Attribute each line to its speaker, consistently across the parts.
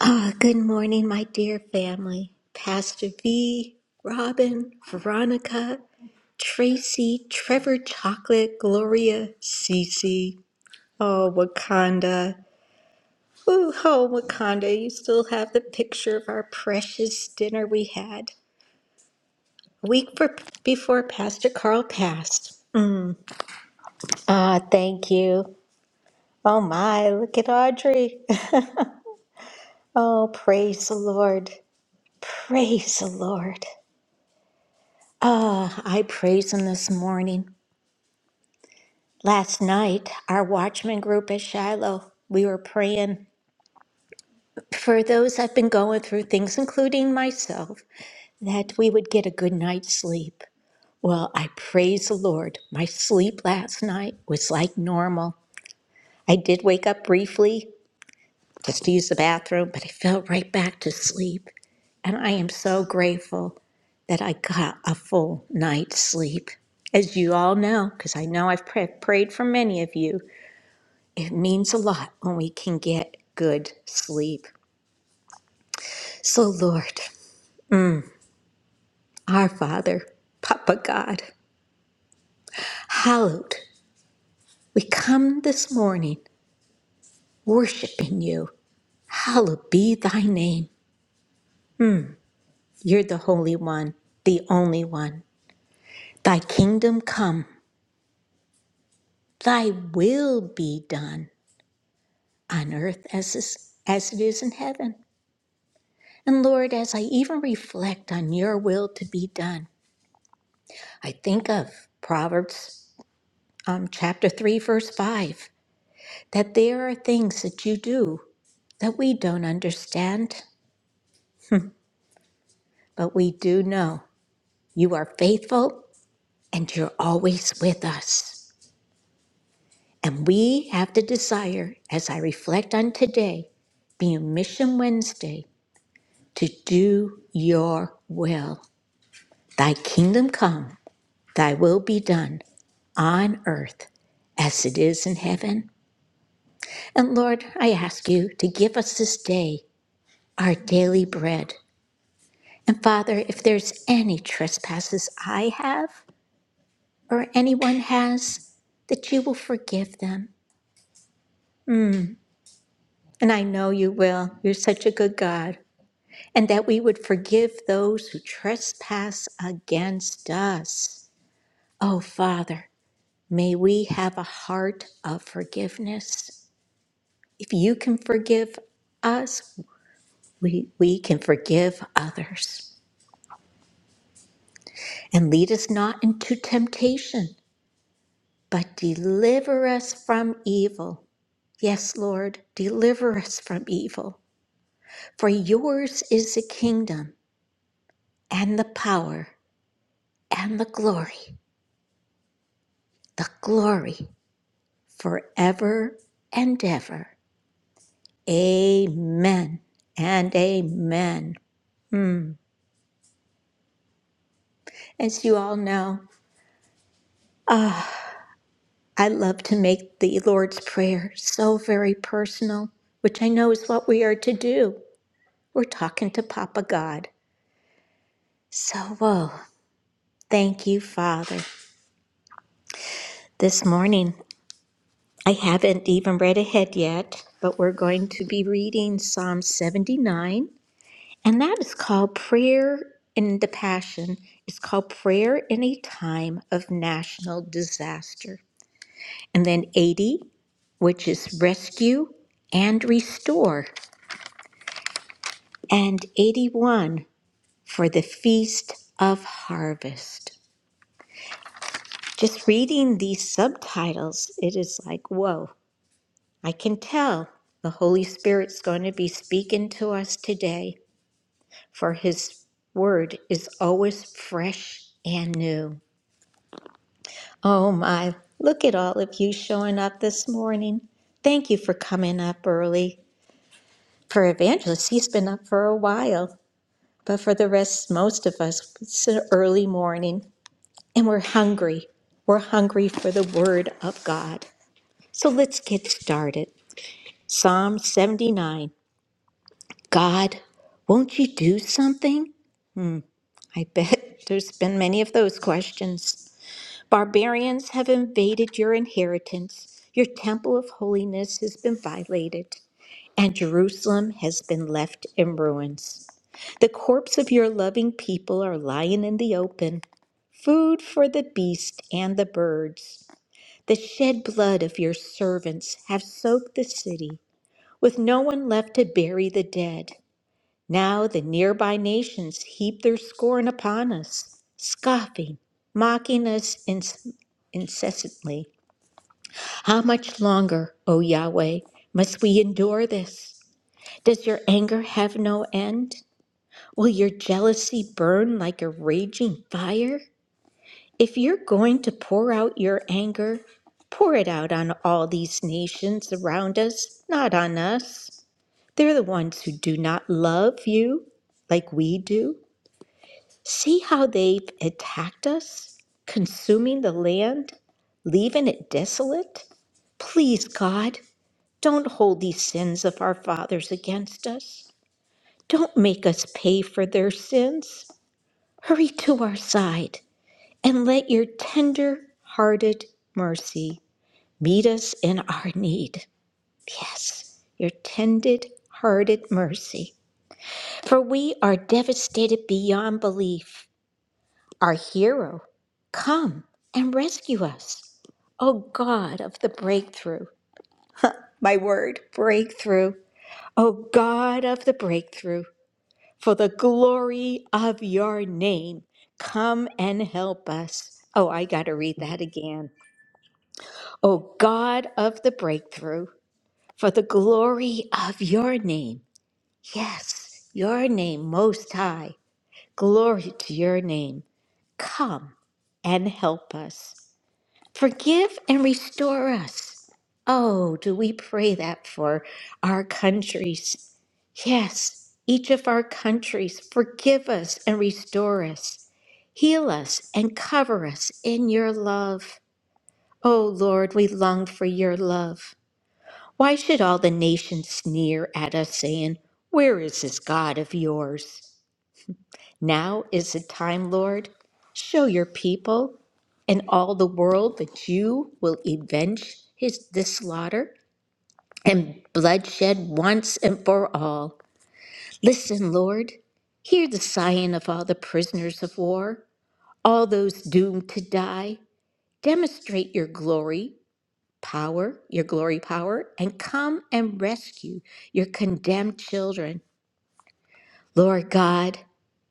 Speaker 1: Ah, good morning, my dear family. Pastor V, Robin, Veronica, Tracy, Trevor Chocolate, Gloria, Cece. Oh, Wakanda. Ooh, oh, Wakanda, you still have the picture of our precious dinner we had a week for, before Pastor Carl passed. Ah, thank you. Oh, my, look at Audrey. Oh, praise the Lord. Praise the Lord. Ah, I praise him this morning. Last night, our watchman group at Shiloh, we were praying for those that've been going through things, including myself, that we would get a good night's sleep. Well, I praise the Lord. My sleep last night was like normal. I did wake up briefly, just to use the bathroom, but I fell right back to sleep. And I am so grateful that I got a full night's sleep. As you all know, because I know I've pra- prayed for many of you, it means a lot when we can get good sleep. So, Lord, our Father, Papa God, hallowed, we come this morning worshiping you. Hallowed be thy name. You're the Holy One, the only one. Thy kingdom come. Thy will be done on earth as, is, as it is in heaven. And Lord, as I even reflect on your will to be done, I think of Proverbs um, chapter 3, verse 5, that there are things that you do that we don't understand, but we do know you are faithful and you're always with us. And we have the desire, as I reflect on today, being Mission Wednesday. to do your will. Thy kingdom come, thy will be done on earth as it is in heaven. And Lord, I ask you to give us this day our daily bread. And Father, if there's any trespasses I have or anyone has, that you will forgive them. And I know you will. You're such a good God. And that we would forgive those who trespass against us. Oh, Father. May we have a heart of forgiveness. If you can forgive us, we, we can forgive others. And lead us not into temptation, but deliver us from evil. Yes, Lord, deliver us from evil. For yours is the kingdom and the power and the glory, the glory forever and ever. Amen and amen. Hmm. As you all know, ah, I love to make the Lord's Prayer so very personal, which I know is what we are to do. We're talking to Papa God. So, whoa, thank you, Father. This morning, I haven't even read ahead yet, but we're going to be reading Psalm 79, and that is called Prayer in the Passion. It's called Prayer in a Time of National Disaster. And then 80, which is rescue and restore. And 81 for the feast of harvest. Just reading these subtitles, it is like, whoa, I can tell the Holy Spirit's going to be speaking to us today, for his word is always fresh and new. Oh my, look at all of you showing up this morning. Thank you for coming up early. For evangelists, he's been up for a while, but for the rest, most of us, it's an early morning and we're hungry. We're hungry for the word of God. So let's get started. Psalm 79 God, won't you do something? I bet there's been many of those questions. Barbarians have invaded your inheritance. Your temple of holiness has been violated, and Jerusalem has been left in ruins. The corpse of your loving people are lying in the open, food for the beast and the birds. The shed blood of your servants have soaked the city, with no one left to bury the dead. Now the nearby nations heap their scorn upon us, scoffing, mocking us inc- incessantly. How much longer, O Yahweh, must we endure this? Does your anger have no end? Will your jealousy burn like a raging fire? If you're going to pour out your anger, pour it out on all these nations around us, not on us. They're the ones who do not love you like we do. See how they've attacked us, consuming the land, leaving it desolate? Please, God, don't hold these sins of our fathers against us. Don't make us pay for their sins. Hurry to our side and let your tender hearted mercy meet us in our need. Yes, your tender hearted mercy. For we are devastated beyond belief. Our hero, come and rescue us. O God of the breakthrough, my word, breakthrough. O God of the breakthrough, for the glory of your name, come and help us. Oh, I got to read that again. O God of the breakthrough, for the glory of your name. Yes, your name most high. Glory to your name. Come and help us. Forgive and restore us. Oh, do we pray that for our countries? Yes, each of our countries, forgive us and restore us. Heal us and cover us in your love. Oh Lord, we long for your love. Why should all the nations sneer at us, saying, Where is this God of yours? Now is the time, Lord. Show your people and all the world that you will avenge his this slaughter and bloodshed once and for all. Listen, Lord, hear the sighing of all the prisoners of war, all those doomed to die. Demonstrate your glory, power, your glory power, and come and rescue your condemned children. Lord God,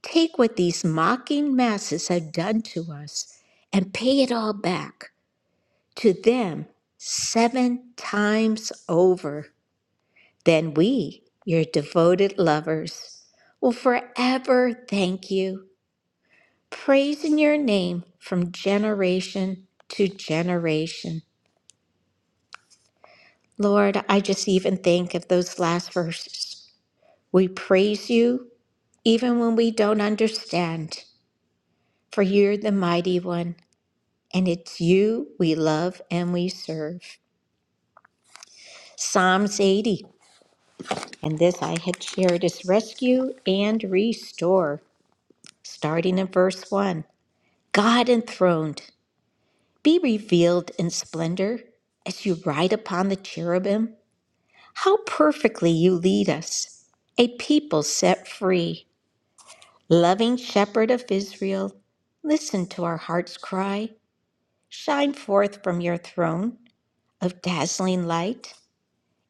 Speaker 1: take what these mocking masses have done to us and pay it all back to them seven times over. Then we, your devoted lovers, will forever thank you, praising your name from generation to generation. Lord, I just even think of those last verses. We praise you even when we don't understand, for you're the mighty one. And it's you we love and we serve. Psalms 80, and this I had shared is rescue and restore. Starting in verse 1 God enthroned, be revealed in splendor as you ride upon the cherubim. How perfectly you lead us, a people set free. Loving shepherd of Israel, listen to our heart's cry. Shine forth from your throne of dazzling light.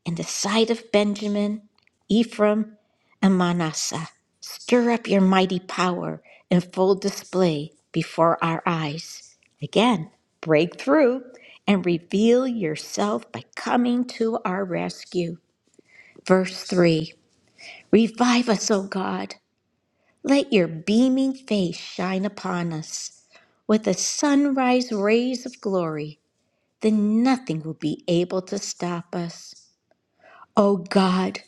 Speaker 1: in the sight of Benjamin, Ephraim, and Manasseh. Stir up your mighty power in full display before our eyes. Again, break through and reveal yourself by coming to our rescue. Verse 3 Revive us, O God. Let your beaming face shine upon us with the sunrise rays of glory, then nothing will be able to stop us. O God,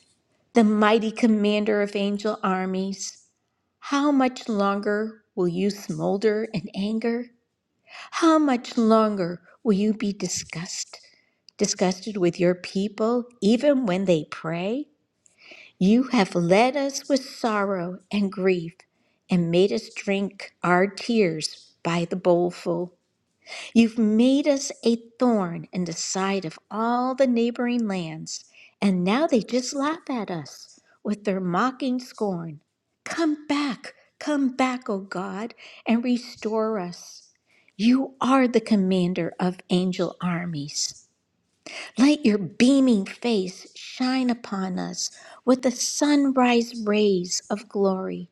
Speaker 1: the mighty commander of angel armies, how much longer will you smolder in anger? How much longer will you be disgust, disgusted with your people, even when they pray? You have led us with sorrow and grief, and made us drink our tears by the bowlful. You've made us a thorn in the side of all the neighboring lands, and now they just laugh at us with their mocking scorn. Come back, come back, O God, and restore us. You are the commander of angel armies. Let your beaming face shine upon us with the sunrise rays of glory,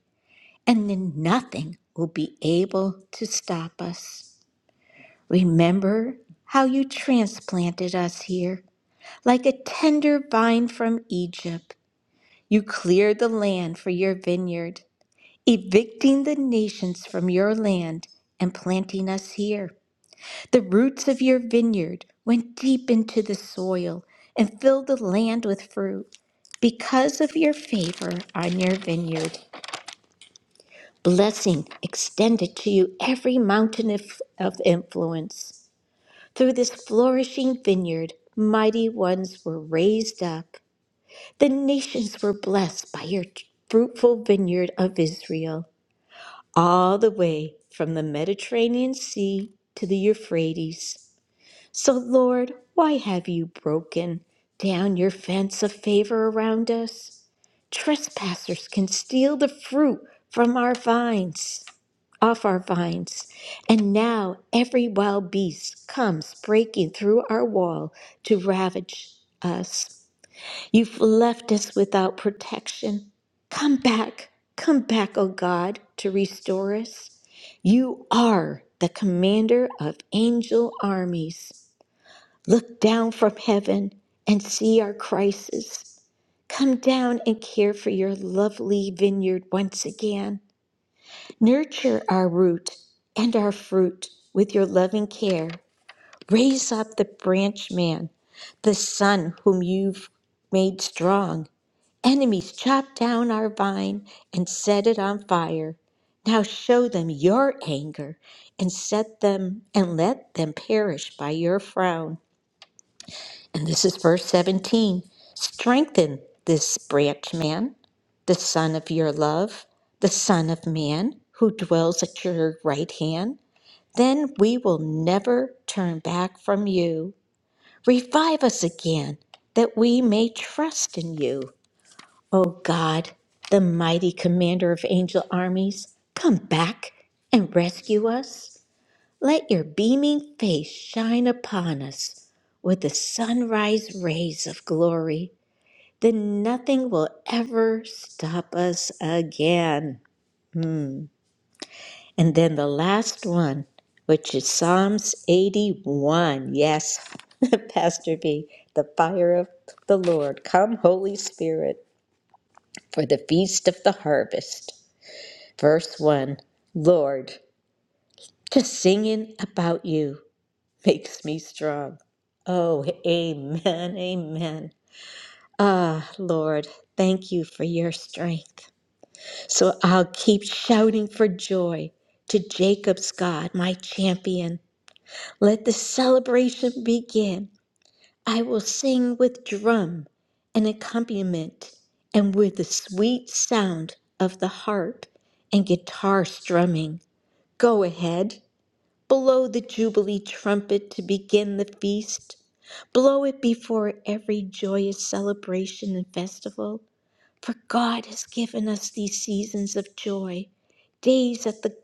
Speaker 1: and then nothing will be able to stop us. Remember how you transplanted us here like a tender vine from Egypt. You cleared the land for your vineyard, evicting the nations from your land and planting us here. The roots of your vineyard went deep into the soil and filled the land with fruit. Because of your favor on your vineyard, blessing extended to you every mountain of, of influence. Through this flourishing vineyard, mighty ones were raised up. The nations were blessed by your fruitful vineyard of Israel, all the way from the Mediterranean Sea to the Euphrates. So, Lord, why have you broken down your fence of favor around us? Trespassers can steal the fruit from our vines, off our vines. And now every wild beast comes breaking through our wall to ravage us. You've left us without protection. Come back, come back, O God, to restore us. You are the commander of angel armies. Look down from heaven and see our crisis. Come down and care for your lovely vineyard once again. Nurture our root and our fruit with your loving care. Raise up the branch man, the son whom you've made strong. Enemies chop down our vine and set it on fire. Now show them your anger and set them and let them perish by your frown. And this is verse 17. Strengthen this branch man, the son of your love, the son of man who dwells at your right hand. Then we will never turn back from you. Revive us again, that we may trust in you. O God, the mighty commander of angel armies, come back and rescue us. Let your beaming face shine upon us with the sunrise rays of glory. Then nothing will ever stop us again. And then the last one, which is Psalms 81. Yes, Pastor B, the fire of the Lord. Come, Holy Spirit, for the feast of the harvest. Verse 1 Lord, just singing about you. makes me strong. Oh, amen, amen. Ah, Lord, thank you for your strength. So I'll keep shouting for joy to Jacob's God, my champion. Let the celebration begin. I will sing with drum and accompaniment and with the sweet sound of the harp and guitar strumming. Go ahead, Blow the Jubilee trumpet to begin the feast. Blow it before every joyous celebration and festival, for God has given us these seasons of joy, days that the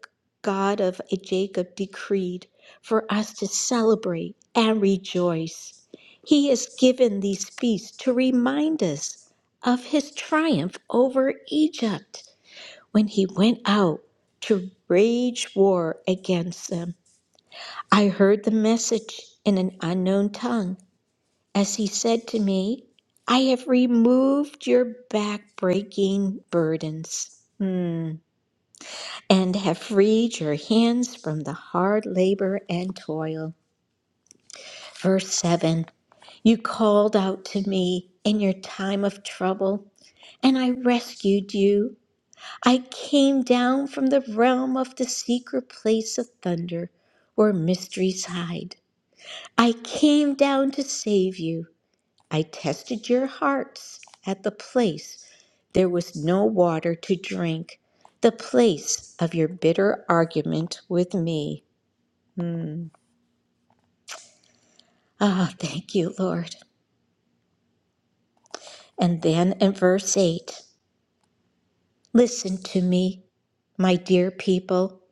Speaker 1: God of Jacob decreed for us to celebrate and rejoice. He has given these feasts to remind us of his triumph over Egypt when he went out to wage war against them. I heard the message in an unknown tongue as he said to me, I have removed your back breaking burdens hmm, and have freed your hands from the hard labor and toil. Verse 7 You called out to me in your time of trouble, and I rescued you. I came down from the realm of the secret place of thunder where mysteries hide. I came down to save you. I tested your hearts at the place there was no water to drink, the place of your bitter argument with me. Ah, thank you, Lord. And then in verse 8 Listen to me, my dear people,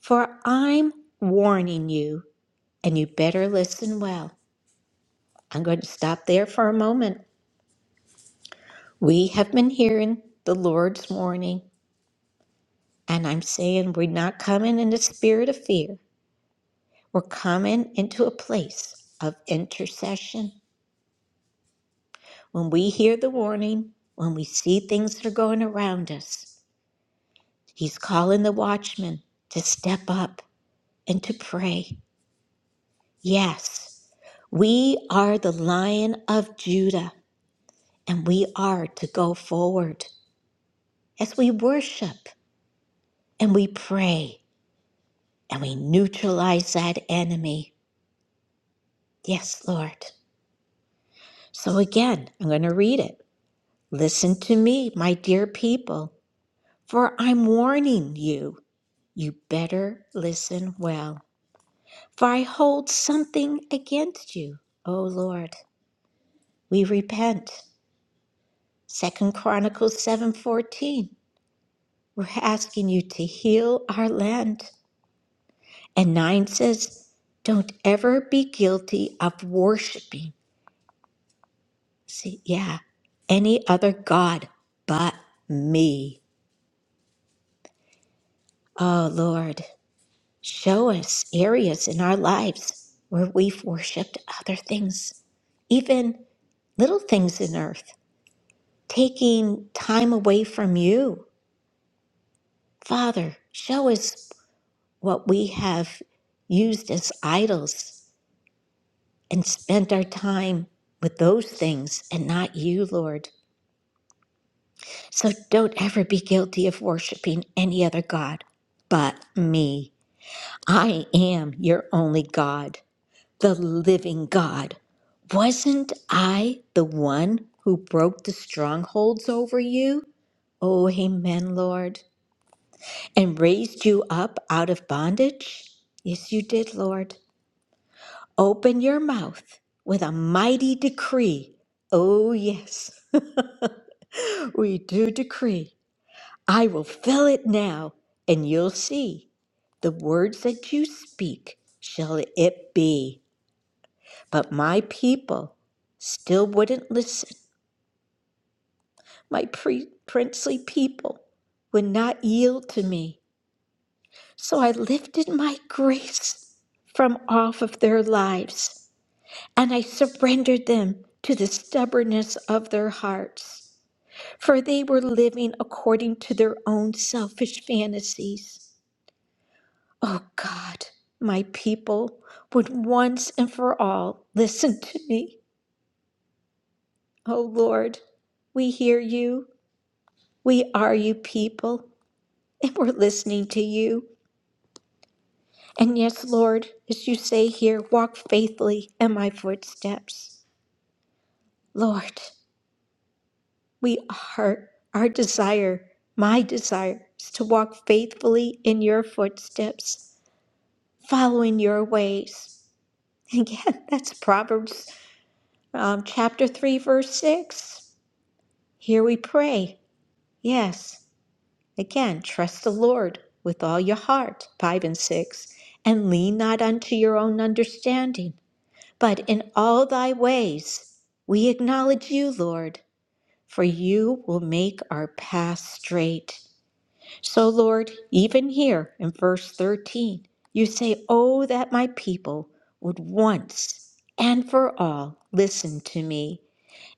Speaker 1: for I'm warning you, and you better listen well. I'm going to stop there for a moment. We have been hearing the Lord's warning And I'm saying we're not coming in the spirit of fear. We're coming into a place of intercession. When we hear the warning, when we see things that are going around us, He's calling the watchman to step up and to pray. Yes, we are the lion of Judah, and we are to go forward as we worship and we pray and we neutralize that enemy. Yes, Lord. So again, I'm going to read it. Listen to me, my dear people, for I'm warning you. You better listen well, for I hold something against you. O Lord, we repent. Second Chronicles 7:14. We're asking you to heal our land. And 9 says, don't ever be guilty of worshiping. See, yeah, any other god but me. Oh Lord, Show us areas in our lives where we've worshiped other things, even little things in earth, taking time away from you. Father, show us what we have used as idols and spent our time with those things and not you, Lord. So don't ever be guilty of worshiping any other God but me. I am your only God. the living God. Wasn't I the one who broke the strongholds over you? Oh, amen, Lord. And raised you up out of bondage? Yes, you did, Lord. Open your mouth with a mighty decree. Oh, yes. we do decree. I will fill it now, and you'll see. The words that you speak, shall it be. But my people still wouldn't listen. My pre- princely people would not yield to me. So I lifted my grace from off of their lives and I surrendered them to the stubbornness of their hearts. For they were living according to their own selfish fantasies. Oh God, my people would once and for all listen to me. Oh Lord, we hear you We are you people, and we're listening to you. And yes, Lord, as you say here, walk faithfully in my footsteps. Lord, we are, our desire, my desire, is to walk faithfully in your footsteps, following your ways. And again, that's Proverbs um, chapter 3, verse 6. Here we pray. Yes. Again, trust the Lord with all your heart, 5 and 6, and lean not unto your own understanding, but in all thy ways we acknowledge you, Lord, for you will make our path straight. So, Lord, even here in verse 13, you say, Oh, that my people would once and for all listen to me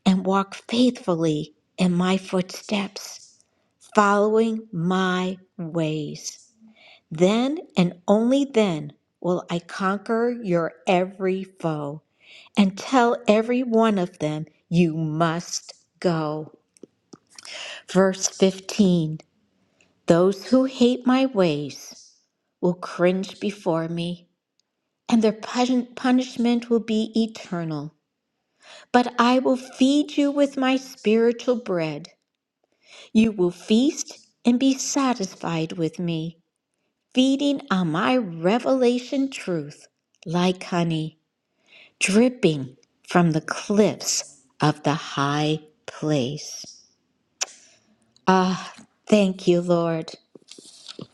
Speaker 1: and walk faithfully in my footsteps following my ways. Then and only then will I conquer your every foe and tell every one of them, You must go. Verse 15 Those who hate my ways will cringe before me, and their pun- punishment will be eternal. But I will feed you with my spiritual bread. You will feast and be satisfied with me. feeding on my revelation truth like honey dripping from the cliffs of the high place. Ah, thank you, Lord.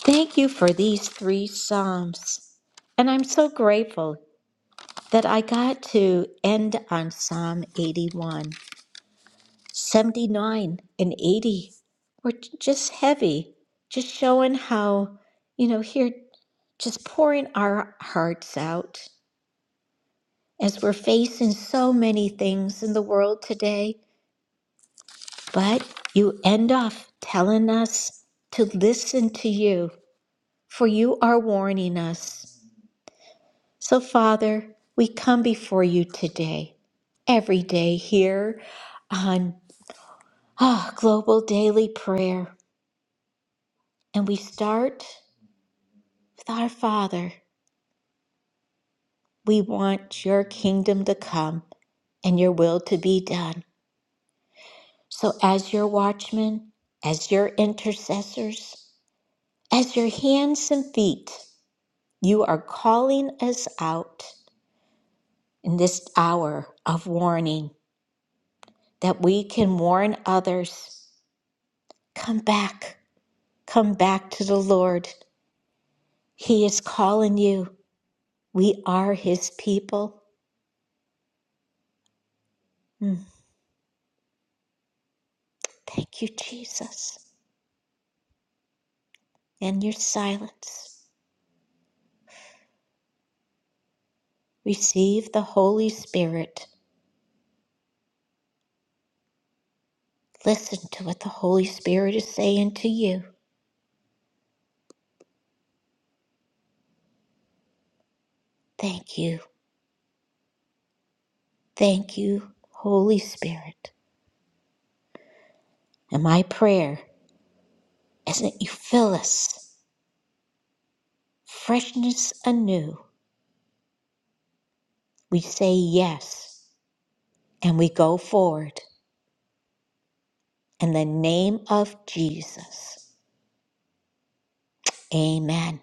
Speaker 1: Thank you for these three Psalms. And I'm so grateful that I got to end on Psalm 81. 79 and 80 were j- just heavy, just showing how, you know, here, just pouring our hearts out as we're facing so many things in the world today, but you end off telling us to listen to you, for you are warning us. So, Father, we come before you today, every day here on ah, Global Daily Prayer, and we start with our Father. We want your kingdom to come and your will to be done. So, as your watchmen, as your intercessors, As your hands and feet, you are calling us out in this hour of warning that we can warn others. Come back, come back to the Lord. He is calling you. We are His people. Mm, Thank you, Jesus. In your silence. Receive the Holy Spirit. Listen to what the Holy Spirit is saying to you. Thank you. Thank you, Holy Spirit. And my prayer is that you fill us freshness anew. We say yes and we go forward in the name of Jesus. Amen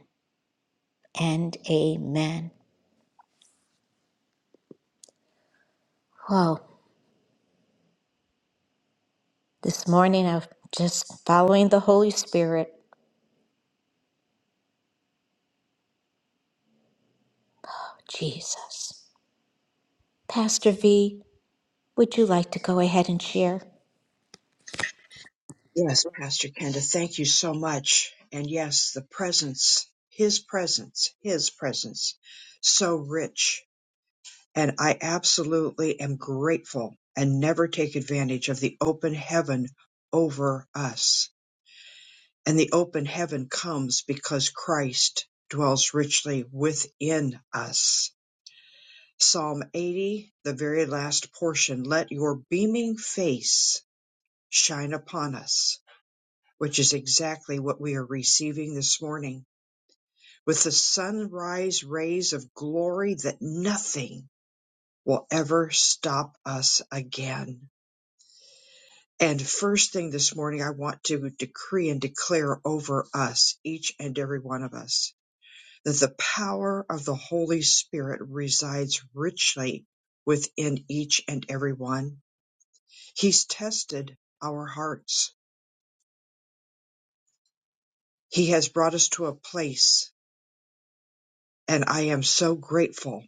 Speaker 1: and amen. Oh, this morning I'm just following the Holy Spirit. Oh, Jesus. Pastor V, would you like to go ahead and share?
Speaker 2: Yes, Pastor Kenda, thank you so much. And yes, the presence, his presence, his presence, so rich. And I absolutely am grateful and never take advantage of the open heaven over us. And the open heaven comes because Christ dwells richly within us. Psalm 80, the very last portion, let your beaming face shine upon us which is exactly what we are receiving this morning with the sunrise rays of glory that nothing will ever stop us again. And first thing this morning, I want to decree and declare over us, each and every one of us, that the power of the Holy Spirit resides richly within each and every one. He's tested our hearts. He has brought us to a place, and I am so grateful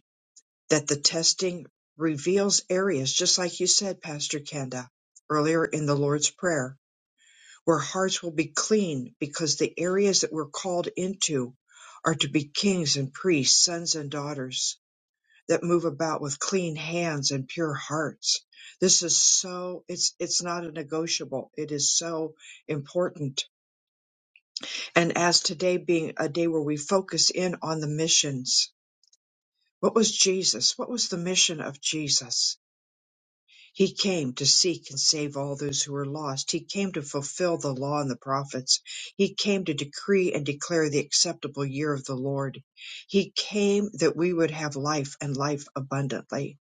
Speaker 2: that the testing reveals areas, just like you said, Pastor Kenda, earlier in the Lord's Prayer, where hearts will be clean because the areas that we're called into are to be kings and priests, sons and daughters that move about with clean hands and pure hearts. This is so, it's, it's not a negotiable. It is so important. And as today being a day where we focus in on the missions, what was Jesus? What was the mission of Jesus? He came to seek and save all those who were lost. He came to fulfill the law and the prophets. He came to decree and declare the acceptable year of the Lord. He came that we would have life and life abundantly.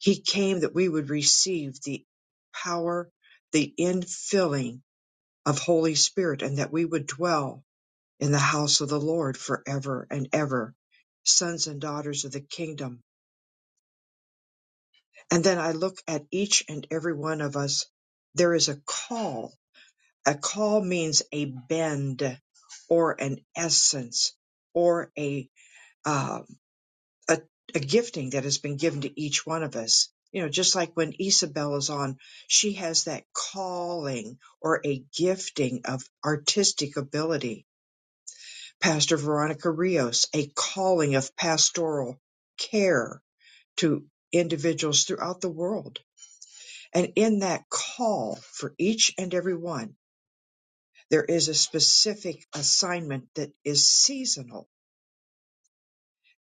Speaker 2: He came that we would receive the power, the infilling of Holy Spirit, and that we would dwell in the house of the Lord forever and ever, sons and daughters of the kingdom And then I look at each and every one of us. There is a call. A call means a bend or an essence or a, uh, a, a gifting that has been given to each one of us. You know, just like when Isabel is on, she has that calling or a gifting of artistic ability. Pastor Veronica Rios, a calling of pastoral care to individuals throughout the world And in that call for each and every one, there is a specific assignment that is seasonal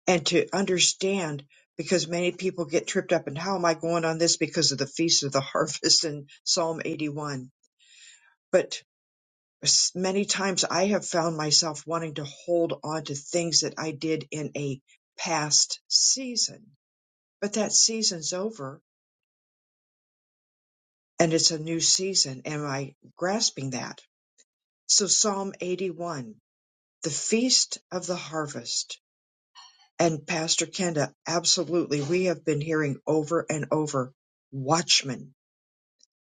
Speaker 2: and to understand because many people get tripped up and how am I going on this because of the feast of the harvest in Psalm 81. But s- many times I have found myself wanting to hold on to things that I did in a past season, but that season's over and it's a new season. Am I grasping that? So Psalm 81 the feast of the harvest. And Pastor Kenda, absolutely, we have been hearing over and over watchmen,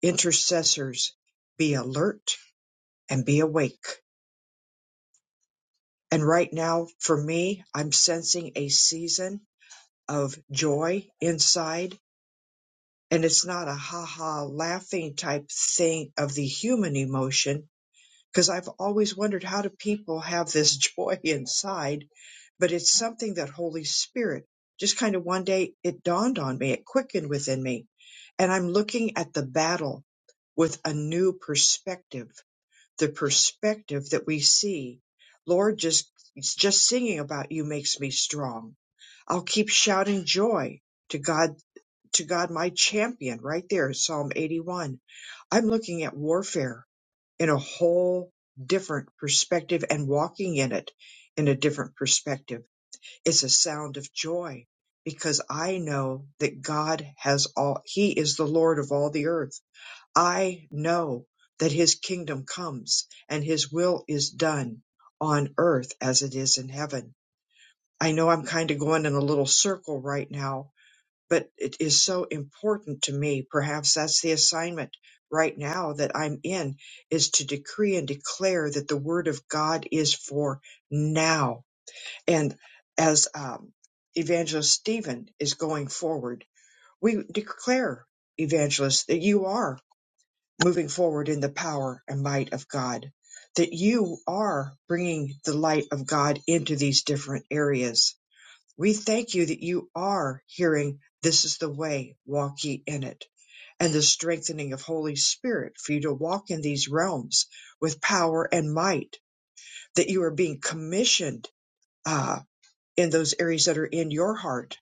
Speaker 2: intercessors, be alert and be awake. And right now, for me, I'm sensing a season of joy inside. And it's not a ha ha laughing type thing of the human emotion because I've always wondered how do people have this joy inside, but it's something that Holy Spirit just kind of one day it dawned on me, it quickened within me, and I'm looking at the battle with a new perspective, the perspective that we see. Lord, just just singing about you makes me strong. I'll keep shouting joy to God, to God, my champion, right there, Psalm 81. I'm looking at warfare in a whole different perspective and walking in it in a different perspective. It's a sound of joy because I know that God has all, He is the Lord of all the earth. I know that His kingdom comes and His will is done on earth as it is in heaven. I know I'm kind of going in a little circle right now, but it is so important to me. Perhaps that's the assignment right now that I'm in is to decree and declare that the word of God is for now. And as um, Evangelist Stephen is going forward, we declare, Evangelist, that you are moving forward in the power and might of God, that you are bringing the light of God into these different areas we thank you that you are hearing, This is the way, walk ye in it, and the strengthening of Holy Spirit for you to walk in these realms with power and might, that you are being commissioned uh, in those areas that are in your heart.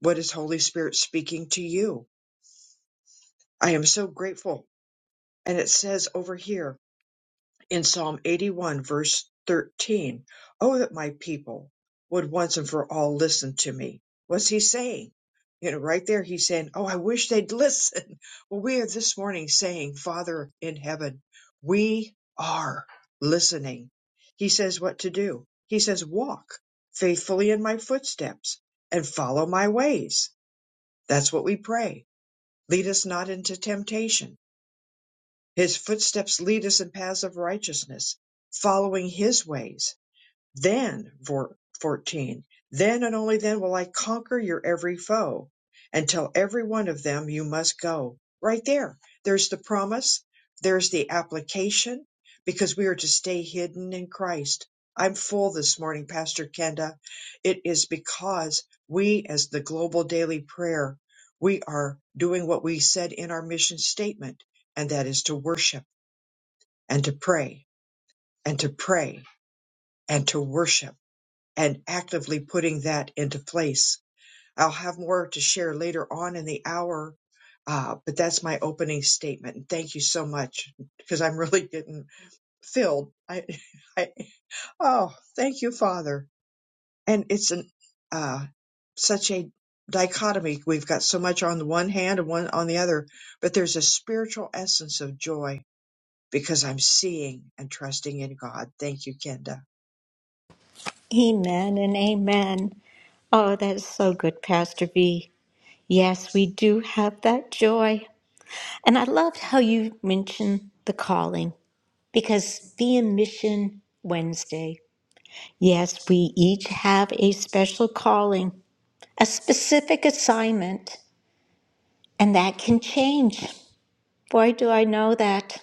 Speaker 2: What is Holy Spirit speaking to you? I am so grateful. And it says over here, in Psalm 81 verse 13, Oh, that my people would once and for all listen to me. What's he saying? You know, right there, he's saying, Oh, I wish they'd listen. Well, we are this morning saying, Father in heaven, we are listening. He says what to do. He says, Walk faithfully in my footsteps and follow my ways. That's what we pray. Lead us not into temptation his footsteps lead us in paths of righteousness, following his ways. Then, vor- 14, then and only then will I conquer your every foe. And tell every one of them you must go. Right there. There's the promise. There's the application because we are to stay hidden in Christ. I'm full this morning, Pastor Kenda. It is because we, as the global daily prayer, we are doing what we said in our mission statement, and that is to worship and to pray and to pray and to worship and actively putting that into place. I'll have more to share later on in the hour, uh, but that's my opening statement. And thank you so much because I'm really getting filled. I, I, oh, thank you, Father. And it's an, uh, such a dichotomy. We've got so much on the one hand and one on the other, but there's a spiritual essence of joy because I'm seeing and trusting in God. Thank you, Kenda.
Speaker 1: Amen and amen. Oh, that is so good, Pastor V. Yes, we do have that joy. And I loved how you mentioned the calling because being Mission Wednesday, yes, we each have a special calling, a specific assignment, and that can change. Boy, do I know that.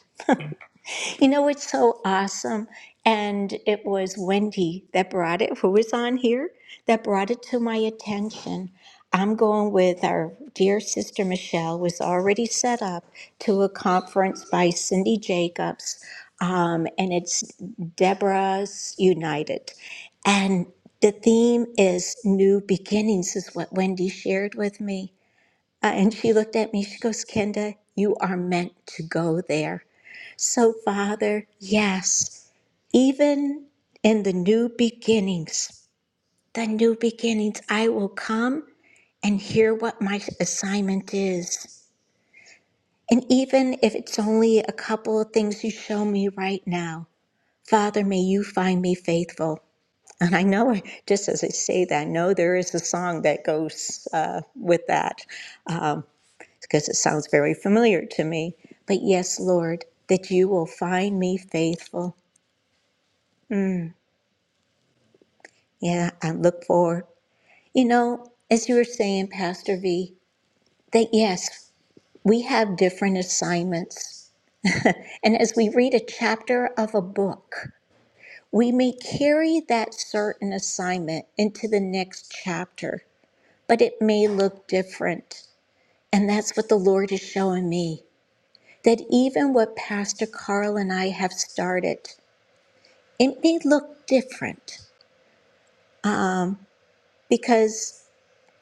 Speaker 1: You know, it's so awesome. And it was Wendy that brought it, who was on here, that brought it to my attention. I'm going with our dear sister Michelle was already set up to a conference by Cindy Jacobs, um, and it's Deborah's United, and the theme is new beginnings, is what Wendy shared with me, uh, and she looked at me. She goes, "Kenda, you are meant to go there." So, Father, yes, even in the new beginnings, the new beginnings, I will come and hear what my assignment is. And even if it's only a couple of things you show me right now, Father, may you find me faithful. And I know, just as I say that, I know there is a song that goes uh, with that um, because it sounds very familiar to me. But yes, Lord, that you will find me faithful. Yeah, I look forward You know, as you were saying, Pastor V, that yes, we have different assignments. And as we read a chapter of a book, we may carry that certain assignment into the next chapter, but it may look different. And that's what the Lord is showing me that even what Pastor Carl and I have started, it may look different because.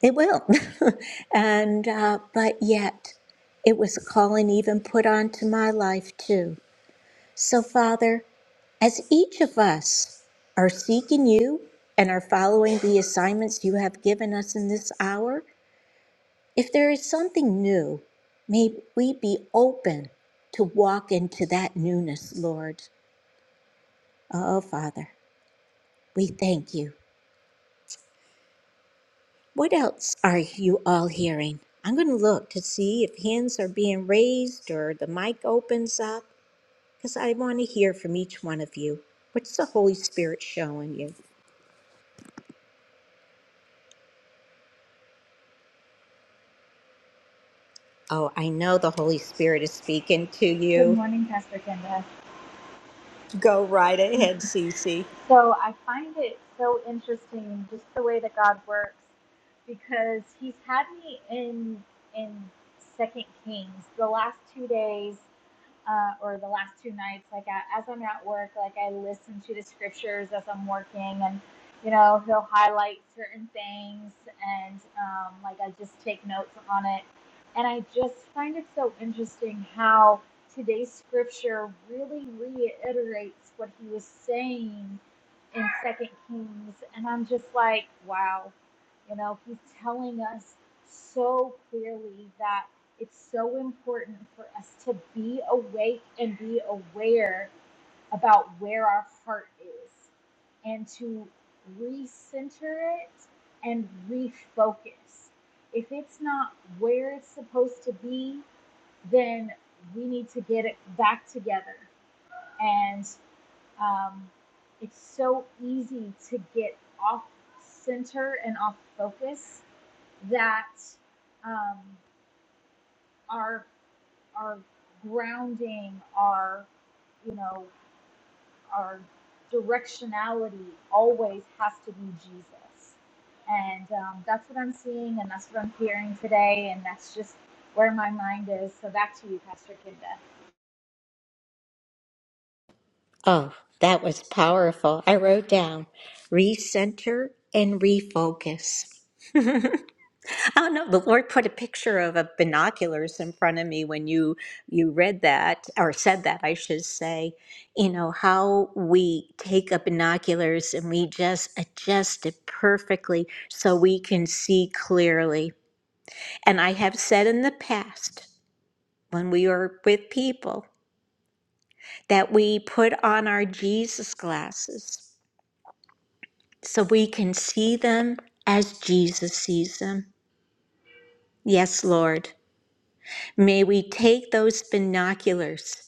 Speaker 1: It will. and, uh, but yet, it was a calling even put onto my life too. So, Father, as each of us are seeking you and are following the assignments you have given us in this hour, if there is something new, may we be open to walk into that newness, Lord. Oh, Father, we thank you. What else are you all hearing? I'm going to look to see if hands are being raised or the mic opens up because I want to hear from each one of you. What's the Holy Spirit showing you? Oh, I know the Holy Spirit is speaking to
Speaker 3: Good
Speaker 1: you.
Speaker 3: morning, Pastor Kenda.
Speaker 1: Go right ahead, Cece.
Speaker 3: So I find it so interesting just the way that God works because he's had me in in Second Kings the last two days uh, or the last two nights, like I, as I'm at work, like I listen to the scriptures as I'm working, and you know he'll highlight certain things, and um, like I just take notes on it, and I just find it so interesting how today's scripture really reiterates what he was saying in Second Kings, and I'm just like, wow, you know, he's telling us so clearly that it's so important for us to be awake and be aware about where our heart is and to recenter it and refocus. If it's not where it's supposed to be, then we need to get it back together. And um, it's so easy to get off center and off focus that um, our our grounding, our you know, our directionality always has to be Jesus. And um, that's what I'm seeing and that's what I'm hearing today. And that's just where my mind is. So back to you, Pastor Kinda.
Speaker 1: Oh, that was powerful. I wrote down recenter and refocus. I don't know. The Lord put a picture of a binoculars in front of me when you you read that or said that, I should say. You know how we take a binoculars and we just adjust it perfectly so we can see clearly. And I have said in the past when we were with people that we put on our Jesus glasses so we can see them as Jesus sees them. Yes, Lord. May we take those binoculars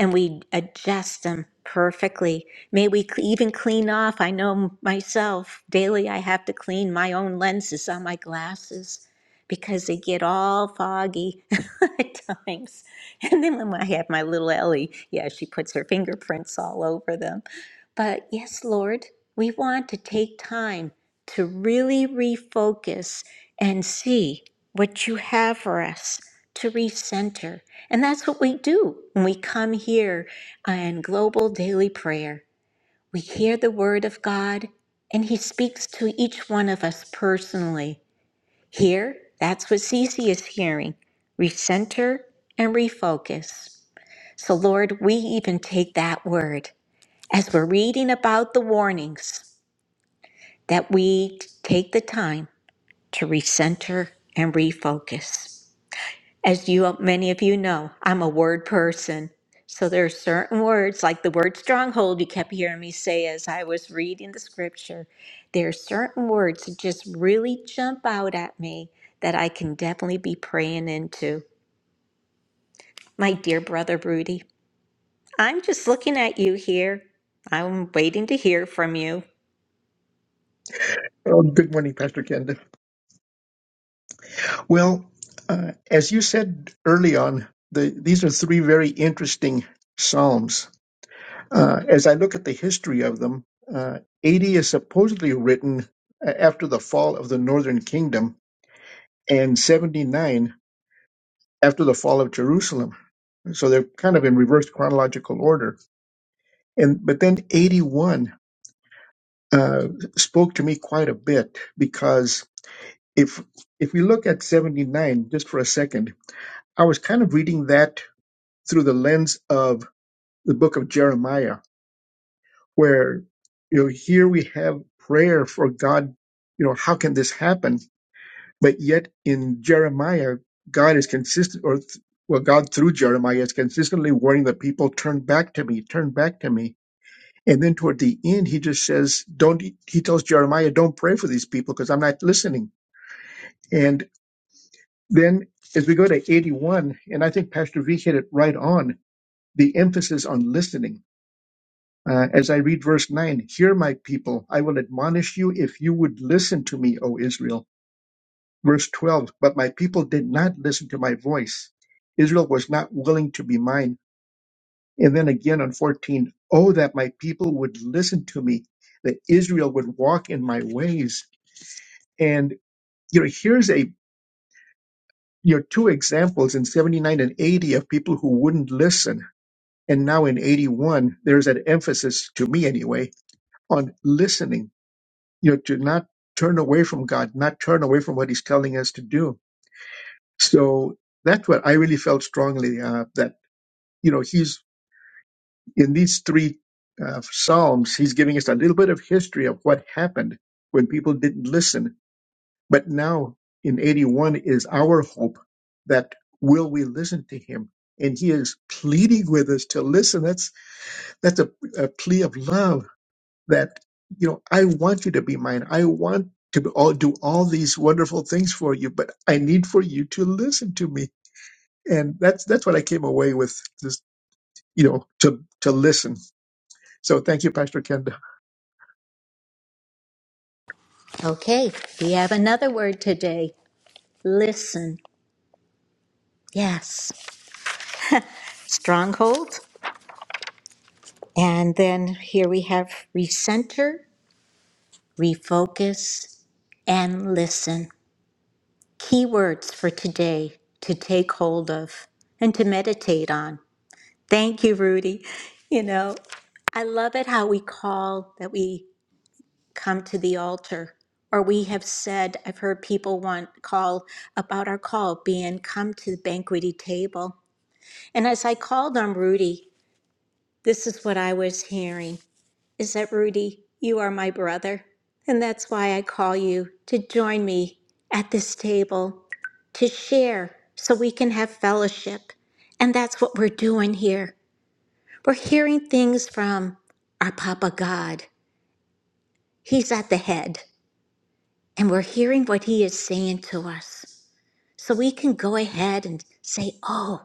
Speaker 1: and we adjust them perfectly. May we cl- even clean off. I know myself, daily I have to clean my own lenses on my glasses because they get all foggy at times. And then when I have my little Ellie, yeah, she puts her fingerprints all over them. But yes, Lord, we want to take time to really refocus and see what you have for us to recenter. And that's what we do when we come here and global daily prayer. We hear the word of God and he speaks to each one of us personally. Here, that's what Cece is hearing. Recenter and refocus. So Lord, we even take that word as we're reading about the warnings that we take the time to recenter and refocus. As you, many of you know, I'm a word person. So there are certain words, like the word stronghold, you kept hearing me say as I was reading the scripture. There are certain words that just really jump out at me that I can definitely be praying into. My dear brother Rudy, I'm just looking at you here. I'm waiting to hear from you.
Speaker 4: Oh, good morning, Pastor Ken. Well, uh, as you said early on, the, these are three very interesting psalms. Uh, as I look at the history of them, uh, 80 is supposedly written a- after the fall of the northern kingdom, and 79 after the fall of Jerusalem. So they're kind of in reverse chronological order. And but then 81 uh, spoke to me quite a bit because if if we look at 79 just for a second I was kind of reading that through the lens of the book of Jeremiah, where, you know, here we have prayer for God, you know, how can this happen? But yet in Jeremiah, God is consistent, or, th- well, God through Jeremiah is consistently warning the people, turn back to me, turn back to me. And then toward the end, he just says, don't, he tells Jeremiah, don't pray for these people because I'm not listening. And then as we go to 81, and I think Pastor V hit it right on, the emphasis on listening Uh, as I read verse 9, Hear my people, I will admonish you if you would listen to me, O Israel. Verse 12, But my people did not listen to my voice. Israel was not willing to be mine. And then again on 14, oh that my people would listen to me, that Israel would walk in my ways. And, you know, here's a, you know, two examples in 79 and 80 of people who wouldn't listen. And now in 81, there's an emphasis, to me anyway, on listening you know, to not turn away from God, not turn away from what He's telling us to do. So that's what I really felt strongly uh, that, you know, He's in these three uh, Psalms, He's giving us a little bit of history of what happened when people didn't listen. But now in 81 is our hope that will we listen to Him? And He is pleading with us to listen. That's that's a, a plea of love that you know i want you to be mine i want to be all, do all these wonderful things for you but i need for you to listen to me and that's that's what i came away with this you know to to listen so thank you pastor kenda
Speaker 1: Okay, we have another word today listen. Yes, stronghold. And then here we have recenter refocus, and listen. Key words for today to take hold of and to meditate on. Thank you, Rudy. You know, I love it how we call that we come to the altar, or we have said, I've heard people want call about our call being come to the banqueting table. And as I called on Rudy, this is what I was hearing. is that Rudy, you are my brother. And that's why I call you to join me at this table to share so we can have fellowship. And that's what we're doing here. We're hearing things from our Papa God. He's at the head, and we're hearing what he is saying to us. So we can go ahead and say, Oh,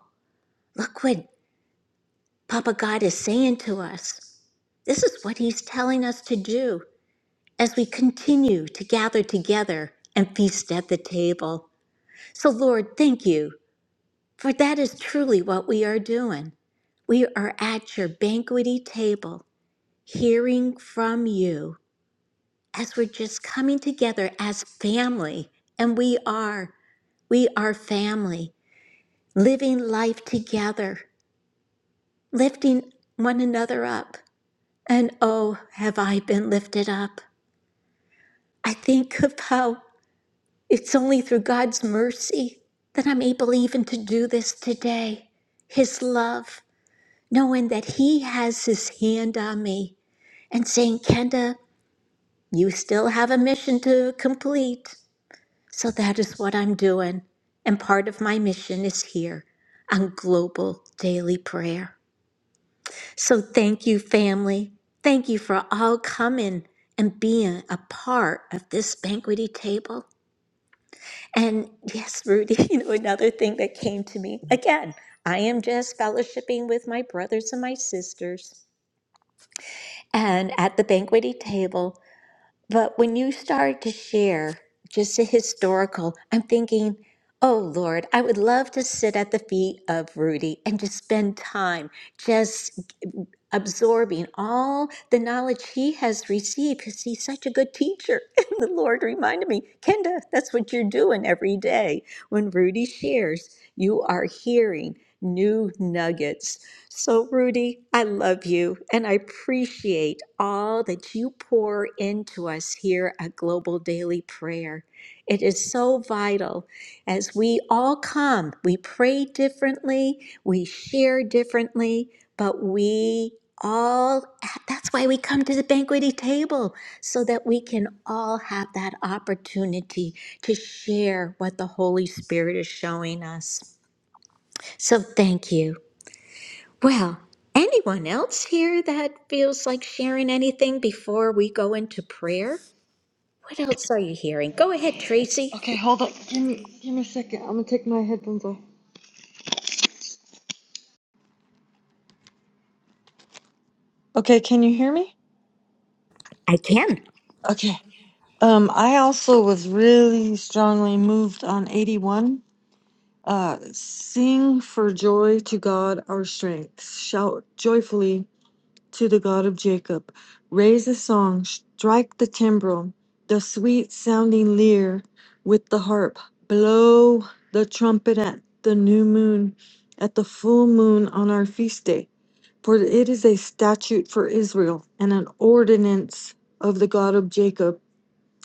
Speaker 1: look what Papa God is saying to us. This is what he's telling us to do. as we continue to gather together and feast at the table. So, Lord, thank you, for that is truly what we are doing. We are at your banqueting table, hearing from you as we're just coming together as family, and we are. We are family, living life together, lifting one another up. And oh, have I been lifted up? I think of how It's only through God's mercy that I'm able even to do this today. His love, knowing that He has His hand on me and saying, Kenda, you still have a mission to complete. So that is what I'm doing. And part of my mission is here on Global Daily Prayer. So thank you, family. Thank you for all coming and being a part of this banqueting table. And yes, Rudy, you know, another thing that came to me again, I am just fellowshipping with my brothers and my sisters and at the banqueting table. But when you start to share just the historical, I'm thinking, oh Lord, I would love to sit at the feet of Rudy and just spend time, just absorbing all the knowledge he has received because he's such a good teacher. And the Lord reminded me, Kenda, that's what you're doing every day. When Rudy shares, you are hearing new nuggets. So, Rudy, I love you and I appreciate all that you pour into us here at Global Daily Prayer. It is so vital as we all come, we pray differently, we share differently, but we all, that's why we come to the banqueting table, so that we can all have that opportunity to share what the Holy Spirit is showing us. So thank you. Well, anyone else here that feels like sharing anything before we go into prayer? What else are you hearing? Go ahead, Tracy.
Speaker 5: Okay, hold on. Give me give me a second. I'm gonna take my headphones off. Okay, can you hear me?
Speaker 1: I can.
Speaker 5: Okay. Um, I also was really strongly moved on 81. Uh, sing for joy to God our strength. Shout joyfully to the God of Jacob. Raise a song. Strike the timbrel, the sweet sounding lyre with the harp. Blow the trumpet at the new moon, at the full moon on our feast day For it is a statute for Israel and an ordinance of the God of Jacob.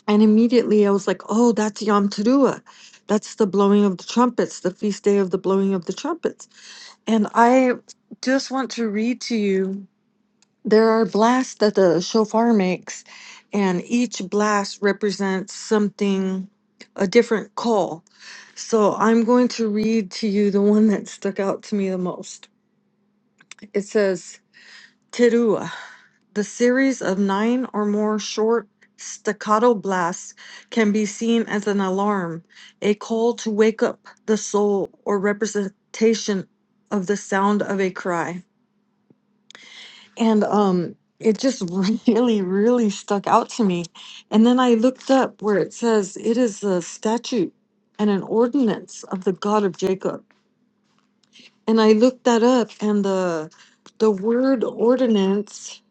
Speaker 5: And immediately I was like, oh, that's Yom Teruah. That's the blowing of the trumpets, the feast day of the blowing of the trumpets. And I just want to read to you there are blasts that the shofar makes, and each blast represents something, a different call. So I'm going to read to you the one that stuck out to me the most. It says, Teruah. The series of nine or more short staccato blasts can be seen as an alarm, a call to wake up the soul, or representation of the sound of a cry. And um, it just really, really stuck out to me. And then I looked up where it says it is a statute and an ordinance of the God of Jacob. And I looked that up and the the word ordinance,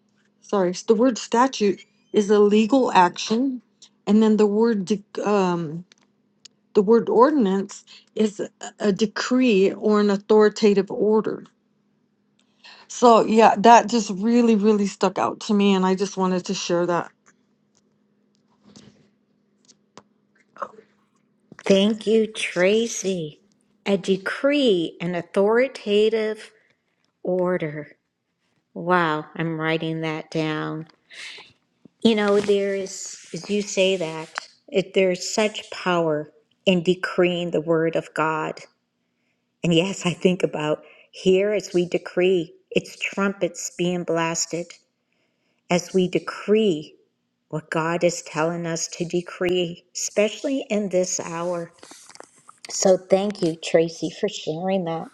Speaker 5: sorry, s- the word statute is a legal action. And then the word dec- um the word ordinance is a a decree or an authoritative order. So yeah, that just really, really stuck out to me and I just wanted to share that.
Speaker 1: Thank you, Tracy. A decree, an authoritative order. Wow, I'm writing that down. You know, there is, as you say that, it, there's such power in decreeing the word of God. And yes, I think about here as we decree, it's trumpets being blasted as we decree what God is telling us to decree, especially in this hour. So thank you, Tracy, for sharing that.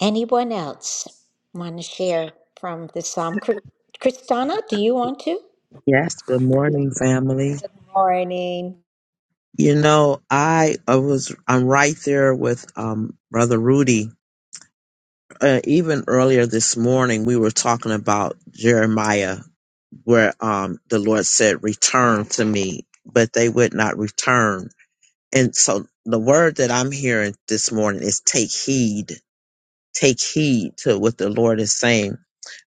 Speaker 1: Anyone else want to share from the Psalm? Chr- Kristana, do you want to?
Speaker 6: Yes, good morning, family.
Speaker 1: morning.
Speaker 6: You know, I, I was I'm right there with um brother Rudy. Uh, even earlier this morning, we were talking about Jeremiah, where um the Lord said, "Return to me," but they would not return. And so, the word that I'm hearing this morning is, "Take heed, take heed to what the Lord is saying."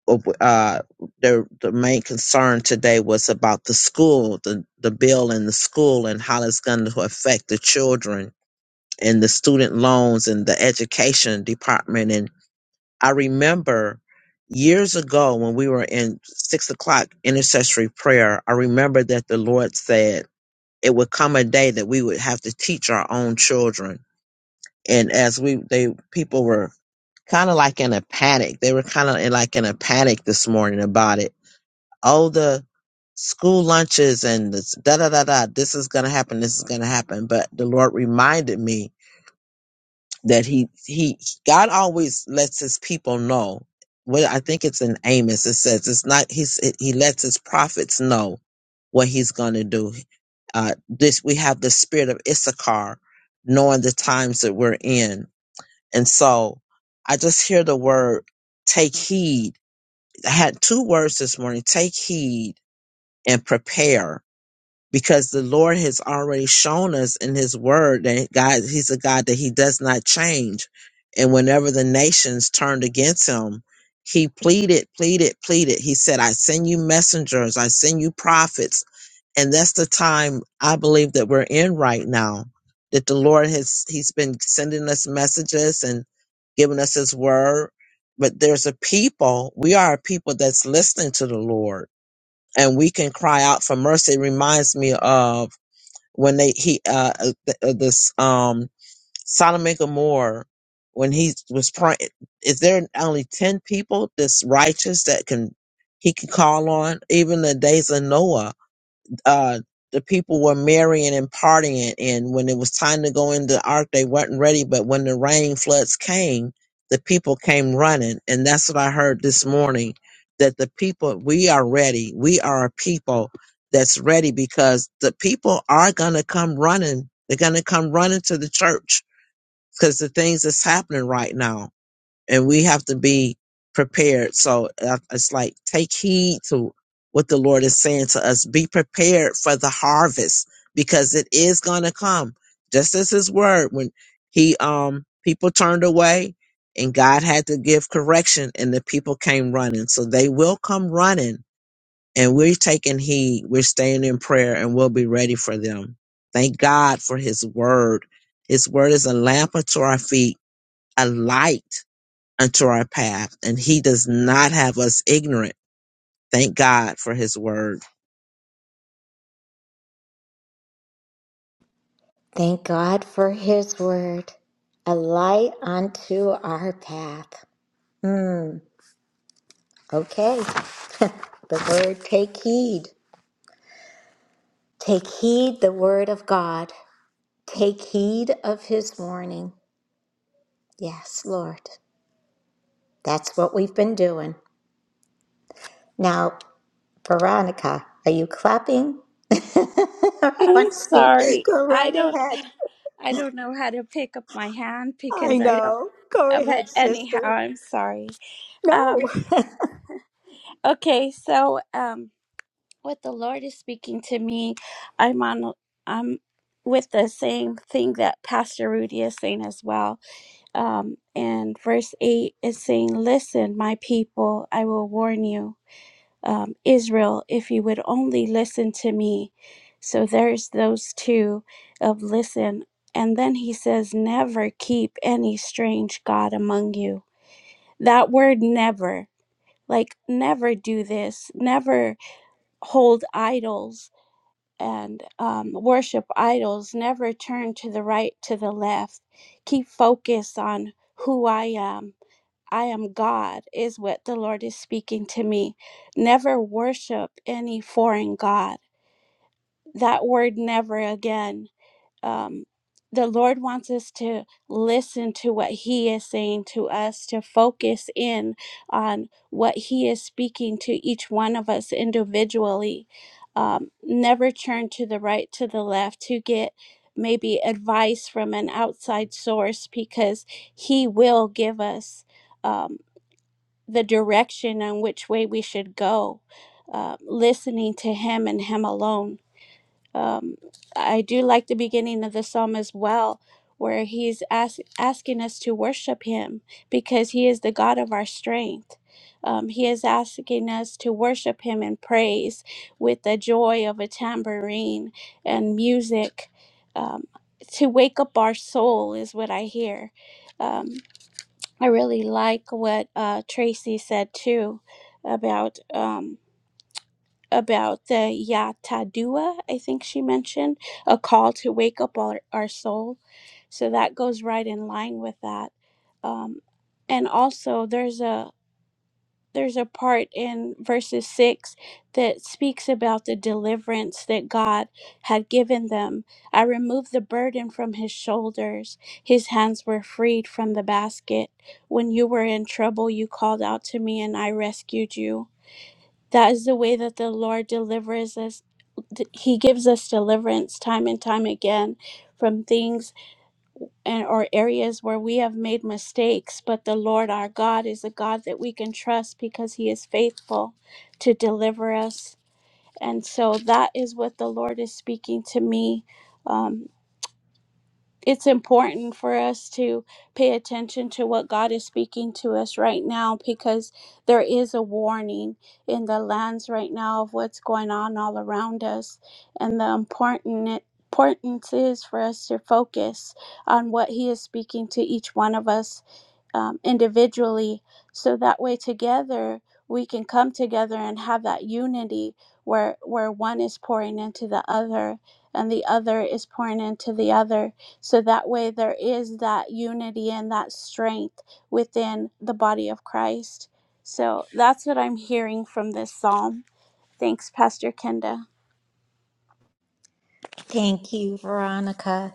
Speaker 6: uh, the the main concern today was about the school, the the bill in the school, and how it's going to affect the children and the student loans and the education department. And I remember years ago when we were in six o'clock intercessory prayer, I remember that the Lord said it would come a day that we would have to teach our own children. And as we they people were kind of like in a panic. They were kind of in like in a panic this morning about it all the school lunches and this, da da da da. This is gonna happen. This is gonna happen. But the Lord reminded me that He He God always lets His people know. Well, I think it's in Amos. It says it's not. He's He lets His prophets know what He's gonna do. Uh, this we have the spirit of Issachar, knowing the times that we're in, and so I just hear the word take heed. I had two words this morning: take heed and prepare because the Lord has already shown us in his word that God, he's a God that he does not change. And whenever the nations turned against him, he pleaded, pleaded, pleaded. He said, I send you messengers, I send you prophets. And that's the time I believe that we're in right now, that the Lord has, he's been sending us messages and giving us his word. But there's a people, we are a people that's listening to the Lord and we can cry out for mercy. It reminds me of when they he uh uh, th- uh, this um Solomon Gomorrah when he was praying. Is there only ten people that's righteous that can he can call on? Even the days of Noah, uh, the people were marrying and partying, and when it was time to go in the ark, they weren't ready. But when the rain floods came, the people came running, and that's what I heard this morning. That the people, we are ready. We are a people that's ready because the people are gonna come running. They're gonna come running to the church because the things that's happening right now and we have to be prepared. So uh, it's like take heed to what the Lord is saying to us. Be prepared for the harvest because it is going to come. Just as His word, when He um people turned away and God had to give correction, and the people came running. So they will come running, and we're taking heed. We're staying in prayer, and we'll be ready for them. Thank God for His word. His word is a lamp unto our feet, a light unto our path, and He does not have us ignorant. Thank God for His word.
Speaker 1: Thank God for His Word, a light unto our path. Hmm. Okay. The word take heed. Take heed the word of God. Take heed of His warning. Yes, Lord. That's what we've been doing. Now, Veronica, are you clapping? Or you
Speaker 7: I'm
Speaker 1: want to speak?
Speaker 7: sorry.
Speaker 1: Go
Speaker 7: I
Speaker 1: right
Speaker 7: don't
Speaker 1: ahead.
Speaker 7: I don't know how to pick up my hand
Speaker 1: I
Speaker 7: because I don't
Speaker 1: know. Go
Speaker 7: uh, but
Speaker 1: ahead,
Speaker 7: anyhow,
Speaker 1: sister.
Speaker 7: I'm sorry.
Speaker 1: No.
Speaker 7: Um okay, so um what the Lord is speaking to me, I'm on I'm with the same thing that Pastor Rudy is saying as well. Um and verse 8 is saying, "Listen, my people, I will warn you." um, Israel, if you would only listen to me. So there's those two of listen. And then he says, never keep any strange God among you. That word never, like never do this, never hold idols and um, worship idols, never turn to the right, to the left. Keep focused on who I am I am God, is what the Lord is speaking to me. Never worship any foreign God. That word never again. Um, the Lord wants us to listen to what He is saying to us, to focus in on what He is speaking to each one of us individually. Um, never turn to the right, to the left to get maybe advice from an outside source because He will give us. Um, the direction on which way we should go, uh, listening to Him and Him alone. Um, I do like the beginning of the psalm as well, where He's ask, asking us to worship Him because He is the God of our strength. Um, he is asking us to worship Him in praise with the joy of a tambourine and music. Um, to wake up our soul is what I hear. Um, I really like what uh, Tracy said too about um, about the Yatadua. I think she mentioned a call to wake up our, our soul. So that goes right in line with that. Um, and also, there's a there's a part in verses 6 that speaks about the deliverance that God had given them. I removed the burden from his shoulders. His hands were freed from the basket. When you were in trouble, you called out to me and I rescued you. That is the way that the Lord delivers us. d- He gives us deliverance time and time again from things and or areas where we have made mistakes but the lord our god is a god that we can trust because he is faithful to deliver us and so that is what the lord is speaking to me um, it's important for us to pay attention to what God is speaking to us right now because there is a warning in the lands right now of what's going on all around us. And the important importance is for us to focus on what He is speaking to each one of us um, individually so that way together we can come together and have that unity where where one is pouring into the other and the other is pouring into the other so that way there is that unity and that strength within the body of Christ so that's what I'm hearing from this psalm thanks pastor Kenda
Speaker 1: Thank you, Veronica.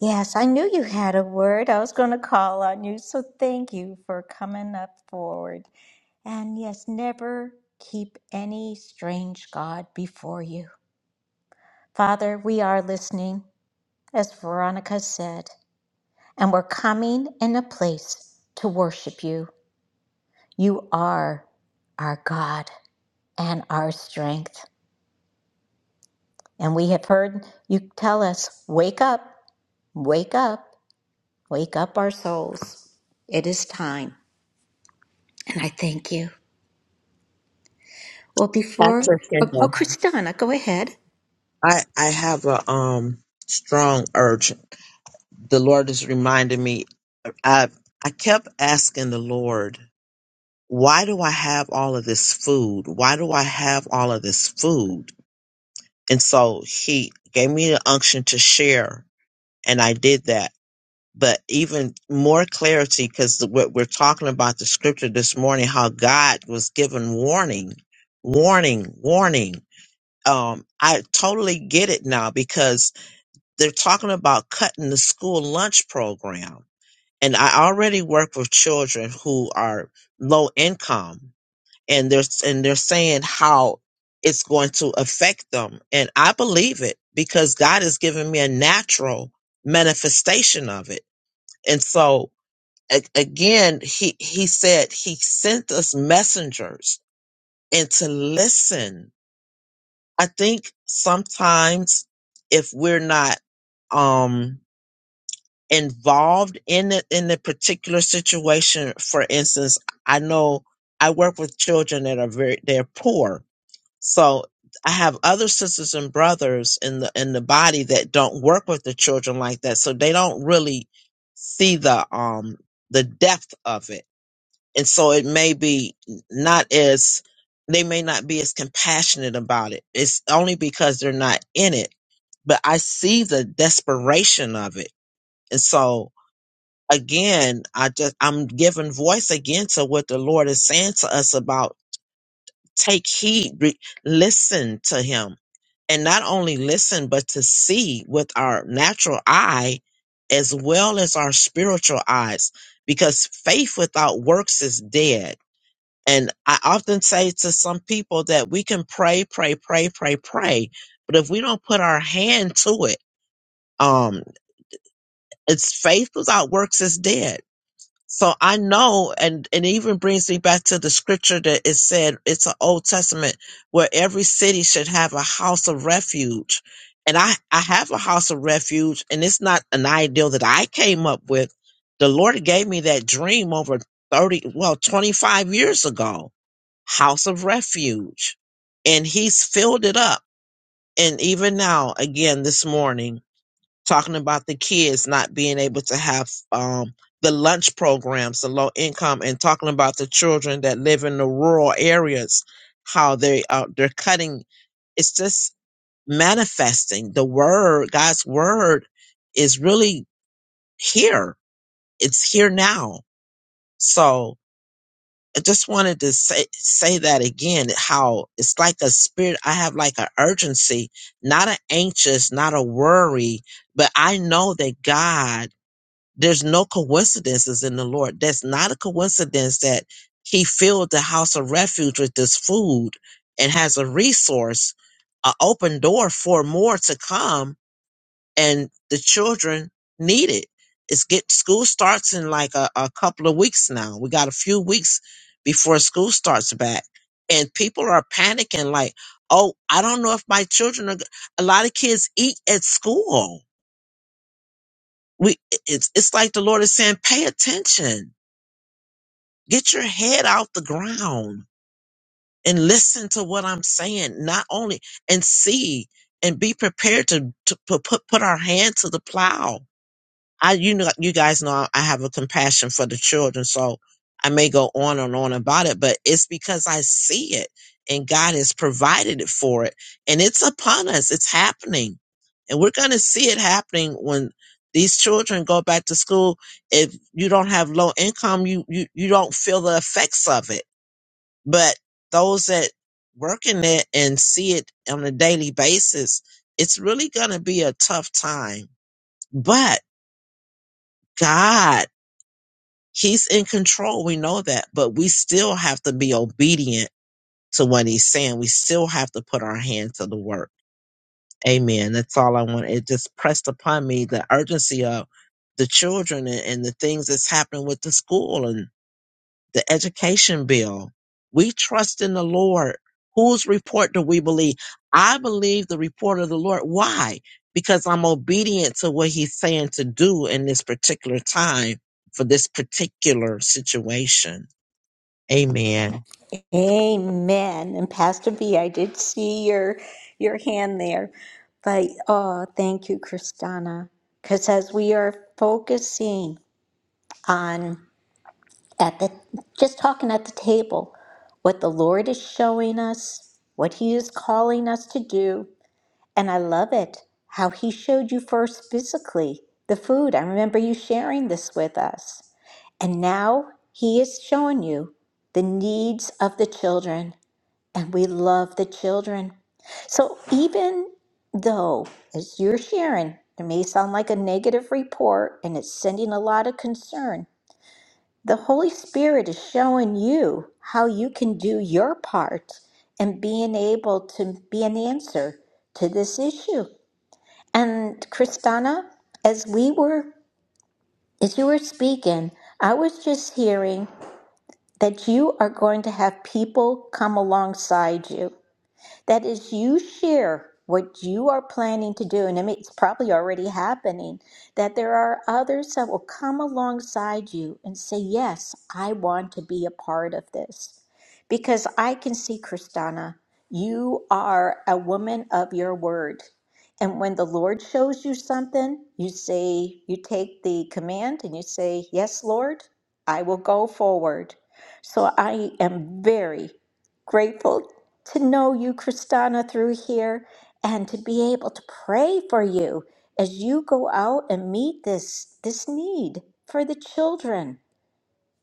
Speaker 1: Yes, I knew you had a word. I was going to call on you. So thank you for coming up forward. And yes, never keep any strange God before you. Father, we are listening, as Veronica said, and we're coming in a place to worship you. You are our God and our strength. And we have heard you tell us, wake up, wake up, wake up our souls. It is time. And I thank you. Well, before,
Speaker 6: Pastor
Speaker 1: oh, oh
Speaker 6: Kendall,
Speaker 1: Christina, go ahead.
Speaker 6: I I have a um strong urge. The Lord is reminding me. I I kept asking the Lord, why do I have all of this food? Why do I have all of this food? And so He gave me the unction to share, and I did that but even more clarity because what we're talking about the scripture this morning, how God was given warning, warning, warning. Um, I totally get it now because they're talking about cutting the school lunch program. And I already work with children who are low income and they're, and they're saying how it's going to affect them. And I believe it because God has given me a natural manifestation of it. And so a- again, he, he said he sent us messengers and to listen. I think sometimes if we're not, um, involved in it, in the particular situation, for instance, I know I work with children that are very, they're poor. So I have other sisters and brothers in the, in the body that don't work with the children like that. So they don't really see the, um, the depth of it and so it may be not as, they may not be as compassionate about it. It's only because they're not in it. But I see the desperation of it. And so again, I just, I'm giving voice again to what the Lord is saying to us about take heed, re- listen to him and not only listen but to see with our natural eye as well as our spiritual eyes because faith without works is dead and I often say to some people that we can pray, pray, pray, pray, pray, but if we don't put our hand to it, um, it's faith without works is dead. So I know, and and it even brings me back to the scripture that it said it's an Old Testament where every city should have a house of refuge, and I I have a house of refuge, and it's not an ideal that I came up with. The Lord gave me that dream over thirty, well, twenty five years ago house of refuge. And he's filled it up. And even now, again, this morning, talking about the kids not being able to have um, the lunch programs, the low income, and talking about the children that live in the rural areas, how they uh, they're cutting. It's just manifesting the word. God's word is really here. It's here now. So I just wanted to say say that again. How it's like a spirit. I have like an urgency, not an anxious, not a worry, but I know that God. There's no coincidences in the Lord. That's not a coincidence that He filled the house of refuge with this food and has a resource, an open door for more to come and the children need it. It's get school starts in like a, a couple of weeks now. We got a few weeks before school starts back, and people are panicking like, "Oh, I don't know if my children are." g-" A lot of kids eat at school. We it's it's like the Lord is saying, "Pay attention. Get your head out the ground and listen to what I'm saying. Not only and see." And be prepared to, to put, put put our hand to the plow I you know you guys know I have a compassion for the children, so I may go on and on about it, but it's because I see it and God has provided it for it and it's upon us. It's happening. And we're gonna see it happening when these children go back to school. If you don't have low income, you you, you don't feel the effects of it. But those that work in it and see it on a daily basis, it's really gonna be a tough time. But God He's in control. We know that, but we still have to be obedient to what he's saying. We still have to put our hand to the work. Amen. That's all I want. It just pressed upon me the urgency of the children and, and the things that's happening with the school. and the education bill. We trust in the Lord. Whose report do we believe? I believe the report of the Lord. Why? Because I'm obedient to what he's saying to do in this particular time for this particular situation. Amen.
Speaker 1: Amen. And Pastor B, I did see your your hand there. But oh, thank you, Kristana. Because as we are focusing on at the just talking at the table, what the Lord is showing us, what He is calling us to do. And I love it how he showed you first physically the food. I remember you sharing this with us. And now he is showing you the needs of the children. And we love the children. So even though, as you're sharing, it may sound like a negative report and it's sending a lot of concern, the Holy Spirit is showing you how you can do your part and being able to be an answer to this issue. And Kristana, as we were, as you were speaking, I was just hearing that you are going to have people come alongside you. That is, you share what you are planning to do, and I mean, it's probably already happening, that there are others that will come alongside you and say, Yes, I want to be a part of this. Because I can see, Kristana, you are a woman of your word. And when the Lord shows you something, you say, you take the command and you say, Yes, Lord, I will go forward. So I am very grateful to know you, Kristana, through here and to be able to pray for you as you go out and meet this this need for the children.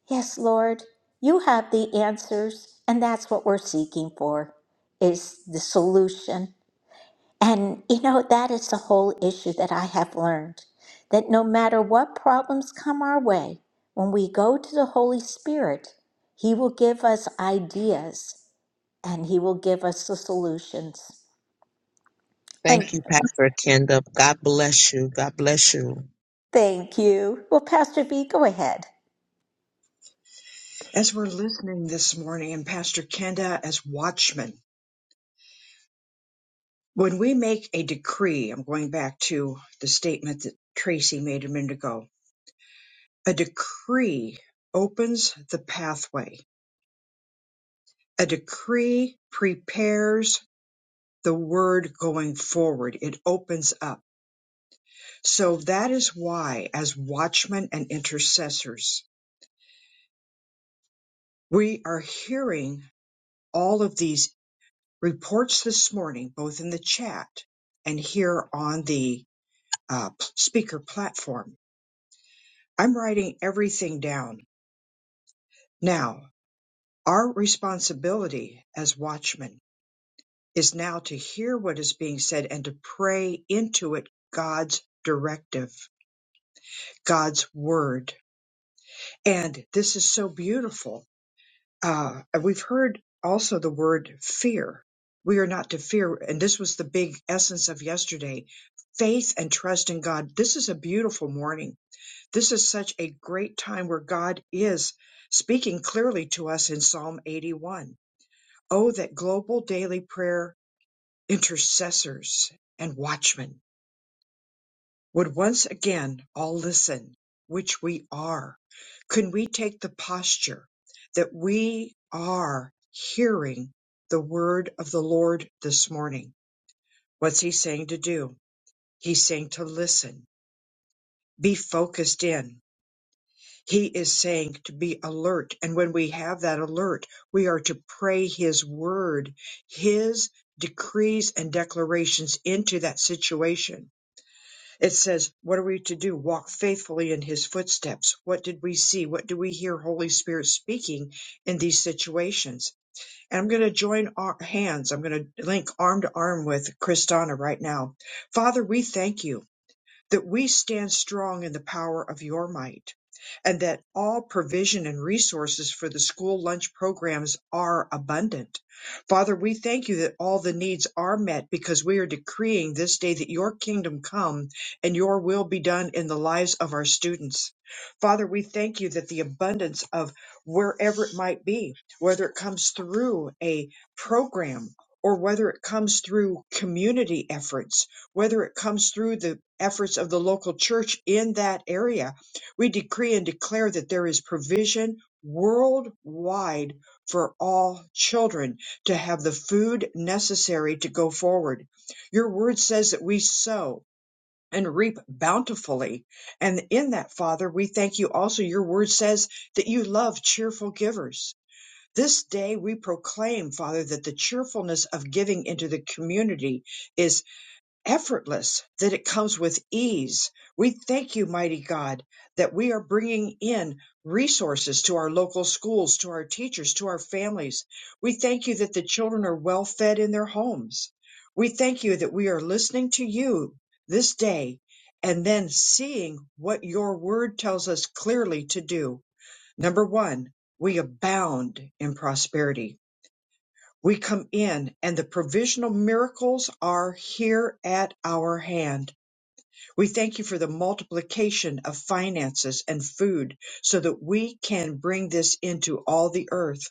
Speaker 1: Yes, Lord, you have the answers, and that's what we're seeking for is the solution. And you know, that is the whole issue that I have learned that no matter what problems come our way, when we go to the Holy Spirit, He will give us ideas and he will give us the solutions. I'm,
Speaker 6: Thank you, Pastor Kenda. God bless you. God bless you.
Speaker 1: thank you. Well, Pastor B, go ahead.
Speaker 2: As we're listening this morning, and Pastor Kenda as watchmen, when we make a decree, I'm going back to the statement that Tracy made a minute ago. A decree opens the pathway. A decree prepares the word going forward. It opens up. So that is why, as watchmen and intercessors, we are hearing all of these reports this morning, both in the chat and here on the uh, speaker platform. I'm writing everything down. Now, our responsibility as watchmen is now to hear what is being said and to pray into it God's directive, God's word. And this is so beautiful. Uh, we've heard also the word fear. We are not to fear. And this was the big essence of yesterday faith and trust in God. This is a beautiful morning This is such a great time where God is speaking clearly to us in Psalm 81. Oh, that global daily prayer intercessors and watchmen would once again all listen, which we are. Can we take the posture that we are hearing the word of the Lord this morning? What's he saying to do? He's saying to listen, be focused in, He is saying to be alert. And when we have that alert, we are to pray His word, His decrees and declarations into that situation. It says, What are we to do? Walk faithfully in His footsteps. What did we see? What do we hear Holy Spirit speaking in these situations? And I'm going to join our hands. I'm going to link arm to arm with Kristana right now. Father, we thank you that we stand strong in the power of your might, and that all provision and resources for the school lunch programs are abundant. Father, we thank you that all the needs are met because we are decreeing this day that your kingdom come and your will be done in the lives of our students. Father, we thank you that the abundance of wherever it might be, whether it comes through a program or whether it comes through community efforts, whether it comes through the efforts of the local church in that area. We decree and declare that there is provision worldwide for all children to have the food necessary to go forward. Your word says that we sow and reap bountifully. And in that, Father, we thank you also. Your word says that you love cheerful givers. This day we proclaim, Father, that the cheerfulness of giving into the community is effortless, that it comes with ease. We thank you, mighty God, that we are bringing in resources to our local schools, to our teachers, to our families. We thank you that the children are well fed in their homes. We thank you that we are listening to you this day and then seeing what your word tells us clearly to do. Number one, we abound in prosperity. We come in and the provisional miracles are here at our hand. We thank you for the multiplication of finances and food so that we can bring this into all the earth,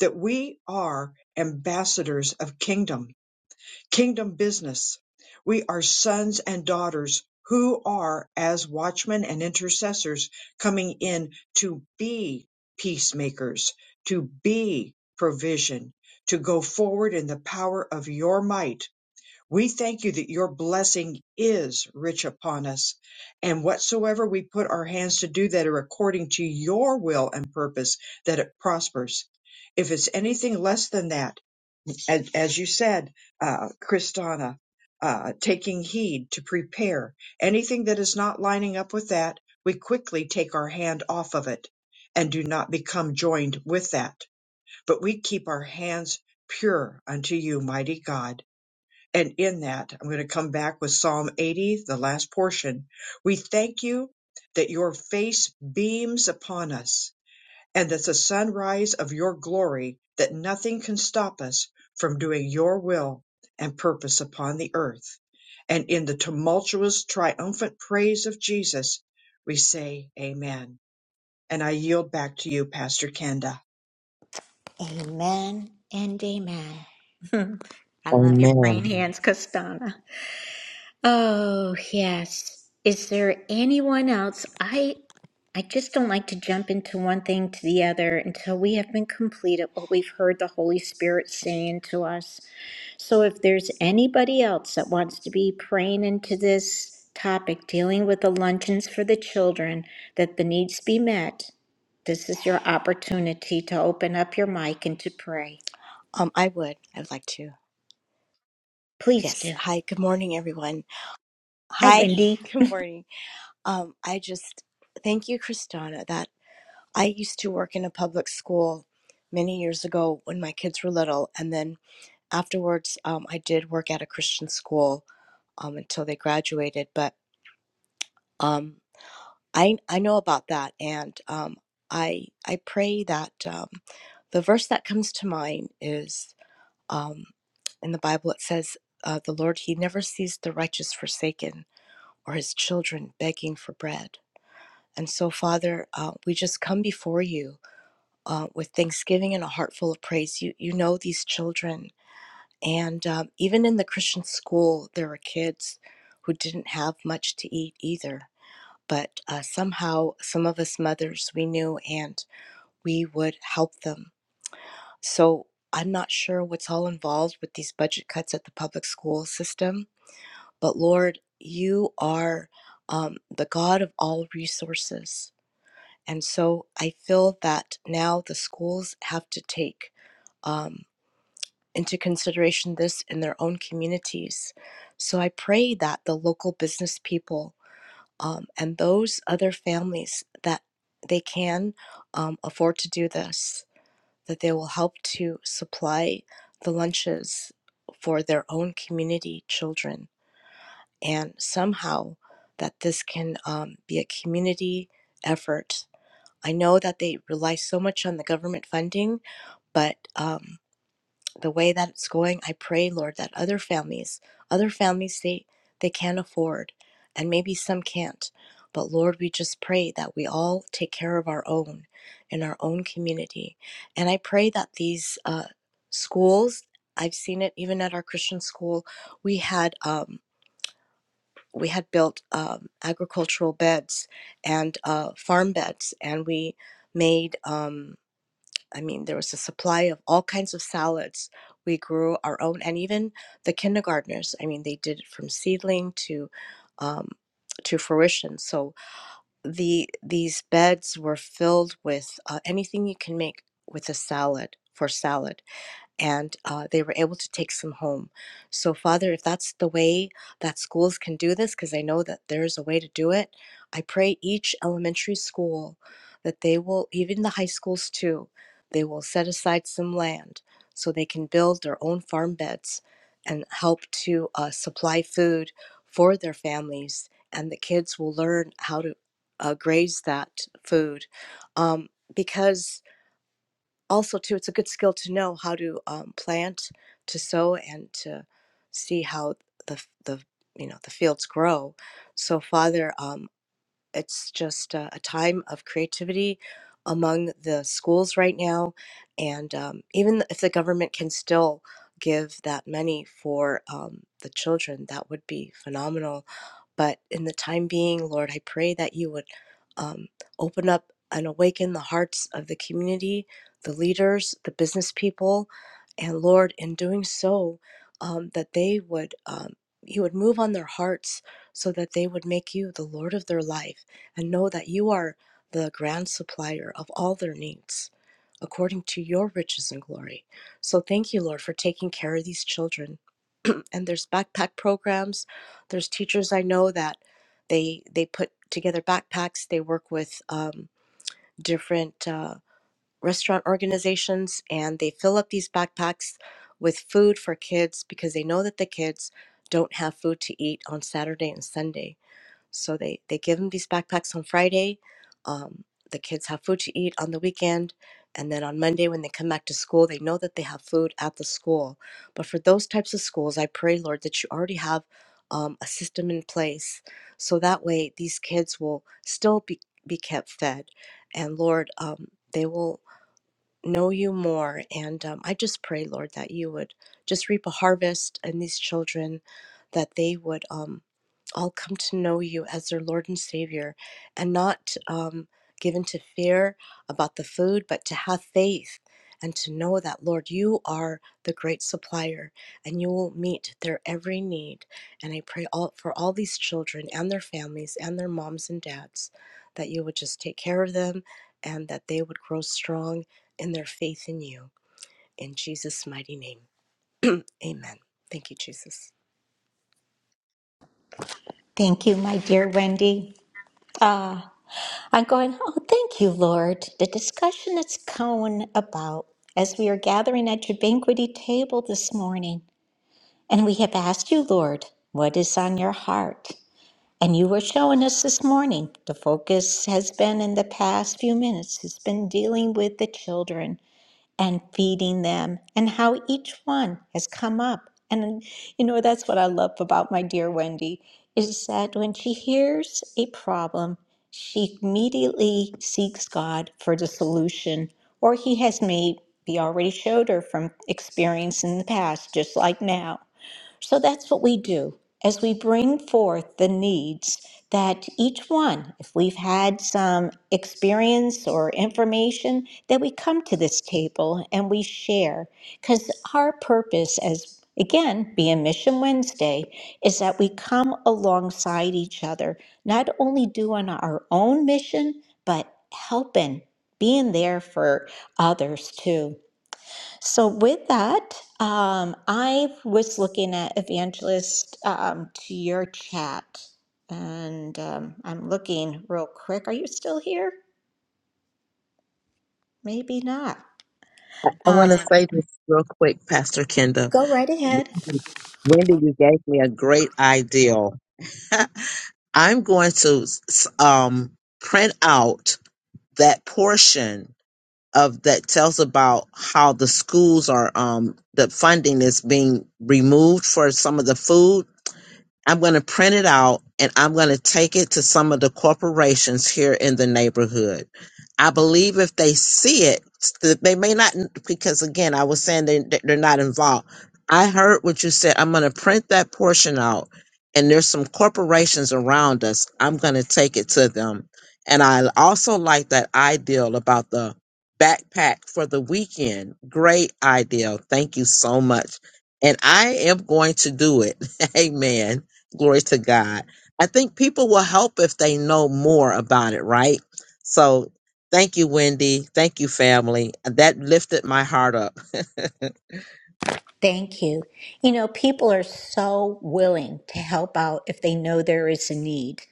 Speaker 2: that we are ambassadors of kingdom Kingdom business. We are sons and daughters who are, as watchmen and intercessors, coming in to be peacemakers, to be provision, to go forward in the power of your might. We thank you that your blessing is rich upon us, and whatsoever we put our hands to do that are according to your will and purpose, that it prospers. If it's anything less than that, as, as you said, uh, Kristana, uh, taking heed to prepare anything that is not lining up with that, we quickly take our hand off of it and do not become joined with that. But we keep our hands pure unto you, mighty God. And in that, I'm going to come back with Psalm 80, the last portion. We thank you that your face beams upon us and that the sunrise of your glory, that nothing can stop us from doing your will and purpose upon the earth. And in the tumultuous, triumphant praise of Jesus, we say, Amen. And I yield back to you, Pastor Kenda.
Speaker 1: Amen and amen. I love your praying
Speaker 6: Amen.
Speaker 1: hands, Costana. Oh yes. Is there anyone else? I I just don't like to jump into one thing to the other until we have been complete at what we've heard the Holy Spirit saying to us. So if there's anybody else that wants to be praying into this topic, dealing with the luncheons for the children, that the needs be met, this is your opportunity to open up your mic and to pray.
Speaker 8: Um, I would. I would like to.
Speaker 1: Please
Speaker 8: Yes.
Speaker 1: do.
Speaker 8: Hi. Good morning, everyone.
Speaker 1: Hi,
Speaker 8: Hi.
Speaker 1: Wendy.
Speaker 8: Good morning. Um, I just thank you, Kristana. That I used to work in a public school many years ago when my kids were little, and then afterwards, um, I did work at a Christian school um, until they graduated. But um, I I know about that, and um, I I pray that um, the verse that comes to mind is. Um, in the Bible, it says, uh, The Lord, He never sees the righteous forsaken or His children begging for bread. And so, Father, uh, we just come before you uh, with thanksgiving and a heart full of praise. You, you know these children. And um, even in the Christian school, there were kids who didn't have much to eat either. But uh, somehow, some of us mothers we knew, and we would help them So I'm not sure what's all involved with these budget cuts at the public school system, but Lord, you are um, the God of all resources. And so I feel that now the schools have to take um, into consideration this in their own communities. So I pray that the local business people um, and those other families that they can um, afford to do this that they will help to supply the lunches for their own community children, and somehow that this can um, be a community effort. I know that they rely so much on the government funding, but um, the way that it's going, I pray, Lord, that other families, other families they they can't afford, and maybe some can't. But Lord, we just pray that we all take care of our own in our own community. And I pray that these uh, schools, I've seen it even at our Christian school, we had um, we had built um, agricultural beds and uh, farm beds, and we made. Um, I mean, there was a supply of all kinds of salads. We grew our own, and even the kindergartners. I mean, they did it from seedling to um, to fruition. So the these beds were filled with uh, anything you can make with a salad for salad and uh, they were able to take some home. So, Father, if that's the way that schools can do this, because I know that there is a way to do it, I pray each elementary school that they will, even the high schools too, they will set aside some land so they can build their own farm beds and help to uh, supply food for their families. And the kids will learn how to uh, graze that food. Um, because also too it's a good skill to know how to um, plant to sow and to see how the the you know the fields grow so father um, it's just a, a time of creativity among the schools right now and um, even if the government can still give that many for um, the children that would be phenomenal but in the time being, Lord, I pray that you would um, open up and awaken the hearts of the community, the leaders, the business people, and Lord, in doing so, um, that they would. Um, you would move on their hearts so that they would make you the Lord of their life and know that you are the grand supplier of all their needs according to your riches and glory. So thank you, Lord, for taking care of these children and there's backpack programs. There's teachers I know that they they put together backpacks. They work with um, different uh, restaurant organizations and they fill up these backpacks with food for kids because they know that the kids don't have food to eat on Saturday and Sunday so they they give them these backpacks on Friday. Um, the kids have food to eat on the weekend, and then on Monday when they come back to school, they know that they have food at the school. But for those types of schools, I pray, Lord, that you already have um, a system in place, so that way these kids will still be be kept fed, and Lord, um, they will know you more. And um, I just pray, Lord, that you would just reap a harvest in these children, that they would um, all come to know you as their Lord and Savior and not um, given to fear about the food, but to have faith and to know that, Lord, you are the great supplier and you will meet their every need. And I pray all, for all these children and their families and their moms and dads that you would just take care of them and that they would grow strong and their faith in you. In Jesus' mighty name, amen. Thank you, Jesus.
Speaker 1: Thank you, my dear Wendy. Ah, I'm going, oh, thank you, Lord. The discussion that's going about as we are gathering at your banqueting table this morning, and we have asked you, Lord, what is on your heart? And you were showing us this morning, the focus has been in the past few minutes, has been dealing with the children and feeding them and how each one has come up. And you know, that's what I love about my dear Wendy is that when she hears a problem, she immediately seeks God for the solution, or He has maybe already showed her from experience in the past, just like now. So that's what we do as we bring forth the needs that each one, if we've had some experience or information, that we come to this table and we share. Because our purpose, as again, being Mission Wednesday, is that we come alongside each other, not only doing our own mission, but helping, being there for others too. So with that, um, I was looking at Evangelist um, to your chat, and um, I'm looking real quick. Are you still here? Maybe not.
Speaker 6: I, I want to
Speaker 1: Uh,
Speaker 6: say this real quick, Pastor Kenda.
Speaker 1: go right ahead.
Speaker 6: Wendy, you gave me a great idea. I'm going to s- um, print out that portion of that tells about how the schools are um, the funding is being removed for some of the food I'm going to print it out and I'm going to take it to some of the corporations here in the neighborhood. I believe if they see it, that they may not, because again, I was saying they, they're not involved. I heard what you said. I'm going to print that portion out and there's some corporations around us. I'm going to take it to them. And I also like that ideal about the backpack for the weekend. Great ideal. Thank you so much. And I am going to do it. Amen. Glory to God. I think people will help if they know more about it, right? So thank you, Wendy. Thank you, family. That lifted my heart up.
Speaker 1: Thank you. You know, people are so willing to help out if they know there is a need.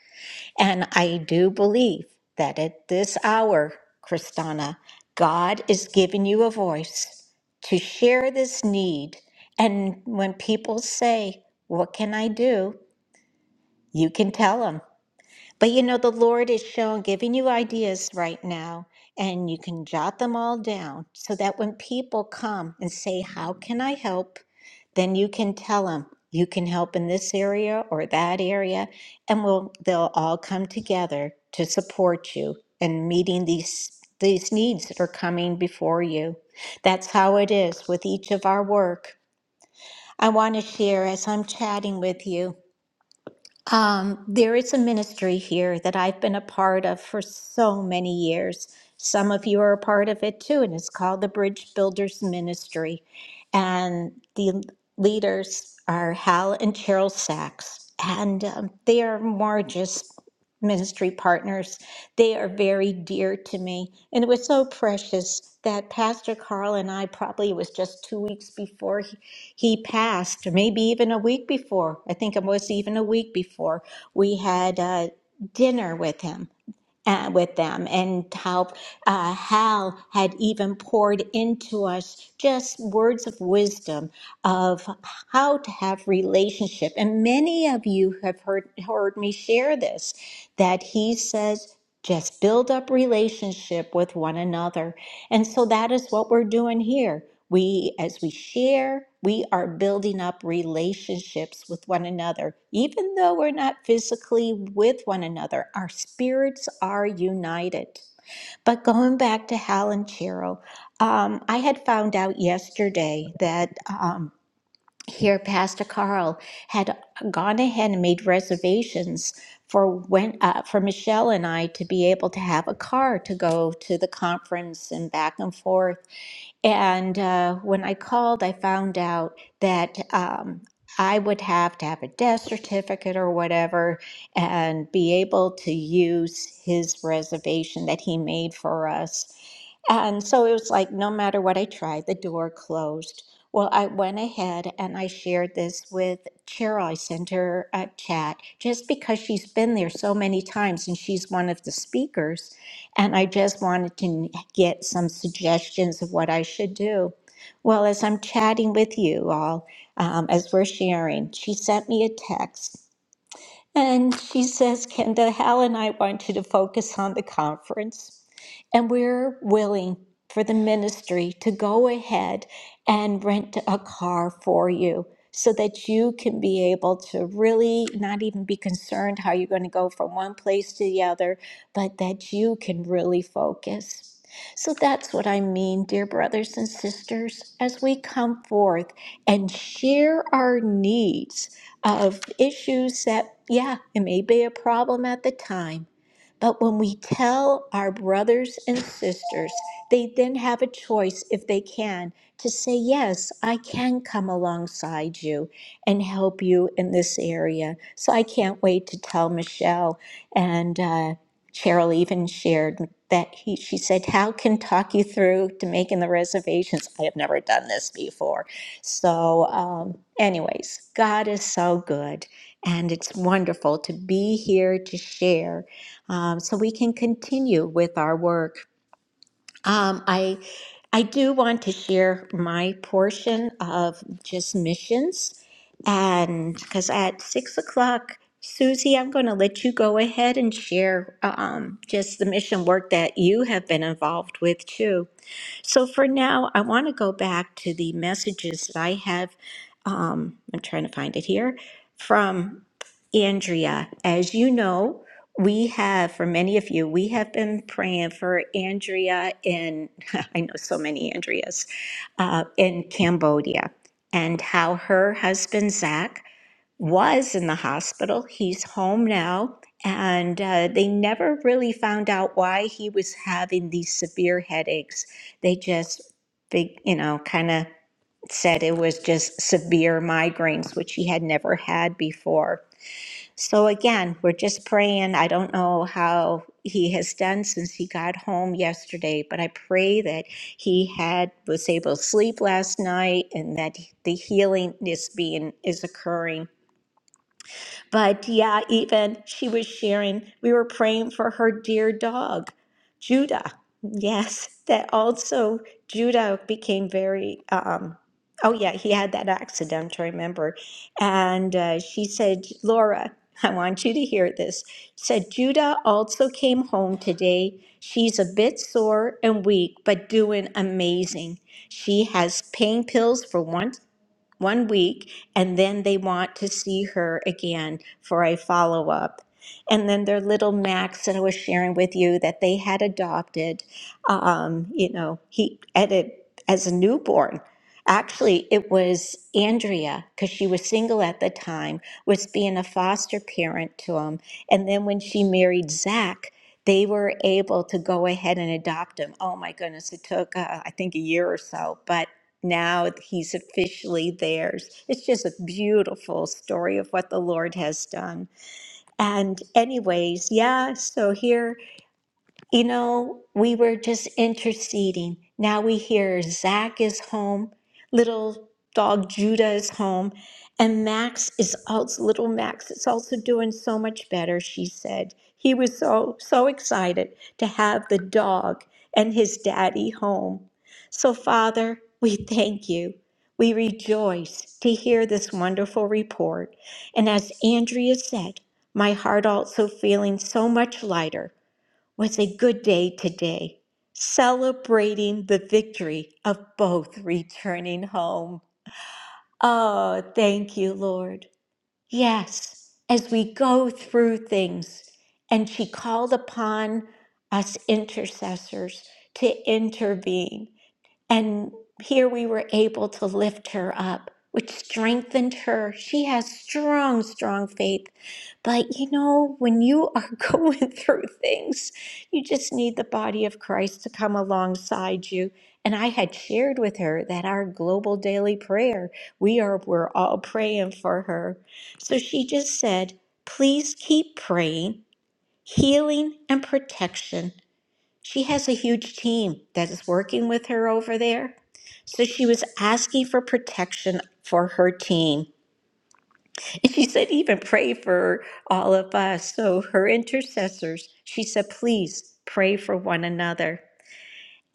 Speaker 1: And I do believe that at this hour, Kristana, God is giving you a voice to share this need. And when people say, What can I do? you can tell them. But you know, the Lord is showing, giving you ideas right now, and you can jot them all down so that when people come and say, How can I help? then you can tell them, You can help in this area or that area, and we'll, they'll all come together to support you in meeting these. These needs that are coming before you. That's how it is with each of our work. I want to share as I'm chatting with you. Um, there is a ministry here that I've been a part of for so many years. Some of you are a part of it too, and it's called the Bridge Builders Ministry. And the leaders are Hal and Cheryl Sachs, and um, they are more just ministry partners they are very dear to me. And it was so precious that Pastor Carl and I probably it was just two weeks before he, he passed, or maybe even a week before. I think it was even a week before we had uh, dinner with him uh, with them and how uh, Hal had even poured into us just words of wisdom of how to have relationship. And many of you have heard heard me share this that he says just build up relationship with one another and so that is what we're doing here. We, as we share, we are building up relationships with one another. Even though we're not physically with one another, our spirits are united. But going back to Hal and Cheryl, um, I had found out yesterday that. um, here pastor carl had gone ahead and made reservations for when uh, for michelle and i to be able to have a car to go to the conference and back and forth and uh, when i called i found out that um, i would have to have a death certificate or whatever and be able to use his reservation that he made for us and so it was like, no matter what I tried, the door closed. Well, I went ahead and I shared this with Cheryl. I sent her a chat just because she's been there so many times and she's one of the speakers. And I just wanted to get some suggestions of what I should do. Well, as I'm chatting with you all, um, as we're sharing, she sent me a text and she says, Kenda, Hal and I want you to focus on the conference. And we're willing for the ministry to go ahead and rent a car for you so that you can be able to really not even be concerned how you're going to go from one place to the other, but that you can really focus. So that's what I mean, dear brothers and sisters, as we come forth and share our needs of issues that, yeah, it may be a problem at the time. But when we tell our brothers and sisters, they then have a choice, if they can, to say, Yes, I can come alongside you and help you in this area. So I can't wait to tell Michelle. And uh, Cheryl even shared that he, she said, How can talk you through to making the reservations? I have never done this before so, um, anyways, God is so good, and it's wonderful to be here to share, um, so we can continue with our work. Um, I, I do want to share my portion of just missions, and because at six o'clock, Susie, I'm going to let you go ahead and share um, just the mission work that you have been involved with too. So for now, I want to go back to the messages that I have. Um, I'm trying to find it here from Andrea. As you know, we have, for many of you, we have been praying for Andrea in, I know so many Andreas, uh, in Cambodia and how her husband, Zach, was in the hospital. He's home now, and uh, they never really found out why he was having these severe headaches. They just, big, you know, kind of said it was just severe migraines, which he had never had before. So again, we're just praying. I don't know how he has done since he got home yesterday, but I pray that he had was able to sleep last night and that the healing is being is occurring but yeah, even she was sharing, we were praying for her dear dog, Judah. Yes, that also Judah became very, um, oh yeah, he had that accident, I remember. And uh, she said, Laura, I want you to hear this. Said Judah also came home today. She's a bit sore and weak, but doing amazing. She has pain pills for once one week, and then they want to see her again for a follow up. And then their little Max that I was sharing with you that they had adopted, um, you know, he at a, as a newborn. Actually, it was Andrea because she was single at the time, was being a foster parent to him. And then when she married Zach, they were able to go ahead and adopt him. Oh my goodness, it took uh, I think a year or so, but now he's officially theirs. It's just a beautiful story of what the Lord has done. And, anyways, yeah, so here. You know, we were just interceding. Now we hear Zach is home, little dog Judah is home, and Max is also little Max is also doing so much better, she said. He was so so excited to have the dog and his daddy home. So Father, we thank you. We rejoice to hear this wonderful report. And as Andrea said, my heart also feeling so much lighter was a good day today, celebrating the victory of both returning home. Oh, thank you, Lord. Yes, as we go through things, and she called upon us intercessors to intervene. And here we were able to lift her up, which strengthened her. She has strong, strong faith. But you know, when you are going through things, you just need the body of Christ to come alongside you. And I had shared with her that our global daily prayer, we are we're all praying for her. So she just said, "Please keep praying, healing and protection she has a huge team that is working with her over there. So she was asking for protection for her team. And she said, even pray for all of us. So her intercessors, she said, please pray for one another.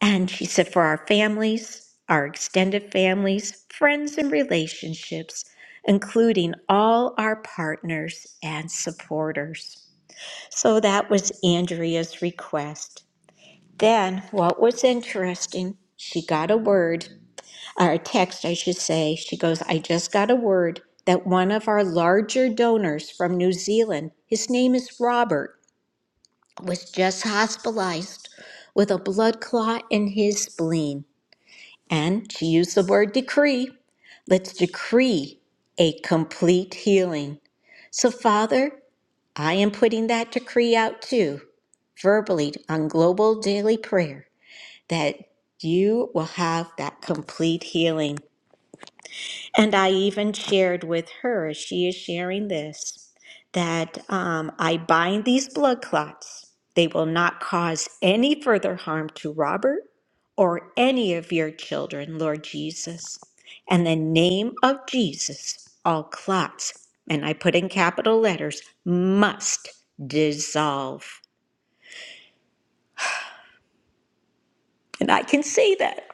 Speaker 1: And she said, for our families, our extended families, friends, and relationships, including all our partners and supporters. So that was Andrea's request. Then, what was interesting, she got a word, or a text, I should say. She goes, I just got a word that one of our larger donors from New Zealand, his name is Robert, was just hospitalized with a blood clot in his spleen. And she used the word decree. Let's decree a complete healing. So, Father, I am putting that decree out too, verbally on Global Daily Prayer that you will have that complete healing. And I even shared with her, as she is sharing this, that um, I bind these blood clots. They will not cause any further harm to Robert or any of your children, Lord Jesus. In the name of Jesus, all clots, and I put in capital letters, must dissolve. And I can say that.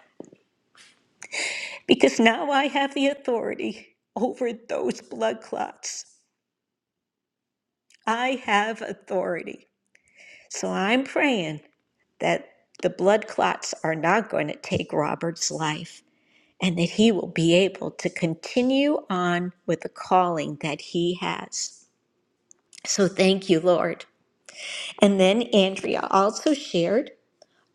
Speaker 1: because now I have the authority over those blood clots. I have authority. So I'm praying that the blood clots are not going to take Robert's life and that he will be able to continue on with the calling that he has. So thank you, Lord. And then Andrea also shared.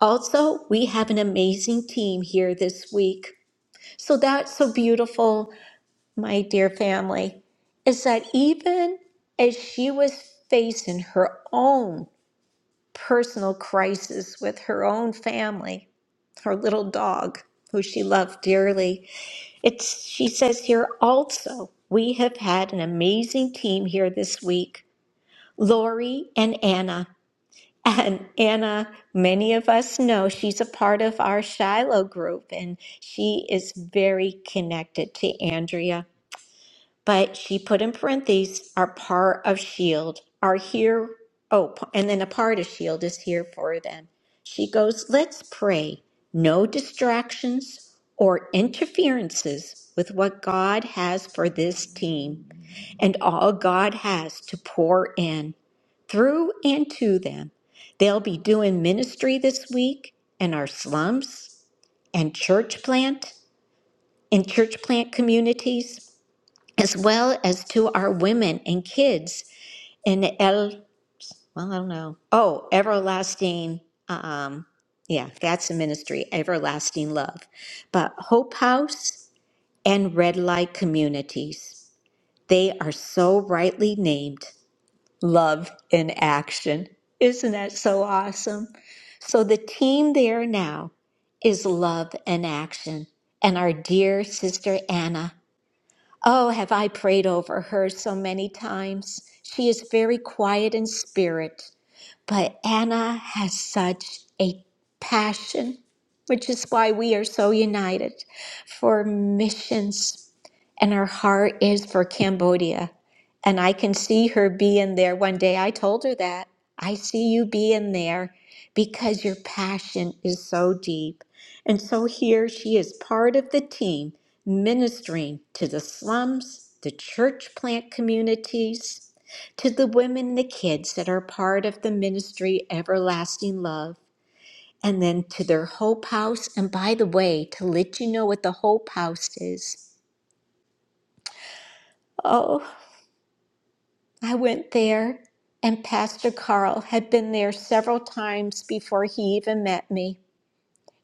Speaker 1: Also, we have an amazing team here this week. So that's so beautiful my dear family, is that even as she was facing her own personal crisis with her own family, her little dog, who she loved dearly, it's, she says here also, we have had an amazing team here this week Lori and Anna. And Anna, many of us know she's a part of our Shiloh group and she is very connected to Andrea but she put in parentheses are part of shield are here oh and then a part of shield is here for them she goes let's pray no distractions or interferences with what god has for this team and all god has to pour in through and to them they'll be doing ministry this week in our slums and church plant in church plant communities as well as to our women and kids in El, well, I don't know. Oh, everlasting. Um, yeah, that's the ministry, everlasting love. But Hope House and Red Light Communities, they are so rightly named Love in Action. Isn't that so awesome? So the team there now is Love in Action. And our dear sister Anna Oh, have I prayed over her so many times? She is very quiet in spirit, but Anna has such a passion, which is why we are so united for missions and her heart is for Cambodia. And I can see her being there one day. I told her that. I see you being there because your passion is so deep. And so here she is part of the team ministering to the slums, the church plant communities, to the women and the kids that are part of the ministry Everlasting Love, and then to their Hope House. And by the way, to let you know what the Hope House is. oh. I went there, and Pastor Carl had been there several times before he even met me.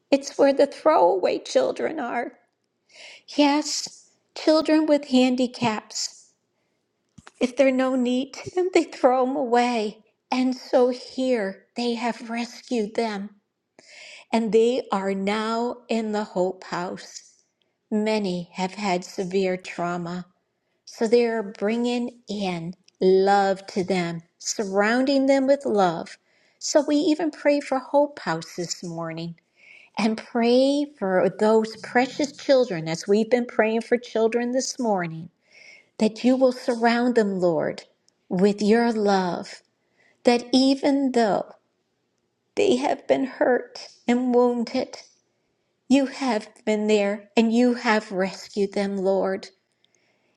Speaker 1: It's where the throwaway children are. Yes, children with handicaps. If they're no need to them, they throw them away. And so here they have rescued them, and they are now in the Hope House. Many have had severe trauma. So they're bringing in love to them, surrounding them with love. So we even pray for Hope House this morning and pray for those precious children as we've been praying for children this morning, that you will surround them, Lord, with your love, that even though they have been hurt and wounded, you have been there and you have rescued them, Lord.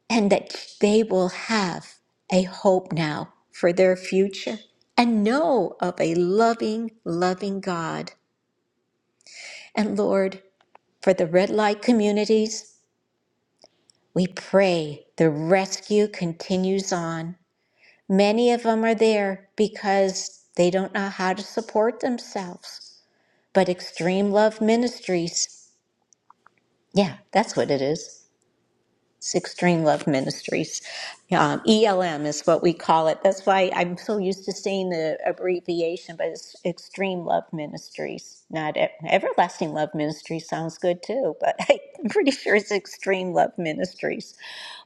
Speaker 1: and that they will have a hope now for their future and know of a loving, loving God. And Lord, for the red light communities, we pray the rescue continues on. Many of them are there because they don't know how to support themselves. But Extreme Love Ministries, yeah, that's what it is. It's Extreme Love Ministries. Um, ELM is what we call it. That's why I'm so used to seeing the abbreviation, but it's Extreme Love Ministries. Not E- Everlasting Love Ministries sounds good too, but I'm pretty sure it's Extreme Love Ministries.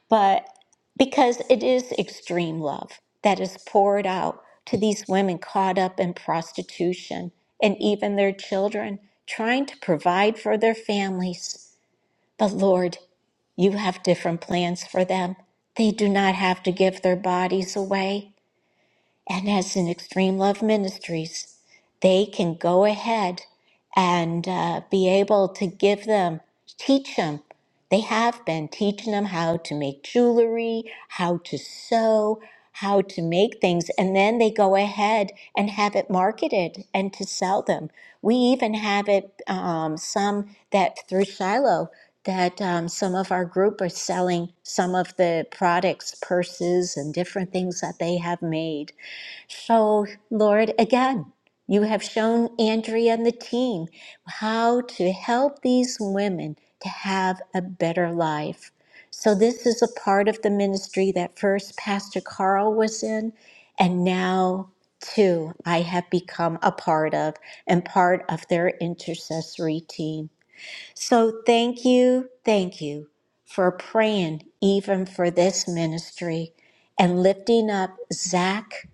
Speaker 1: But because it is extreme love that is poured out to these women caught up in prostitution and even their children, trying to provide for their families. But Lord, you have different plans for them. They do not have to give their bodies away. And as in Extreme Love Ministries, they can go ahead and uh, be able to give them, teach them. They have been teaching them how to make jewelry, how to sew, how to make things, and then they go ahead and have it marketed and to sell them. We even have it um, some that through Shiloh that um, some of our group are selling some of the products, purses, and different things that they have made. So, Lord, again, you have shown Andrea and the team how to help these women to have a better life. So, this is a part of the ministry that first Pastor Carl was in, and now too, I have become a part of and part of their intercessory team. So, thank you, thank you for praying even for this ministry and lifting up Zach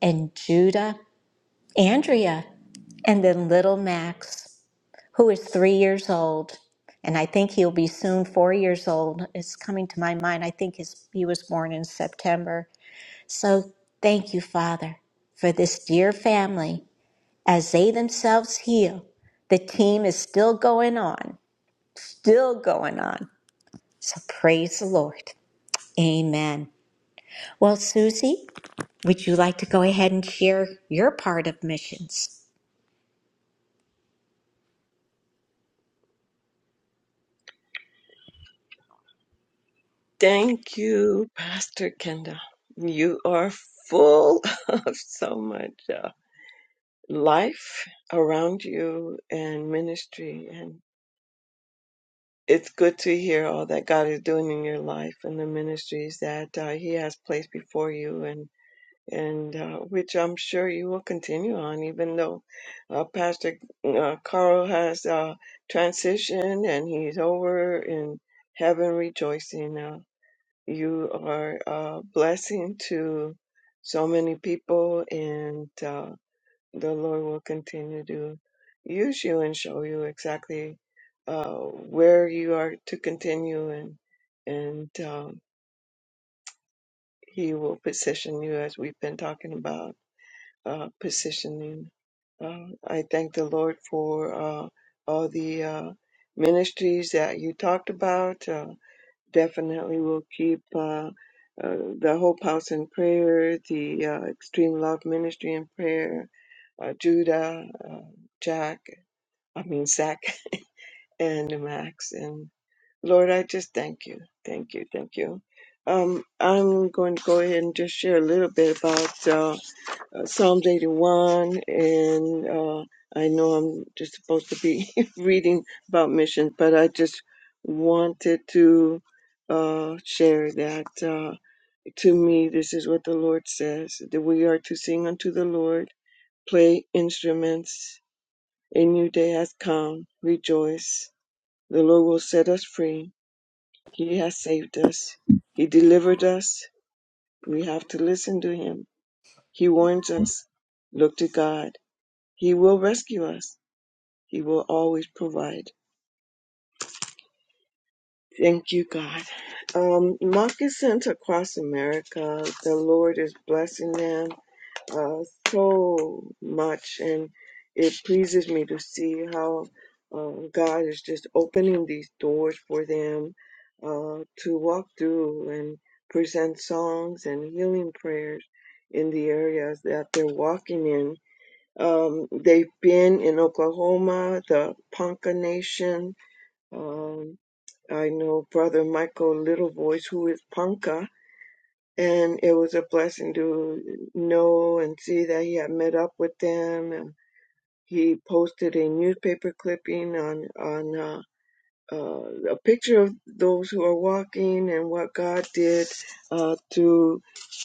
Speaker 1: and Judah, Andrea, and then little Max, who is three years old. And I think he'll be soon four years old. It's coming to my mind. I think his, he was born in September. So thank you, Father, for this dear family. As they themselves heal, the team is still going on, still going on. So praise the Lord. Amen. Well, Susie, would you like to go ahead and share your part of missions?
Speaker 9: Thank you, Pastor Kenda. You are full of so much uh, life around you and ministry. And it's good to hear all that God is doing in your life and the ministries that uh, He has placed before you, and, and uh, which I'm sure you will continue on, even though uh, Pastor uh, Carl has uh, transitioned and he's over in heaven rejoicing. Uh, You are a blessing to so many people, and uh, the Lord will continue to use you and show you exactly uh, where you are to continue, and and um, He will position you as we've been talking about uh, positioning. Uh, I thank the Lord for uh, all the uh, ministries that you talked about. Uh, definitely we will keep uh, uh, the Hope House in prayer, the uh, Extreme Love Ministry in prayer, uh, Judah, uh, Jack, I mean, Zach, and Max. And Lord, I just thank you. Thank you. Thank you. Um, I'm going to go ahead and just share a little bit about. uh, uh, Psalms 81, and uh, I know I'm just supposed to be reading about missions, but I just wanted to uh, share that uh, to me, this is what the Lord says that we are to sing unto the Lord, play instruments, a new day has come, rejoice. The Lord will set us free. He has saved us, He delivered us. We have to listen to Him. He warns us, look to God He will rescue us. He will always provide. Thank you, God. Um, moccasins across America, the Lord is blessing them uh, so much, and it pleases me to see how uh, God is just opening these doors for them uh, to walk through and present songs and healing prayers in the areas that they're walking in Um, they've been in Oklahoma, the Ponca Nation. Um, I know Brother Michael Littlevoice, who is Ponca, and it was a blessing to know and see that he had met up with them. And he posted a newspaper clipping on on. uh, uh, a picture of those who are walking and what God did uh, through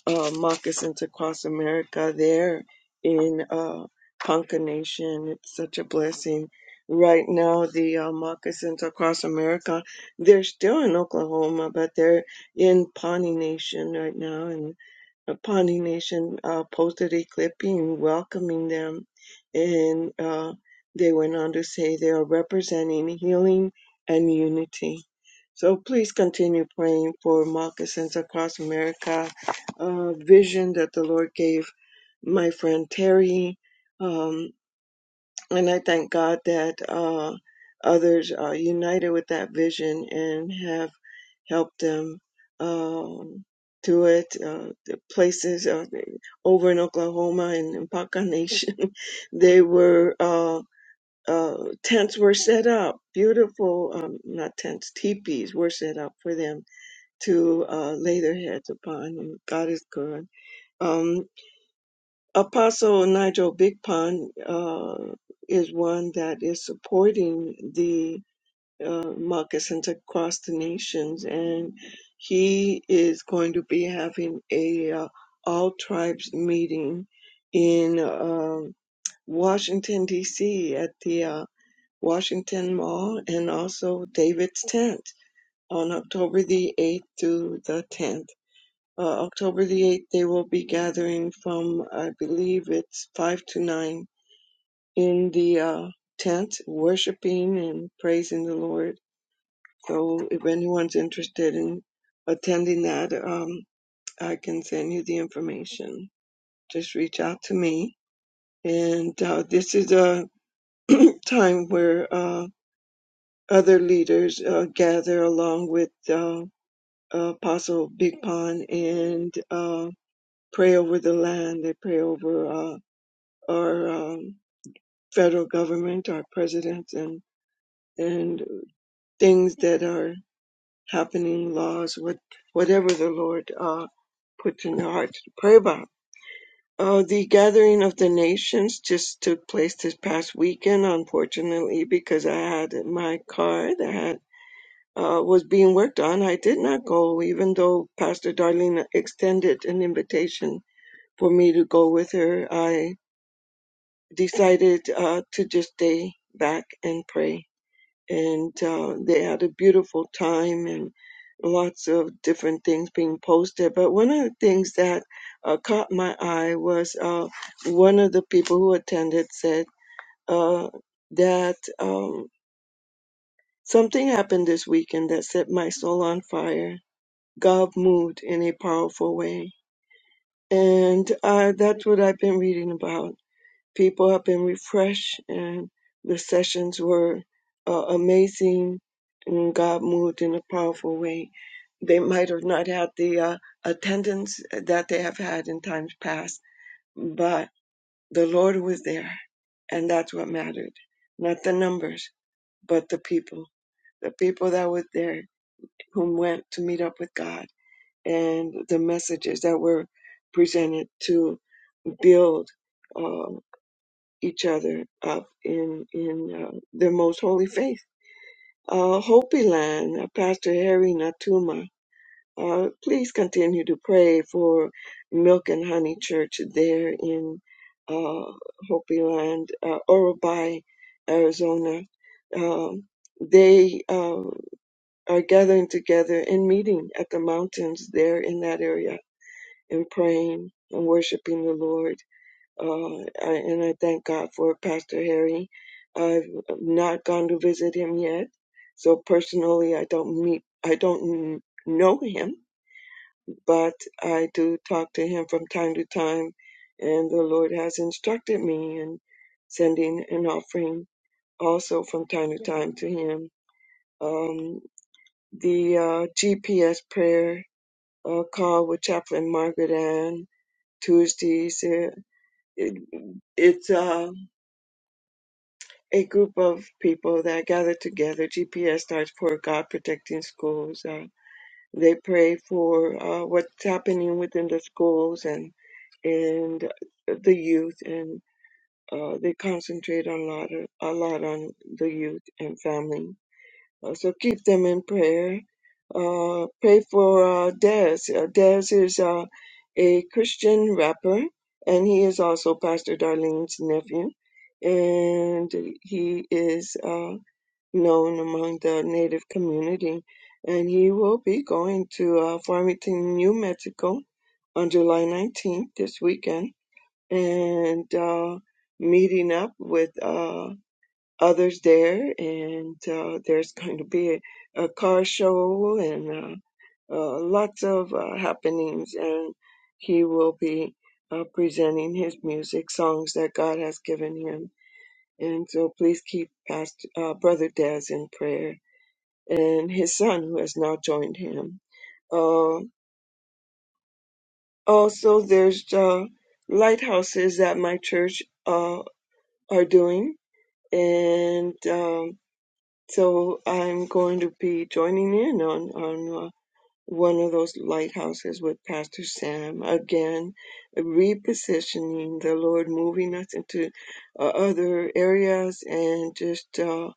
Speaker 9: uh, moccasins across America there in uh, Ponca Nation. It's such a blessing. Right now, the uh, moccasins across America, they're still in Oklahoma, but they're in Pawnee Nation right now. and. Pawnee Nation uh, posted a clipping welcoming them, and uh, they went on to say they are representing healing and unity. So please continue praying for moccasins across America, uh, vision that the Lord gave my friend Terry, um, and I thank God that uh, others are united with that vision and have help them um, do it. Uh, the places uh, over in Oklahoma and in Paca Nation, they were uh, uh, tents were set up. Beautiful, um, not tents, teepees were set up for them to uh, lay their heads upon. And God is good. Um, Apostle Nigel Big Pond uh, is one that is supporting the uh, moccasins across the nations, and he is going to be having a uh, all tribes meeting in um, Washington D.C. at the uh, Washington Mall and also David's tent on October the 8th through the 10th. Uh, October the 8th, they will be gathering from, I believe it's 5 to 9 in the uh, tent, worshiping and praising the Lord so if anyone's interested in attending that, um, I can send you the information. Just reach out to me. And uh, this is a time where uh, other leaders uh, gather along with uh, Apostle Big Pond and uh, pray over the land. They pray over uh, our um, federal government, our presidents, and and things that are happening, laws, what, whatever the Lord uh, puts in your heart to pray about. Uh, the gathering of the nations just took place this past weekend, unfortunately, because I had my car that had, uh, was being worked on. I did not go, even though Pastor Darlene extended an invitation for me to go with her. I decided uh, to just stay back and pray and uh, they had a beautiful time and lots of different things being posted. But one of the things that uh, caught my eye was uh, one of the people who attended said uh, that um, something happened this weekend that set my soul on fire. God moved in a powerful way. And uh, that's what I've been reading about people have been refreshed and the sessions were uh, amazing and God moved in a powerful way. They might have not had the uh, attendance that they have had in times past, but the Lord was there and that's what mattered. Not the numbers, but the people. The people that were there who went to meet up with God and the messages that were presented to build. uh, each other up in in uh, their most holy faith. Uh, Hopi Land, uh, Pastor Harry Natuma, uh, please continue to pray for Milk and Honey Church there in uh, Hopi Land, uh, Orobai, Arizona. Um they uh, are gathering together and meeting at the mountains there in that area and praying and worshiping the Lord uh, I, and I thank God for Pastor Harry. I've not gone to visit him yet, so personally, I don't meet, I don't know him, but I do talk to him from time to time, and the Lord has instructed me in sending an offering also from time to time to him. Um, the uh, GPS prayer uh, call with Chaplain Margaret Ann Tuesdays. uh, It, it's uh, a group of people that gather together. GPS starts for God protecting schools. Uh, they pray for uh, what's happening within the schools and and the youth, and uh, they concentrate on a lot of, a lot on the youth and family uh, so keep them in prayer. Uh, pray for uh, Dez. Uh, Dez is uh, a Christian rapper, and he is also Pastor Darlene's nephew. And he is uh, known among the Native community. And he will be going to uh, Farmington, New Mexico on July 19th this weekend and uh, meeting up with. uh, others there, and uh, there's going to be a, a car show and uh, uh, lots of uh, happenings. And he will be uh, presenting his music, songs that God has given him. And so please keep Pastor, uh, Brother Daz in prayer and his son who has now joined him. Uh, also, there's uh, lighthouses that my church uh, are doing. And um, So I'm going to be joining in on on uh, one of those lighthouses with Pastor Sam again, repositioning the Lord, moving us into uh, other areas, and just uh,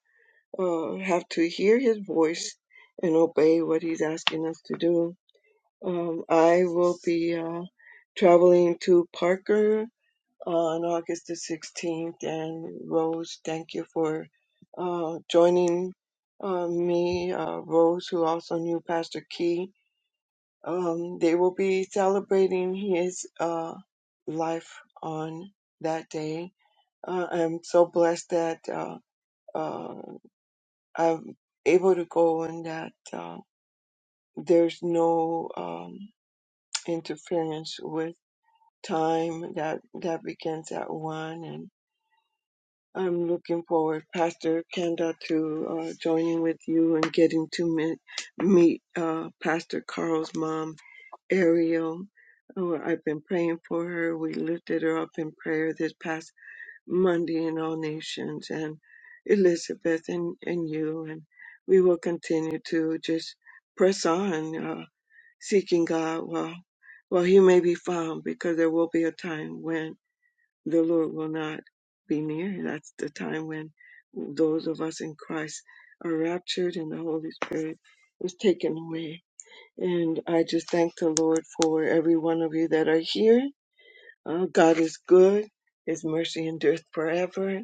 Speaker 9: uh, have to hear His voice and obey what He's asking us to do. Um, I will be uh, traveling to Parker on August the 16th. And Rose, thank you for uh, joining uh, me, uh, Rose, who also knew Pastor Key. Um, they will be celebrating his uh, life on that day. Uh, I'm so blessed that uh, uh, I'm able to go and that uh, there's no um, interference with time that that begins at one I'm looking forward, Pastor Kenda, to uh, joining with you and getting to meet, meet uh, Pastor Carl's mom, Ariel. Oh, I've been praying for her. We lifted her up in prayer this past Monday in all nations, and Elizabeth and, and you. And we will continue to just press on, uh, seeking God while, while He may be found, because there will be a time when the Lord will not be near. That's the time when those of us in Christ are raptured and the Holy Spirit is taken away. And I just thank the Lord for every one of you that are here. Uh, God is good. His mercy endureth forever.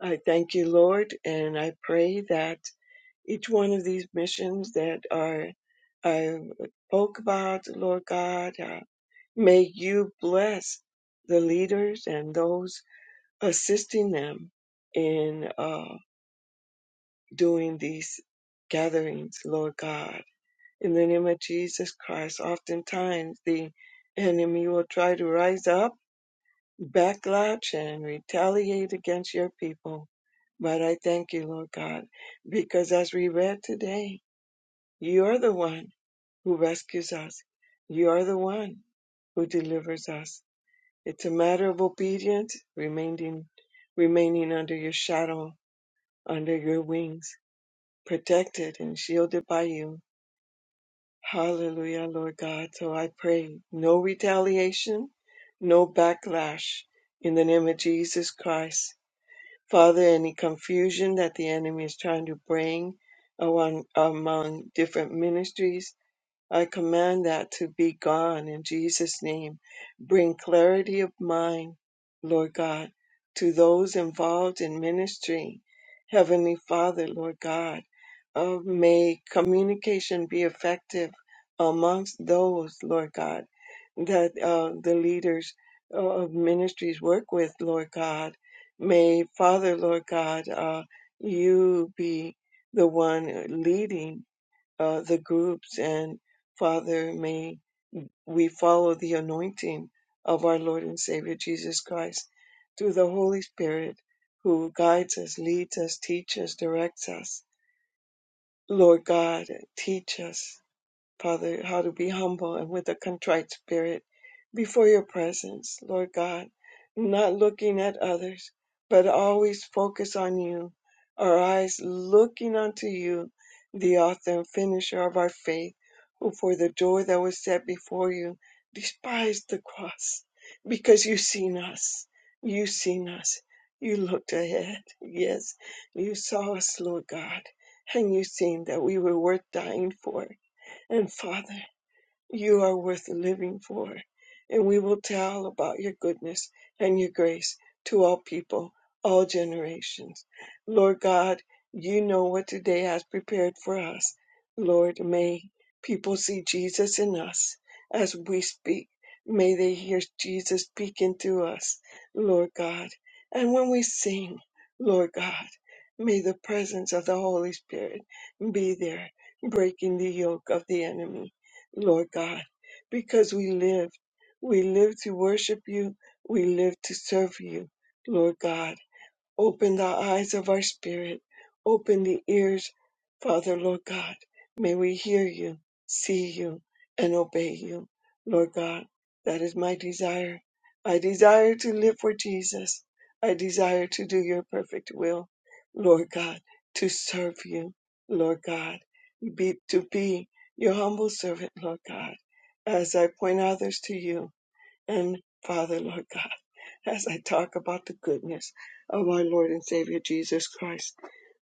Speaker 9: I thank you, Lord, and I pray that each one of these missions that are I spoke about, Lord God, uh, may you bless the leaders and those assisting them in uh, doing these gatherings, Lord God. In the name of Jesus Christ, oftentimes the enemy will try to rise up, backlash, and retaliate against your people. But I thank you, Lord God, because as we read today, you're the one who rescues us. You're the one who delivers us. It's a matter of obedience, remaining, remaining under your shadow under your wings, protected and shielded by you. Hallelujah, Lord God. So I pray no retaliation, no backlash in the name of Jesus Christ. Father, any confusion that the enemy is trying to bring among, among different ministries, I command that to be gone in Jesus' name. Bring clarity of mind, Lord God, to those involved in ministry. Heavenly Father, Lord God, uh, may communication be effective amongst those, Lord God, that uh, the leaders uh, of ministries work with, Lord God. May Father, Lord God, uh, you be the one leading uh, the groups. And Father, may we follow the anointing of our Lord and Savior Jesus Christ through the Holy Spirit who guides us, leads us, teaches, directs us. Lord God, teach us. Father, how to be humble and with a contrite spirit before your presence, Lord God, not looking at others, but always focus on you, our eyes looking unto you, the author and finisher of our faith, who for the joy that was set before you despised the cross, because you seen us, you seen us. You looked ahead. Yes, you saw us, Lord God, and you seen that we were worth dying for and Father, you are worth living for, and we will tell about your goodness and your grace to all people, all generations. Lord God, you know what today has prepared for us. Lord, may people see Jesus in us as we speak. May they hear Jesus speaking through us, Lord God. And when we sing, Lord God, may the presence of the Holy Spirit be there, breaking the yoke of the enemy Lord God, because we live. We live to worship you. We live to serve you, Lord God. Open the eyes of our spirit. Open the ears, Father, Lord God. May we hear you, see you, and obey you, Lord God. That is my desire. I desire to live for Jesus. I desire to do your perfect will, Lord God, to serve you, Lord God, be, to be your humble servant, Lord God, as I point others to you. And Father, Lord God, as I talk about the goodness of our Lord and Savior Jesus Christ,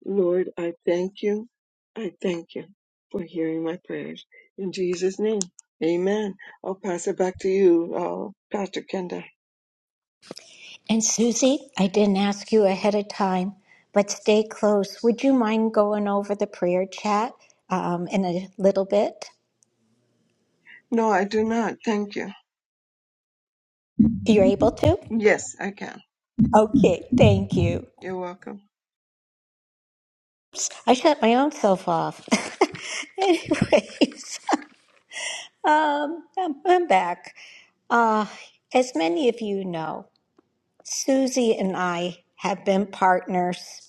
Speaker 9: Lord, I thank you. I thank you for hearing my prayers. In Jesus' name, amen. I'll pass it back to you, uh, Pastor Kenda.
Speaker 1: And Susie, I didn't ask you ahead of time, but stay close. Would you mind going over the prayer chat um, in a little bit?
Speaker 9: No, I do not. Thank you.
Speaker 1: You're able to?
Speaker 9: Yes, I can.
Speaker 1: Okay, thank you.
Speaker 9: You're welcome.
Speaker 1: I shut my own self off. Anyways, um, I'm, I'm back. Uh, as many of you know, Susie and I have been partners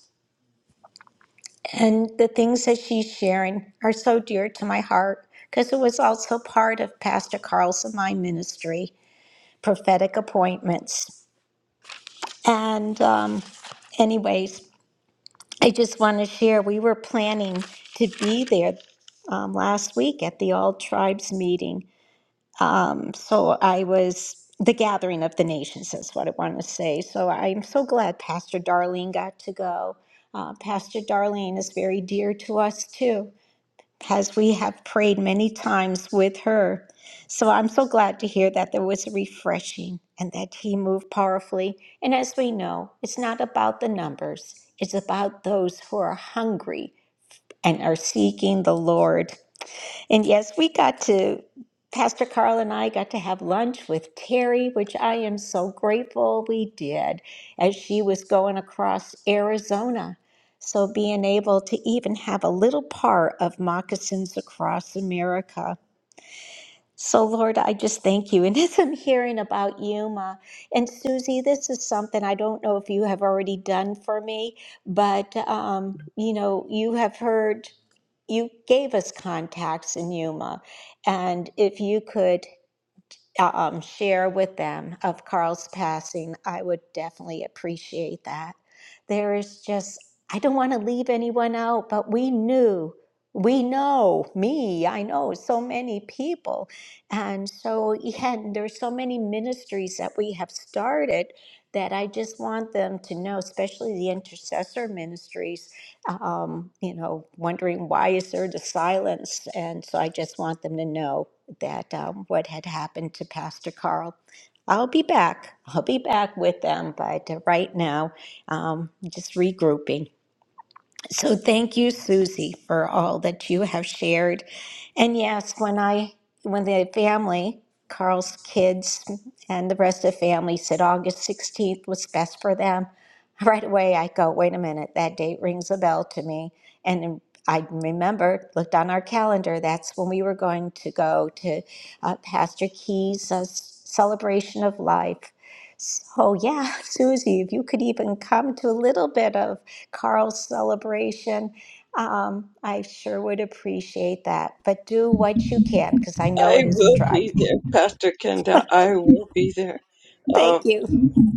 Speaker 1: And the things that she's sharing are so dear to my heart because it was also part of Pastor Carl's and my ministry, prophetic appointments. And, um, anyways, I just want to share we were planning to be there um, last week at the All Tribes meeting. Um, so I was the gathering of the nations, is what I want to say. So I'm so glad Pastor Darlene got to go. Uh, Pastor Darlene is very dear to us too. as we have prayed many times with her. So I'm so glad to hear that there was a refreshing and that he moved powerfully. And as we know, it's not about the numbers, it's about those who are hungry and are seeking the Lord. And yes, we got to, Pastor Carl and I got to have lunch with Terry, which I am so grateful we did as she was going across Arizona. So being able to even have a little part of Moccasins Across America. So, Lord, I just thank you. And as I'm hearing about you, Ma, and Susie, this is something I don't know if you have already done for me, but um, you know, you have heard. You gave us contacts in Yuma, and if you could uh, um, share with them of Carl's passing, I would definitely appreciate that. There is just, I don't want to leave anyone out, but we knew, we know, me, I know so many people. And so, yeah, and there's so many ministries that we have started that I just want them to know, especially the intercessor ministries, uh, um, you know, wondering why is there the silence? And so I just want them to know that um, what had happened to Pastor Carl. I'll be back. I'll be back with them, but uh, right now, um, just regrouping. So thank you, Susie, for all that you have shared. And yes, when I when the family, Carl's kids and the rest of the family said August 16th was best for them, right away I go, wait a minute, that date rings a bell to me. And I remembered, looked on our calendar, that's when we were going to go to uh, Pastor Key's uh, celebration of life. So yeah, Susie, if you could even come to a little bit of Carl's celebration. Um, I sure would appreciate that. But do what you can because I know
Speaker 9: I
Speaker 1: it isn't
Speaker 9: will
Speaker 1: dry.
Speaker 9: be there, Pastor Kenda. I will be there.
Speaker 1: Thank you.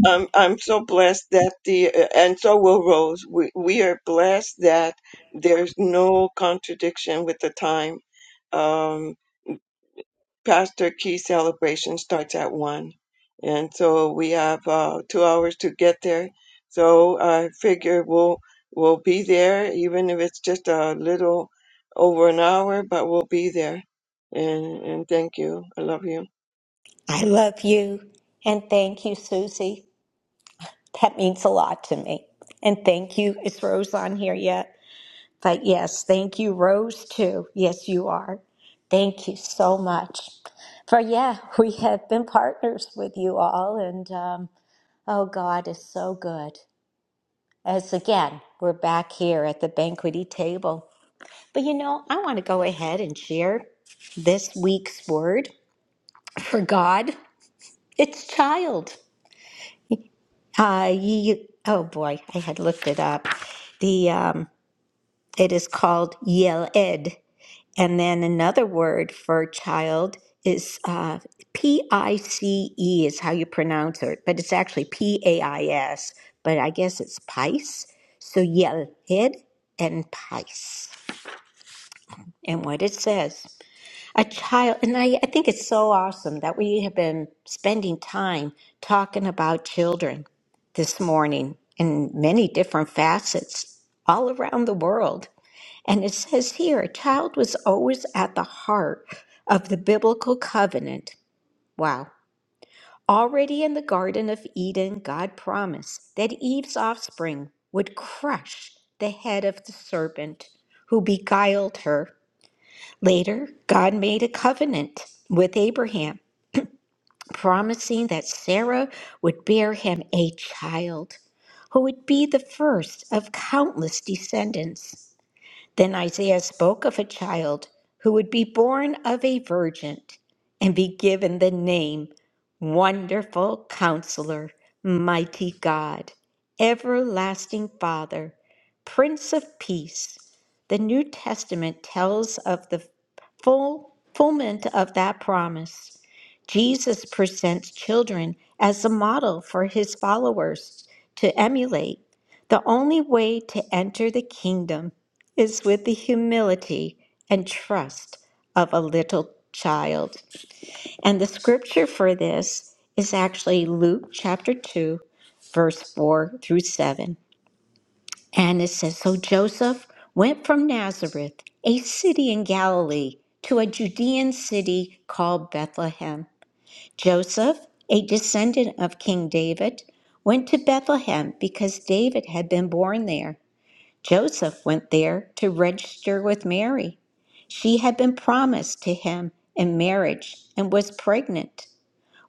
Speaker 9: I'm I'm so blessed that the and so will Rose. We we are blessed that there's no contradiction with the time. Um, Pastor Key celebration starts at one, and so we have uh, two hours to get there. So I figure we'll we'll be there, even if it's just a little over an hour, but we'll be there. And and thank you. I love you.
Speaker 1: I love you. And thank you, Susie. That means a lot to me. And thank you. Is Rose on here yet? But yes, thank you, Rose, too. Yes, you are. Thank you so much. For yeah, we have been partners with you all, and um, oh, God is so good. as again, we're back here at the banqueting table. But you know, I want to go ahead and share this week's word for God. It's child. Uh, you, oh boy, I had looked it up. The um, it is called yel and then another word for child is uh, p i c e is how you pronounce it, but it's actually p a i s. But I guess it's pice. So yel and pice. and what it says. A child, and I, I think it's so awesome that we have been spending time talking about children this morning in many different facets all around the world. And it says here, a child was always at the heart of the biblical covenant. Wow. Already in the Garden of Eden, God promised that Eve's offspring would crush the head of the serpent who beguiled her Later, God made a covenant with Abraham, promising that Sarah would bear him a child who would be the first of countless descendants. Then Isaiah spoke of a child who would be born of a virgin and be given the name Wonderful Counselor, Mighty God, Everlasting Father, Prince of Peace. The New Testament tells of the full fulfillment of that promise. Jesus presents children as a model for his followers to emulate. The only way to enter the kingdom is with the humility and trust of a little child. And the scripture for this is actually Luke chapter 2, verse 4 through 7. And it says So Joseph went from Nazareth, a city in Galilee, to a Judean city called Bethlehem. Joseph, a descendant of King David, went to Bethlehem because David had been born there. Joseph went there to register with Mary. She had been promised to him in marriage and was pregnant.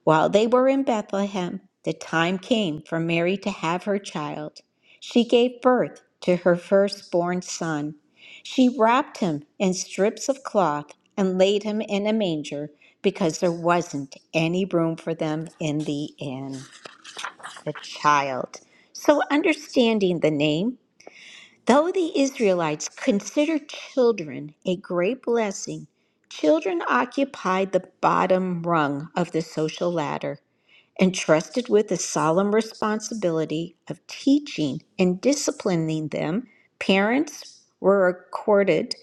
Speaker 1: While they were in Bethlehem, the time came for Mary to have her child. She gave birth to her firstborn son. She wrapped him in strips of cloth and laid him in a manger because there wasn't any room for them in the inn. The child. So, understanding the name, Though the Israelites considered children a great blessing, children occupied the bottom rung of the social ladder, entrusted with the solemn responsibility of teaching and disciplining them. Parents were accorded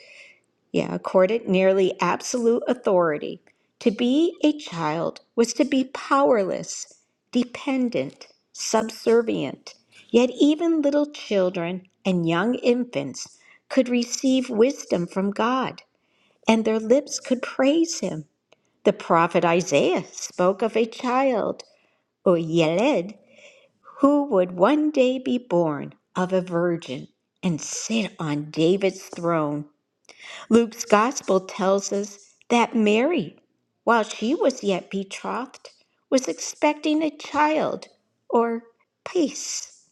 Speaker 1: yeah, accorded nearly absolute authority. To be a child was to be powerless, dependent, subservient. Yet even little children and young infants could receive wisdom from God, and their lips could praise Him. The prophet Isaiah spoke of a child, or Yeled, who would one day be born of a virgin and sit on David's throne. Luke's gospel tells us that Mary, while she was yet betrothed, was expecting a child or peace,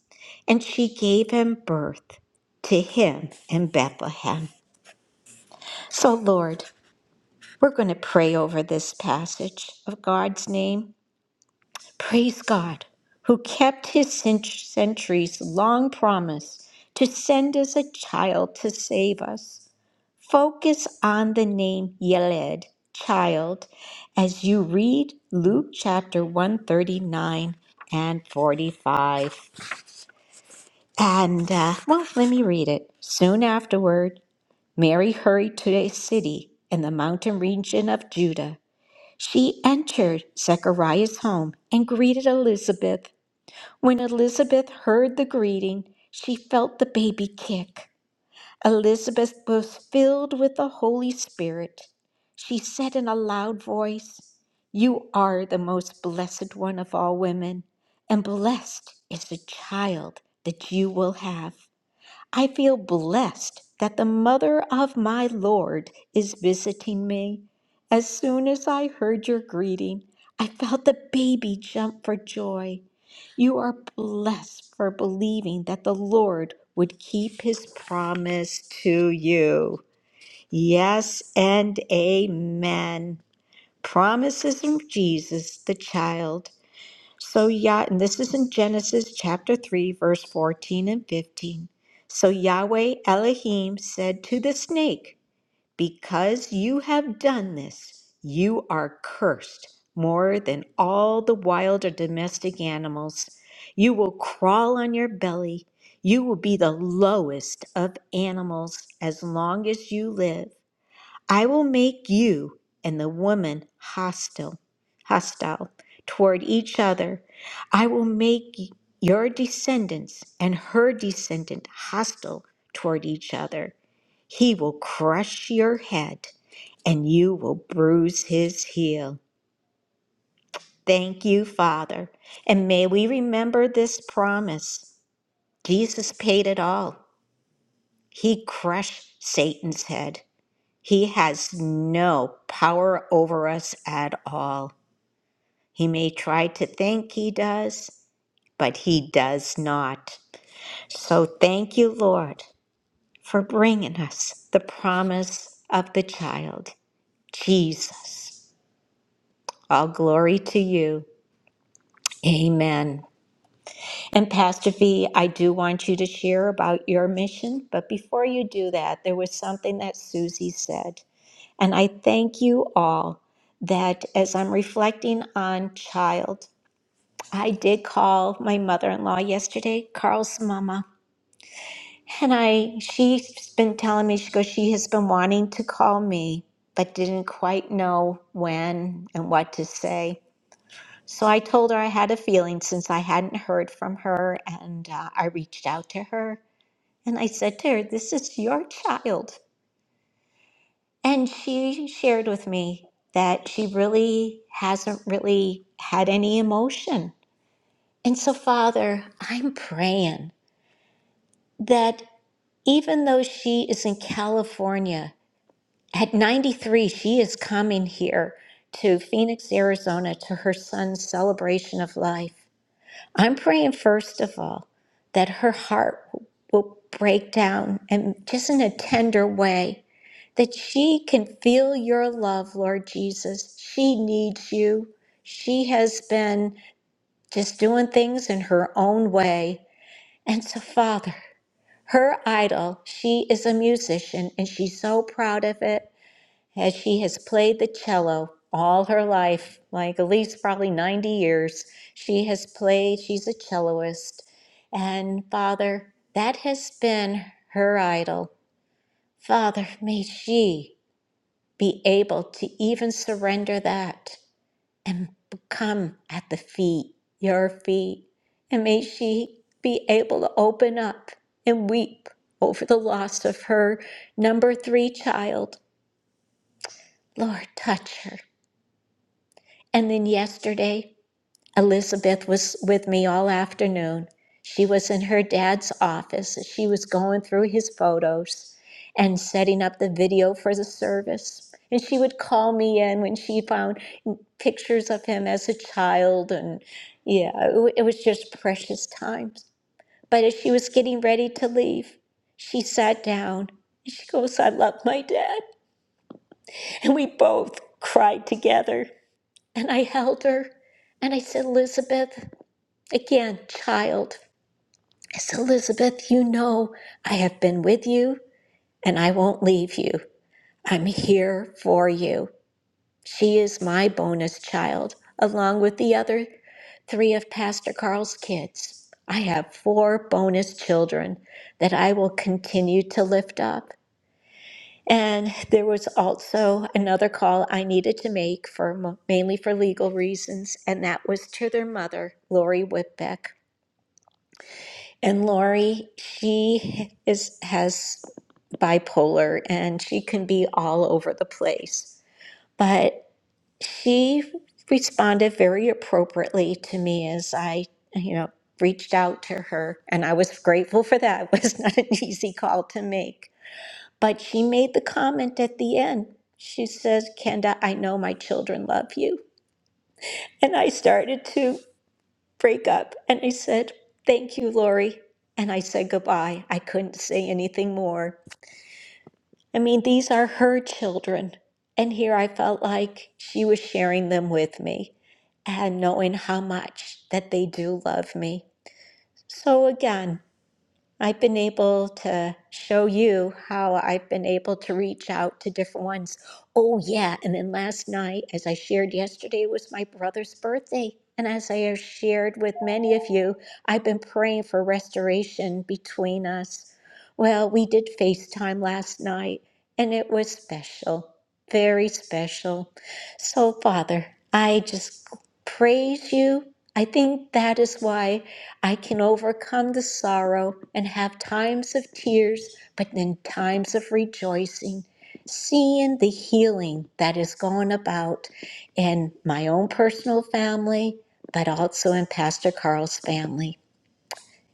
Speaker 1: and she gave him birth to him in Bethlehem. So, Lord, we're going to pray over this passage of God's name. Praise God, who kept his cent- centuries long promise to send us a child to save us. Focus on the name Yeled, child, as you read Luke chapter 139 and 45. And, uh, well, let me read it. Soon afterward, Mary hurried to a city in the mountain region of Judah. She entered Zechariah's home and greeted Elizabeth. When Elizabeth heard the greeting, she felt the baby kick. Elizabeth was filled with the Holy Spirit. She said in a loud voice, You are the most blessed one of all women, and blessed is the child that you will have. I feel blessed that the mother of my Lord is visiting me. As soon as I heard your greeting, I felt the baby jump for joy. You are blessed for believing that the Lord would keep his promise to you. Yes and amen. Promises from Jesus, the child. So Yah, and this is in Genesis chapter 3, verse 14 and 15. So Yahweh Elohim said to the snake, Because you have done this, you are cursed more than all the wild or domestic animals. You will crawl on your belly. You will be the lowest of animals as long as you live. I will make you and the woman hostile, hostile toward each other. I will make your descendants and her descendant hostile toward each other. He will crush your head and you will bruise his heel. Thank you, Father. And may we remember this promise. Jesus paid it all. He crushed Satan's head He has no power over us at all. He may try to think he does, but he does not. So thank you, Lord, for bringing us the promise of the child, Jesus. All glory to you. Amen. And Pastor V, I do want you to share about your mission, but before you do that, there was something that Susie said. And I thank you all that as I'm reflecting on child, I did call my mother-in-law yesterday, Carl's mama, and I she's been telling me she goes she has been wanting to call me but didn't quite know when and what to say. So I told her I had a feeling since I hadn't heard from her, and uh, I reached out to her and I said to her, "This is your child." And she shared with me that she really hasn't really had any emotion. And so, Father, I'm praying that even though she is in California, at 93, she is coming here to Phoenix, Arizona to her son's celebration of life. I'm praying, first of all, that her heart will break down and just in a tender way, that she can feel your love, Lord Jesus. She needs you. She has been just doing things in her own way. And so, Father, her idol, she is a musician and she's so proud of it as she has played the cello all her life, like at least probably 90 years. She has played, she's a celloist. And Father, that has been her idol. Father, may she be able to even surrender that and come at the feet, your feet. And may she be able to open up and weep over the loss of her number three child. Lord, touch her And then yesterday, Elizabeth was with me all afternoon. She was in her dad's office. She was going through his photos and setting up the video for the service. And she would call me in when she found pictures of him as a child. And yeah, it wa- it was just precious times. But as she was getting ready to leave, she sat down and she goes, I love my dad. And we both cried together. And I held her and I said, Elizabeth, again, child, I said, Elizabeth, you know I have been with you and I won't leave you. I'm here for you. She is my bonus child, along with the other three of Pastor Carl's kids. I have four bonus children that I will continue to lift up. And there was also another call I needed to make for mo- mainly for legal reasons, and that was to their mother, Lori Whitbeck. And Lori, she is has bipolar and she can be all over the place. But she responded very appropriately to me as I, you know, reached out to her, and I was grateful for that. It was not an easy call to make. But she made the comment at the end. She says, Kenda, I know my children love you. And I started to break up. And I said, Thank you, Lori. And I said goodbye. I couldn't say anything more. I mean, these are her children. And here I felt like she was sharing them with me and knowing how much that they do love me. So, again, I've been able to show you how I've been able to reach out to different ones. Oh, yeah. And then last night, as I shared yesterday, was my brother's birthday. And as I have shared with many of you, I've been praying for restoration between us. Well, we did FaceTime last night, and it was special, very special. So, Father, I just praise you. I think that is why. I can overcome the sorrow and have times of tears, but then times of rejoicing, seeing the healing that is going about in my own personal family, but also in Pastor Carl's family.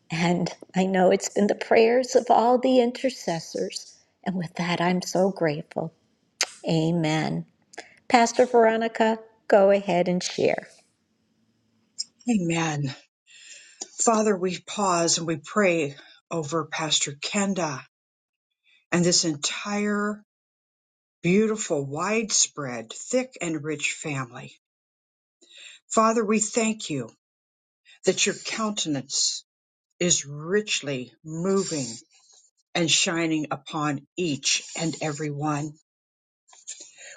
Speaker 1: And I know it's been the prayers of all the intercessors. And with that, I'm so grateful. Amen. Pastor Veronica, go ahead and share.
Speaker 2: Amen. Father, we pause and we pray over Pastor Kenda and this entire beautiful, widespread, thick, and rich family. Father, we thank you that your countenance is richly moving and shining upon each and every one.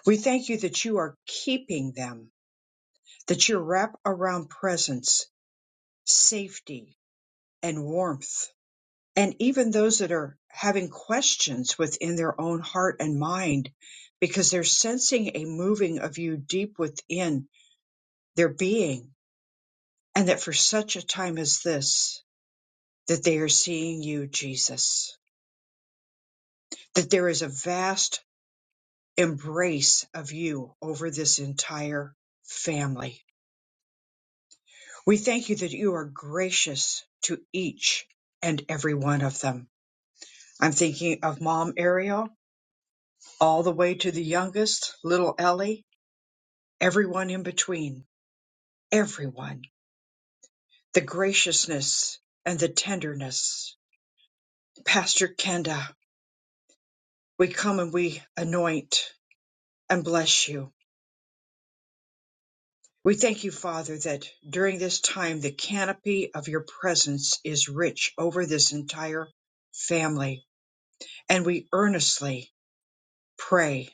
Speaker 2: We thank you that you are keeping them, that you wrap around presence, safety, and warmth, and even those that are having questions within their own heart and mind because they're sensing a moving of you deep within their being, and that for such a time as this, that they are seeing you, Jesus, that there is a vast embrace of you over this entire family. We thank you that you are gracious to each and every one of them. I'm thinking of Mom Ariel, all the way to the youngest, little Ellie, everyone in between, everyone. The graciousness and the tenderness. Pastor Kenda, we come and we anoint and bless you We thank you, Father, that during this time the canopy of your presence is rich over this entire family. And we earnestly pray,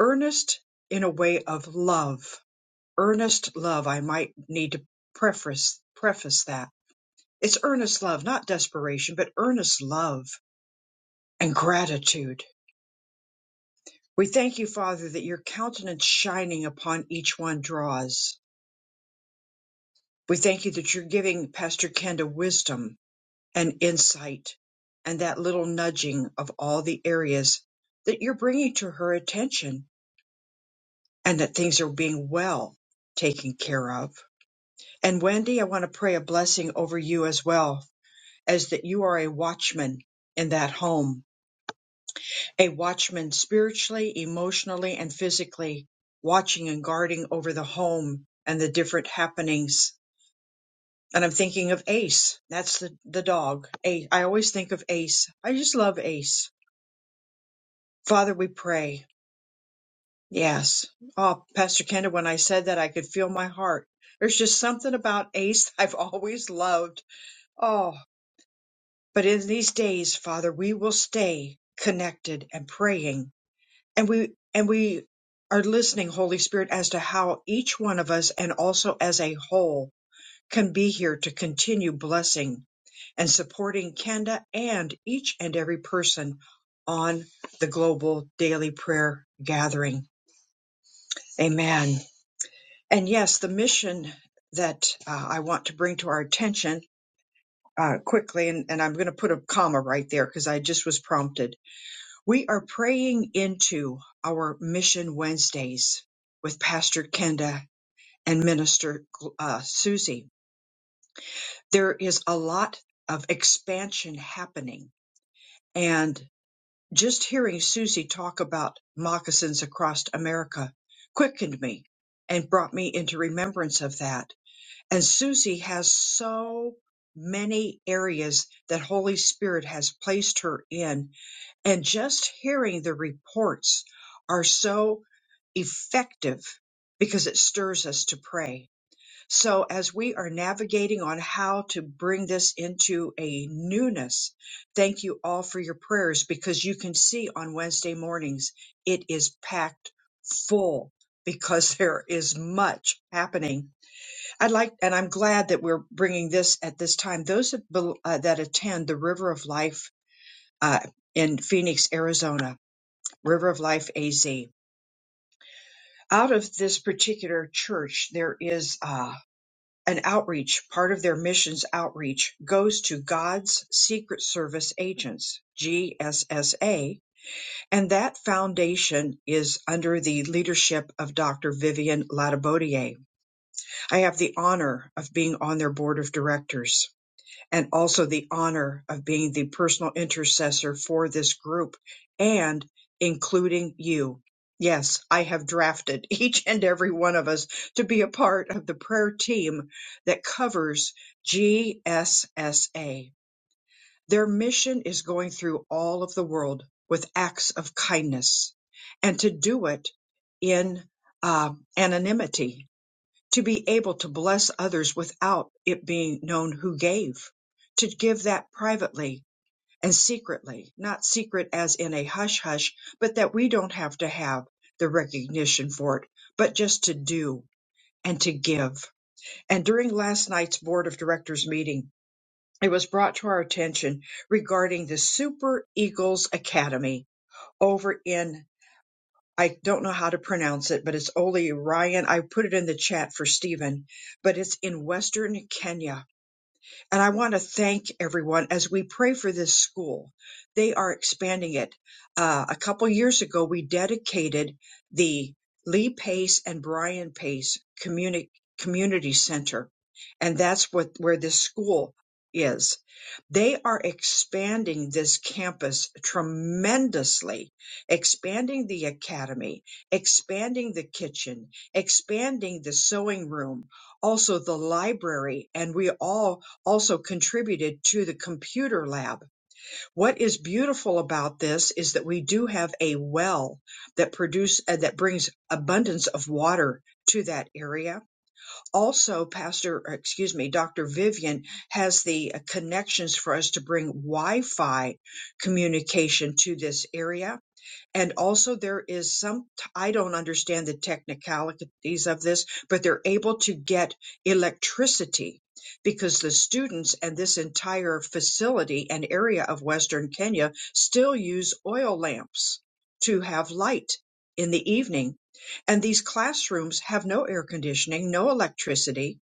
Speaker 2: earnest in a way of love, earnest love. I might need to preface, preface that. It's earnest love, not desperation, but earnest love and gratitude. We thank you, Father, that your countenance shining upon each one draws. We thank you that you're giving Pastor Kenda wisdom and insight and that little nudging of all the areas that you're bringing to her attention and that things are being well taken care of. And Wendy, I want to pray a blessing over you as well as that you are a watchman in that home, a watchman spiritually, emotionally, and physically, watching and guarding over the home and the different happenings. And I'm thinking of Ace. That's the, the dog. Ace. I always think of Ace. I just love Ace Father, we pray. Yes. Oh, Pastor Kenda, when I said that, I could feel my heart. There's just something about Ace I've always loved. Oh, but in these days, Father, we will stay connected and praying. And we, and we are listening, Holy Spirit, as to how each one of us and also as a whole can be here to continue blessing and supporting Kenda and each and every person on the global daily prayer gathering. Amen. And yes, the mission that uh, I want to bring to our attention uh, quickly, and, and I'm going to put a comma right there because I just was prompted. We are praying into our Mission Wednesdays with Pastor Kenda and Minister uh, Susie. There is a lot of expansion happening. And just hearing Susie talk about moccasins across America quickened me and brought me into remembrance of that And Susie has so many areas that Holy Spirit has placed her in. And just hearing the reports are so effective because it stirs us to pray. So as we are navigating on how to bring this into a newness, thank you all for your prayers because you can see on Wednesday mornings it is packed full because there is much happening I'd like, and I'm glad that we're bringing this at this time. Those that, bel- uh, that attend the River of Life uh, in Phoenix, Arizona, River of Life AZ, out of this particular church, there is uh, an outreach. Part of their missions outreach goes to God's Secret Service Agents, GSSA, and that foundation is under the leadership of Dr. Vivian Latibodier. I have the honor of being on their board of directors and also the honor of being the personal intercessor for this group and including you. Yes, I have drafted each and every one of us to be a part of the prayer team that covers GSSA. Their mission is going through all of the world with acts of kindness and to do it in uh, anonymity to be able to bless others without it being known who gave, to give that privately and secretly, not secret as in a hush hush, but that we don't have to have the recognition for it, but just to do and to give. And during last night's board of directors meeting, it was brought to our attention regarding the Super Eagles Academy over in I don't know how to pronounce it, but it's Oli Ryan. I put it in the chat for Stephen, but it's in Western Kenya and I want to thank everyone as we pray for this school. They are expanding it. Uh, a couple years ago, we dedicated the Lee Pace and Brian Pace Communi- Community Center, and that's what where this school is. They are expanding this campus tremendously, expanding the academy, expanding the kitchen, expanding the sewing room, also the library, and we all also contributed to the computer lab. What is beautiful about this is that we do have a well that produce uh, that brings abundance of water to that area. Also, Pastor, uh, excuse me, Dr. Vivian has the uh, connections for us to bring Wi-Fi communication to this area and also there is some i don't understand the technicalities of this but they're able to get electricity because the students and this entire facility and area of western kenya still use oil lamps to have light in the evening and these classrooms have no air conditioning no electricity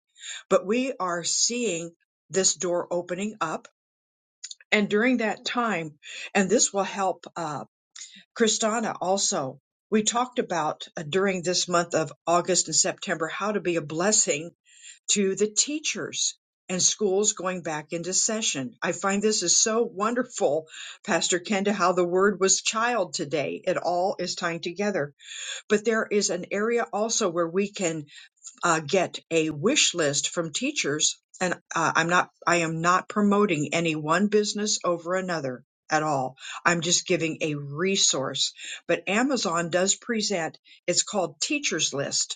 Speaker 2: but we are seeing this door opening up and during that time and this will help uh, Kristana also, we talked about uh, during this month of August and September how to be a blessing to the teachers and schools going back into session. I find this is so wonderful, Pastor Kenda, how the word was child today. It all is tying together. But there is an area also where we can uh, get a wish list from teachers and uh, i'm not i am not promoting any one business over another at all i'm just giving a resource but amazon does present it's called teachers list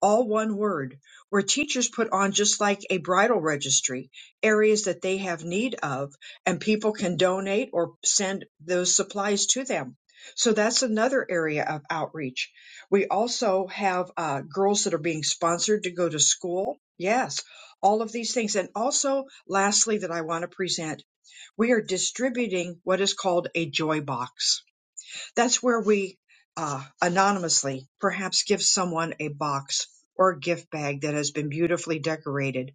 Speaker 2: all one word, where teachers put on just like a bridal registry, areas that they have need of, and people can donate or send those supplies to them. So that's another area of outreach. We also have uh, girls that are being sponsored to go to school. Yes, all of these things. And also, lastly, that I want to present, we are distributing what is called a joy box that's where we uh, anonymously perhaps give someone a box or a gift bag that has been beautifully decorated.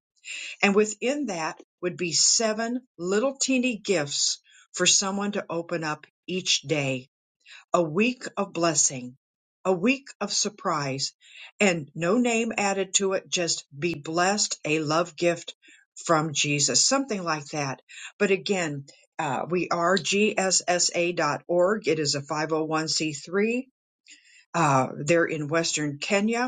Speaker 2: And within that would be seven little teeny gifts for someone to open up each day a week of blessing, a week of surprise, and no name added to it, just be blessed, a love gift from Jesus, something like that. But again, uh, we are gssa.org. It is a 501c3. Uh, they're in Western Kenya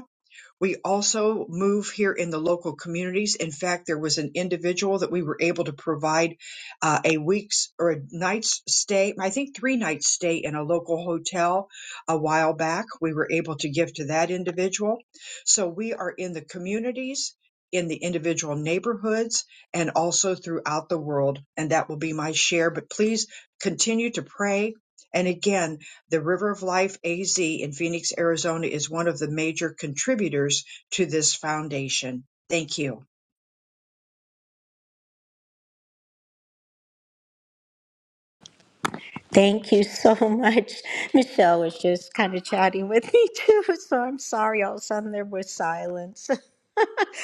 Speaker 2: we also move here in the local communities. In fact, there was an individual that we were able to provide uh, a week's or a night's stay, I think three nights stay in a local hotel a while back. We were able to give to that individual. So we are in the communities, in the individual neighborhoods, and also throughout the world. And that will be my share. But please continue to pray. And again, the River of Life AZ in Phoenix, Arizona is one of the major contributors to this foundation. Thank you.
Speaker 1: Thank you so much. Michelle was just kind of chatting with me too, so I'm sorry all of a sudden there was silence.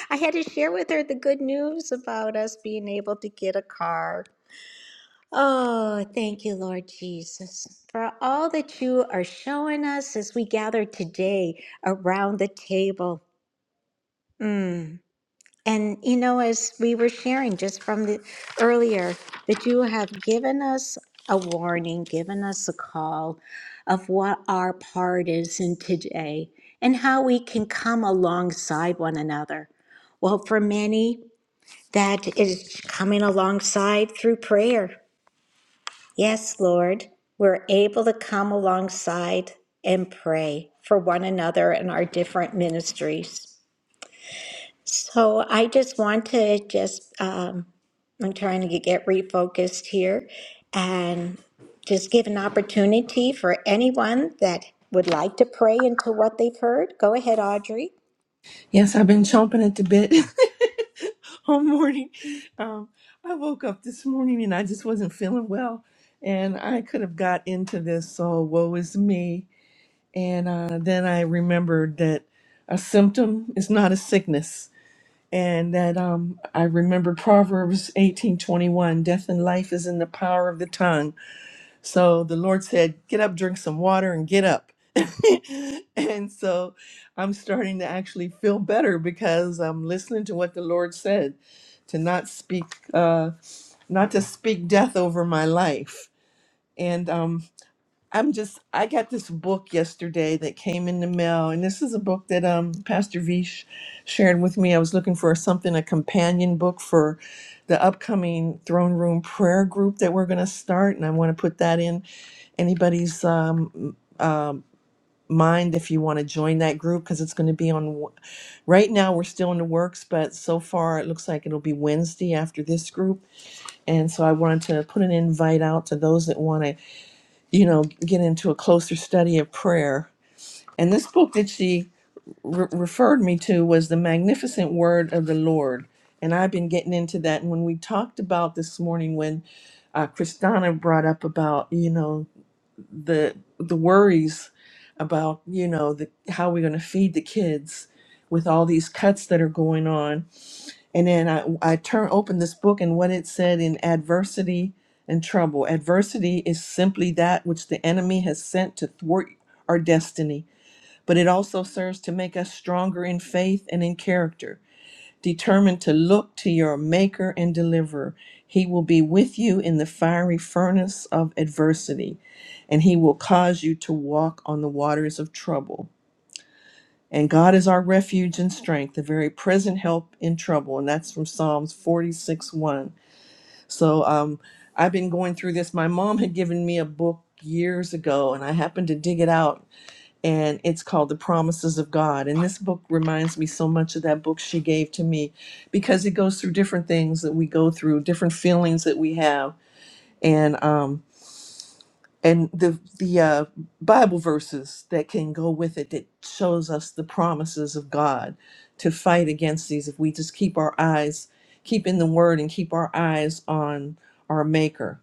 Speaker 1: I had to share with her the good news about us being able to get a car. Oh, thank you, Lord Jesus, for all that you are showing us as we gather today around the table. Mm. And you know, as we were sharing just from the earlier, that you have given us a warning, given us a call of what our part is in today and how we can come alongside one another. Well, for many, that is coming alongside through prayer. Yes, Lord, we're able to come alongside and pray for one another in our different ministries. So I just want to just, um, I'm trying to get refocused here and just give an opportunity for anyone that would like to pray into what they've heard. Go ahead, Audrey.
Speaker 10: Yes, I've been chomping at the bit all morning. Um, I woke up this morning and I just wasn't feeling well, and I could have got into this. So woe is me. And uh, then I remembered that a symptom is not a sickness, and that um, I remembered Proverbs eighteen twenty one: "Death and life is in the power of the tongue." So the Lord said, Get up, drink some water, and get up. and so I'm starting to actually feel better because I'm listening to what the Lord said to not speak, uh, not to speak death over my life. And um, I'm just I got this book yesterday that came in the mail, and this is a book that um Pastor V sh- shared with me. I was looking for something a companion book for the upcoming throne room prayer group that we're going to start, and I want to put that in anybody's um, um mind if you want to join that group because it's going to be on. w- Right now we're still in the works, but so far it looks like it'll be Wednesday after this group, and so I wanted to put an invite out to those that want to you know, get into a closer study of prayer. And this book that she re- referred me to was The Magnificent Word of the Lord. And I've been getting into that. And when we talked about this morning, when uh, Kristana brought up about, you know, the the worries about, you know, the, how we're going to feed the kids with all these cuts that are going on and then I, I turn open this book and what it said in adversity and trouble. Adversity is simply that which the enemy has sent to thwart our destiny, but it also serves to make us stronger in faith and in character, determined to look to your maker and deliverer. He will be with you in the fiery furnace of adversity, and he will cause you to walk on the waters of trouble. And God is our refuge and strength, a very present help in trouble. And that's from Psalms 46 1. So um, I've been going through this. My mom had given me a book years ago, and I happened to dig it out. And it's called The Promises of God. And this book reminds me so much of that book she gave to me because it goes through different things that we go through, different feelings that we have. And um, and the the uh, Bible verses that can go with it that shows us the promises of God to fight against these if we just keep our eyes keep in the Word and keep our eyes on our Maker.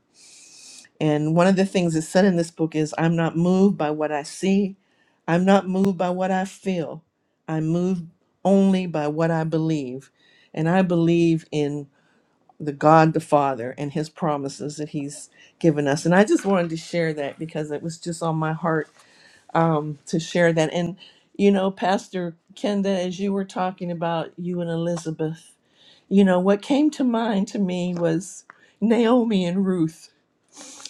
Speaker 10: And one of the things that's said in this book is, "I'm not moved by what I see, I'm not moved by what I feel. I'm moved only by what I believe, and I believe in." the God the Father and his promises that he's given us. And I just wanted to share that because it was just on my heart um, to share that. And, you know, Pastor Kenda, as you were talking about you and Elizabeth, you know, what came to mind to me was Naomi and Ruth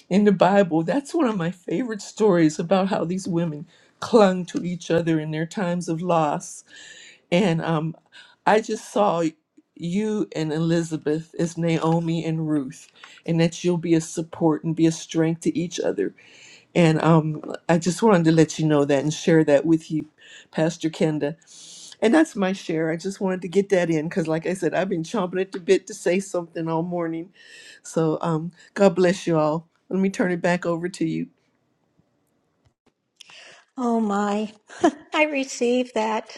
Speaker 10: in the Bible. That's one of my favorite stories about how these women clung to each other in their times of loss and um, I just saw you and Elizabeth as Naomi and Ruth, and that you'll be a support and be a strength to each other. And um, I just wanted to let you know that and share that with you, Pastor Kenda. And that's my share. I just wanted to get that in because, like I said, I've been chomping at the bit to say something all morning. So um, God bless you all. Let me turn it back over to you.
Speaker 1: Oh my, I received that.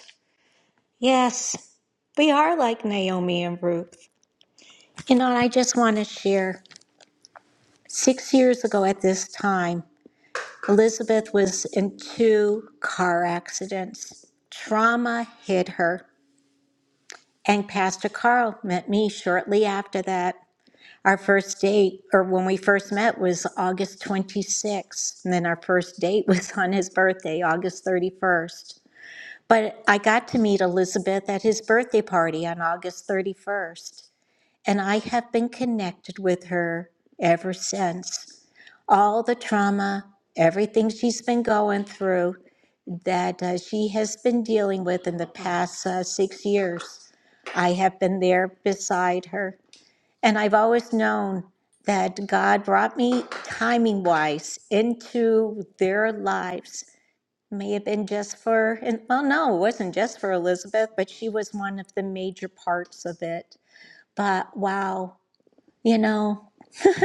Speaker 1: Yes, we are like Naomi and Ruth. You know, and I just want to share six years ago at this time, Elizabeth was in two car accidents. Trauma hit her. And Pastor Carl met me shortly after that. Our first date, or when we first met, was August 26th. And then our first date was on his birthday, August 31st. But I got to meet Elizabeth at his birthday party on August 31st. And I have been connected with her ever since. All the trauma, everything she's been going through, that uh, she has been dealing with in the past uh, six years. I have been there beside her. And I've always known that God brought me timing wise into their lives. May have been just for, and well, no, it wasn't just for Elizabeth, but she was one of the major parts of it. But wow, you know,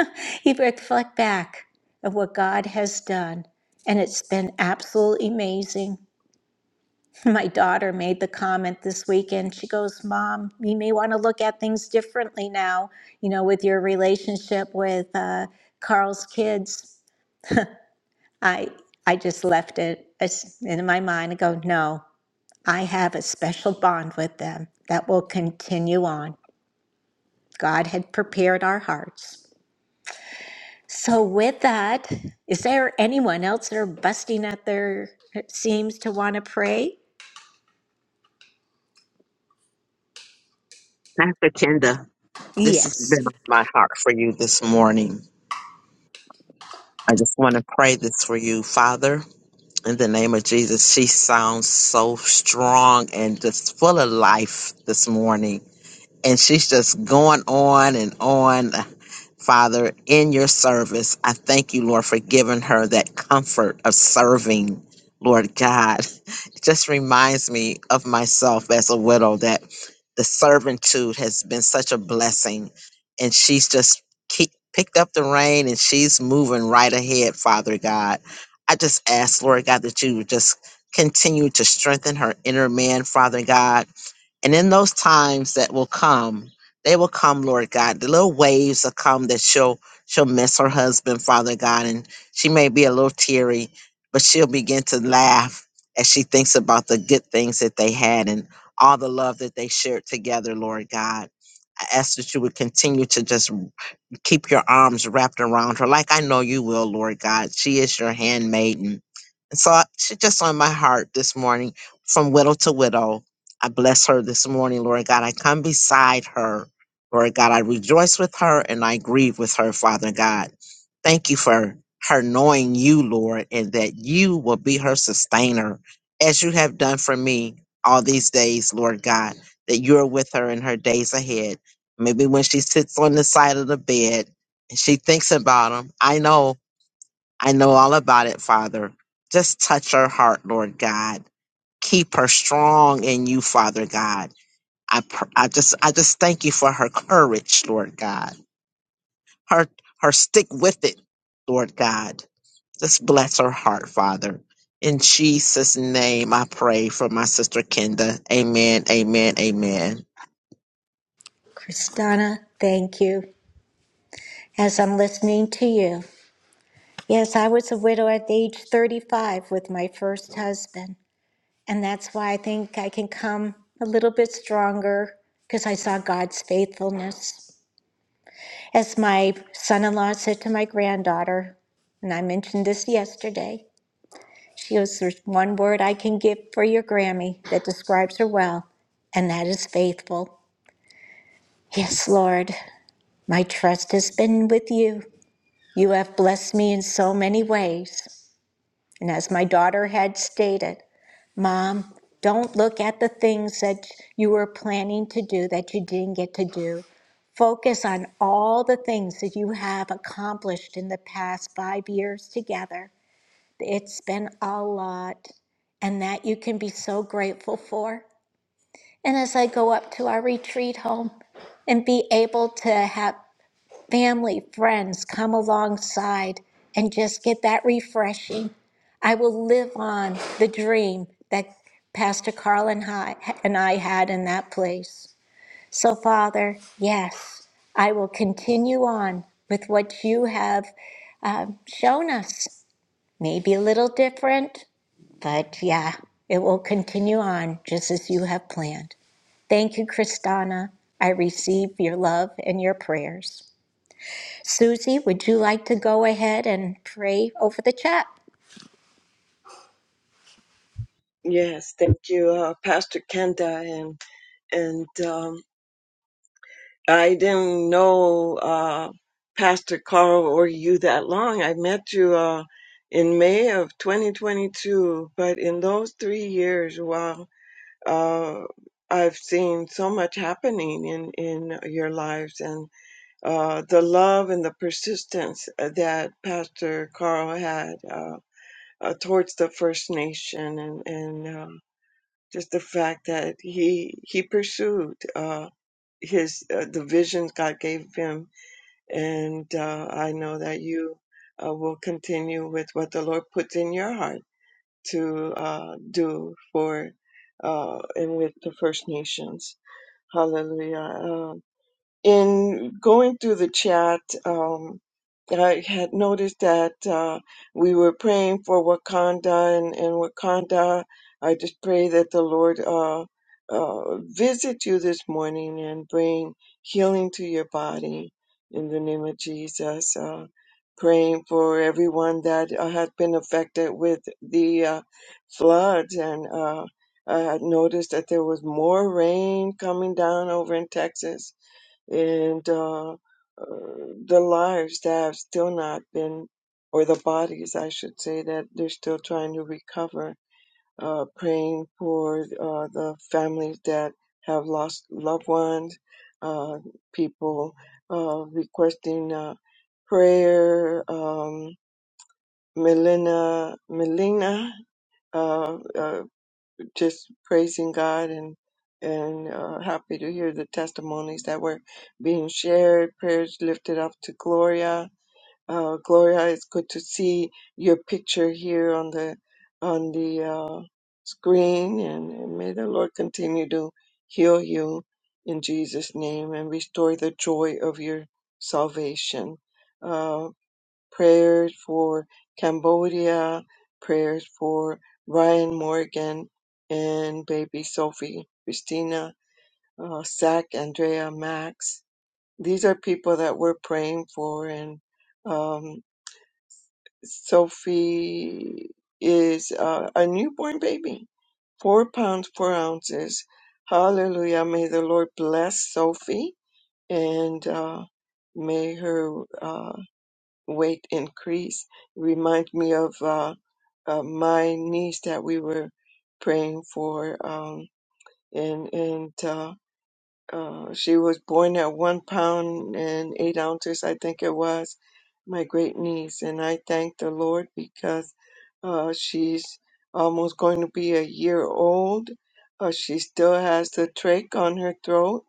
Speaker 1: you reflect back of what God has done, and it's been absolutely amazing. My daughter made the comment this weekend. She goes, Mom, you may want to look at things differently now, you know, with your relationship with uh, Carl's kids. I, I just left it as- in my mind and go, No, I have a special bond with them that will continue on. God had prepared our hearts. So, with that, is there anyone else that are busting at their seams to want to pray?
Speaker 6: Pastor Kenda, this has
Speaker 1: Yes.
Speaker 6: been on my heart for you this morning. I just want to pray this for you, Father, in the name of Jesus. She sounds so strong and just full of life this morning. and she's just going on and on. Father, in your service, I thank you, Lord, for giving her that comfort of serving, Lord God. It just reminds me of myself as a widow that the servitude has been such a blessing. And she's just keep, picked up the rein and she's moving right ahead, Father God. I just ask, Lord God, that you would just continue to strengthen her inner man, Father God and in those times that will come, they will come, Lord God. The little waves will come that she'll she'll miss her husband, Father God, and she may be a little teary, but she'll begin to laugh as she thinks about the good things that they had and all the love that they shared together, Lord God. I ask that you would continue to just keep your arms wrapped around her like I know you will, Lord God. She is your handmaiden. And so I- she just on my heart this morning, from widow to widow. I bless her this morning, Lord God. I come beside her, Lord God. I rejoice with her and I grieve with her, Father God. Thank you for her knowing you, Lord, and that you will be her sustainer, as you have done for me all these days, Lord God, that you're with her in her days ahead. Maybe when she sits on the side of the bed and she thinks about him. I know, I know all about it, Father. Just touch her heart, Lord God. Keep her strong in you, Father God. I, pr- I just, I just thank you for her courage, Lord God. Her, her stick with it, Lord God. Just bless her heart, Father. In Jesus' name, I pray for my sister Kenda. Amen, amen, amen.
Speaker 1: Kristana, thank you. as I'm listening to you. Yes, I was a widow at age 35 with my first husband. And that's why I think I can come a little bit stronger because I saw God's faithfulness. As my son in law said to my granddaughter, and I mentioned this yesterday, she goes, There's one word I can give for your Grammy that describes her well, and that is faithful. Yes, Lord, my trust has been with you. You have blessed me in so many ways. And as my daughter had stated, Mom, don't look at the things that you were planning to do that you didn't get to do. Focus on all the things that you have accomplished in the past five years together. It's been a lot, and that you can be so grateful for. And as I go up to our retreat home and be able to have family, friends come alongside and just get that refreshing. I will live on the dream that Pastor Carl and I, and I had in that place. So, Father, yes, I will continue on with what you have um, shown us. Maybe a little different, but yeah, it will continue on just as you have planned. Thank you, Kristana. I receive your love and your prayers. Susie, would you like to go ahead and pray over the chat?
Speaker 9: Yes, thank you, uh, Pastor Kenda, and and. Um, I didn't know uh, Pastor Carl or you that long. I met you uh, in May of 2022, but in those three years, wow, uh, I've seen so much happening in, in your lives and uh, the love and the persistence uh, that Pastor Carl had uh, uh, towards the First Nation and, and uh, just the fact that he he pursued uh, his uh, the visions God gave him and uh, I know that you uh, will continue with what the Lord puts in your heart to uh, do for uh, and with the First Nations. Hallelujah! Uh, in going through the chat, um, I had noticed that uh, we were praying for Wakanda, and, and Wakanda, I just pray that the Lord uh, uh, visit you this morning and bring healing to your body in the name of Jesus. Uh, praying for everyone that uh, has been affected with the uh, floods and uh, I had noticed that there was more rain coming down over in Texas and uh, uh, the lives that have still not been, or the bodies, I should say, that they're still trying to recover. Uh, praying for uh, the families that have lost loved ones, uh, people uh, requesting uh, prayer, um, Melina, Melina. uh, uh, just praising God and and uh, happy to hear the testimonies that were being shared. Prayers lifted up to Gloria. Uh, Gloria, it's good to see your picture here on the on the uh, screen, and, and may the Lord continue to heal you in Jesus' name and restore the joy of your salvation. Uh, prayers for Cambodia, prayers for Ryan Morgan and baby Sophie, Christina, uh, Zach, Andrea, Max. These are people that we're praying for, and um, Sophie is uh, a newborn baby, four pounds four ounces. Hallelujah! May the Lord bless Sophie and uh, may her. uh, weight increase. Remind me of uh, uh, my niece that we were praying for, um, and and uh, uh, she was born at one pound and eight ounces, I think it was, my great niece, and I thank the Lord because uh, she's almost going to be a year old. Uh, she still has the trach on her throat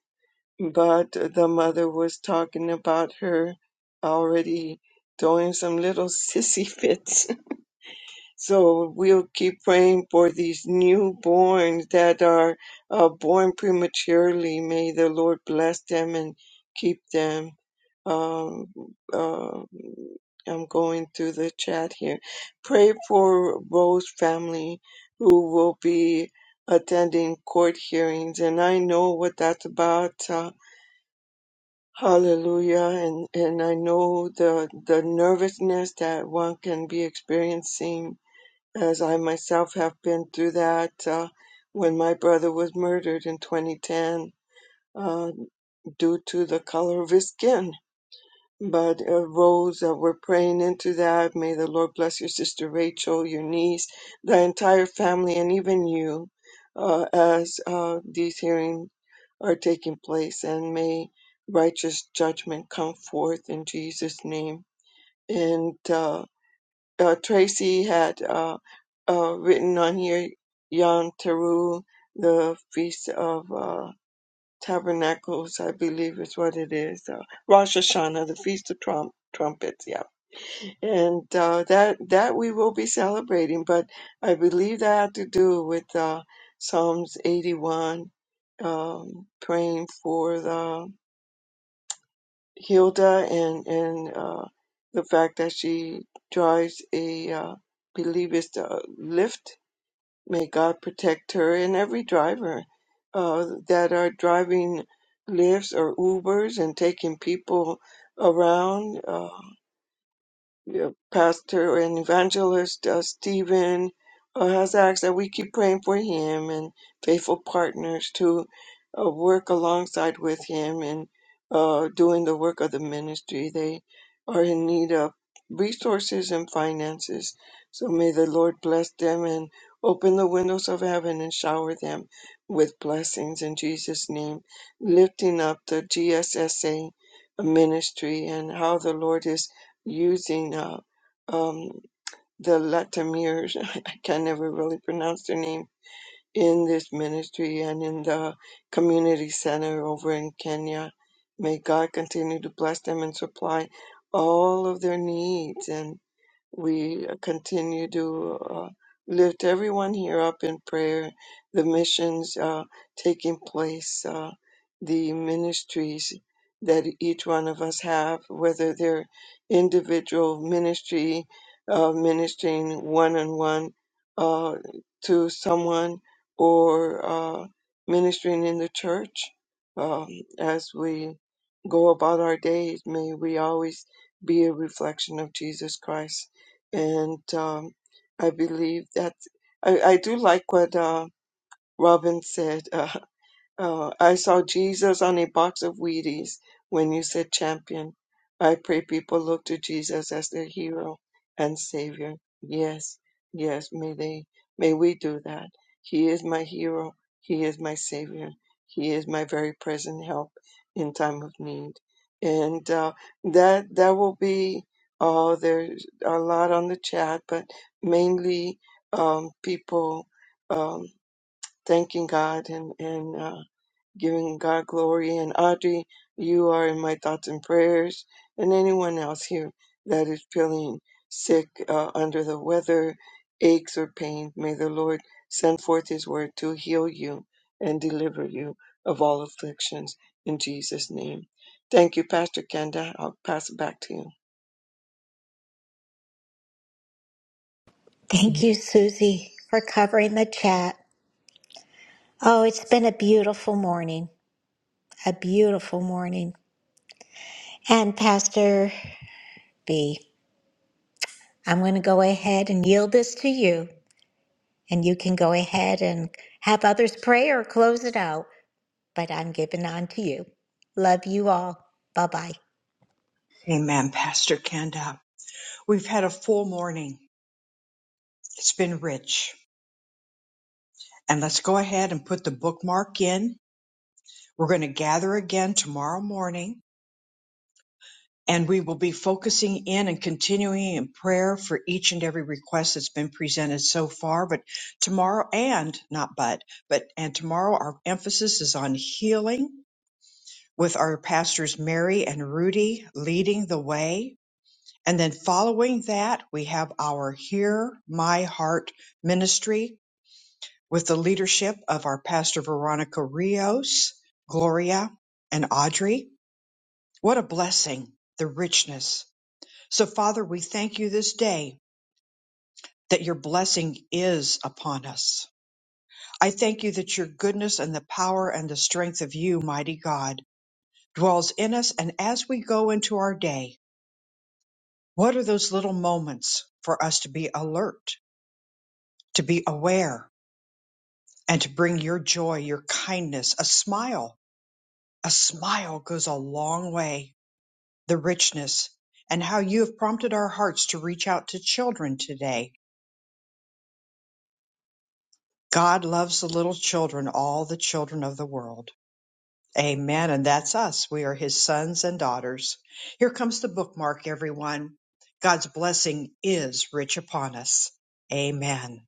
Speaker 9: but the mother was talking about her already doing some little sissy fits. So we'll keep praying for these newborns that are uh, born prematurely. May the Lord bless them and keep them. Um, uh, I'm going through the chat here. Pray for Rose family who will be attending court hearings, and I know what that's about. uh, Hallelujah. And, and I know the, the nervousness that one can be experiencing as I myself have been through that uh, when my brother was murdered in 2010 uh, due to the color of his skin. But uh, Rose, uh, we're praying into that. May the Lord bless your sister Rachel, your niece, the entire family, and even you uh, as uh, these hearings are taking place. And may righteous judgment come forth in Jesus' name. And uh, uh, Tracy had uh, uh, written on here Yom Teru, the feast of. uh, Tabernacles, I believe is what it is. Uh, Rosh Hashanah, the Feast of Trump, Trumpets, yeah. And uh, that that we will be celebrating, but I believe that had to do with uh, Psalms 81, um, praying for the Hilda and and uh, the fact that she drives a uh, believe it's a lift May God protect her and every driver uh, that are driving Lyfts or Ubers and taking people around. Uh, yeah, pastor and evangelist uh, Stephen uh, has asked that we keep praying for him and faithful partners to uh, work alongside with him and uh, doing the work of the ministry. They are in need of resources and finances. So may the Lord bless them and open the windows of heaven and shower them with blessings in Jesus' name, lifting up the GSSA ministry and how the Lord is using uh, um, the Latamirs, I can never really pronounce their name, in this ministry and in the community center over in Kenya. May God continue to bless them and supply all of their needs and we continue to uh, lift everyone here up in prayer, the missions uh, taking place, uh, the ministries that each one of us have, whether they're individual ministry, uh, ministering one on one uh to someone, or uh, ministering in the church. Um, as we go about our days, may we always be a reflection of Jesus Christ and um, I believe that I, I do like what uh, Robin said. Uh, Oh, I saw Jesus on a box of Wheaties when you said champion. I pray people look to Jesus as their hero and savior. Yes, yes, may they, may we do that. He is my hero. He is my savior. He is my very present help in time of need. And uh, that that will be. Oh, there's a lot on the chat, but mainly um, people um, thanking God and and. Uh, giving God glory. And Audrey, you are in my thoughts and prayers, and anyone else here that is feeling sick, uh, under the weather, aches, or pain, may the Lord send forth His word to heal you and deliver you of all afflictions in Jesus' name. Thank you, Pastor Kenda. I'll pass it back to you.
Speaker 1: Thank you, Susie, for covering the chat. Oh, it's been a beautiful morning, a beautiful morning. And Pastor B, I'm going to go ahead and yield this to you, and you can go ahead and have others pray or close it out, but I'm giving on to you. Love you all. Bye bye.
Speaker 2: Amen, Pastor Kenda. We've had a full morning. It's been rich. And let's go ahead and put the bookmark in. We're going to gather again tomorrow morning and we will be focusing in and continuing in prayer for each and every request that's been presented so far. But tomorrow and not but, but and tomorrow our emphasis is on healing with our pastors Mary and Rudy leading the way. And then following that, we have our Hear My Heart ministry with the leadership of our pastor Veronica Rios, Gloria, and Audrey. What a blessing, the richness. So, Father, we thank you this day that your blessing is upon us. I thank you that your goodness and the power and the strength of you, mighty God, dwells in us. And as we go into our day, What are those little moments for us to be alert, to be aware, and to bring your joy, your kindness, a smile? A smile goes a long way. The richness and how you have prompted our hearts to reach out to children today. God loves the little children, all the children of the world. Amen. And that's us. We are his sons and daughters. Here comes the bookmark, everyone. God's blessing is rich upon us. Amen.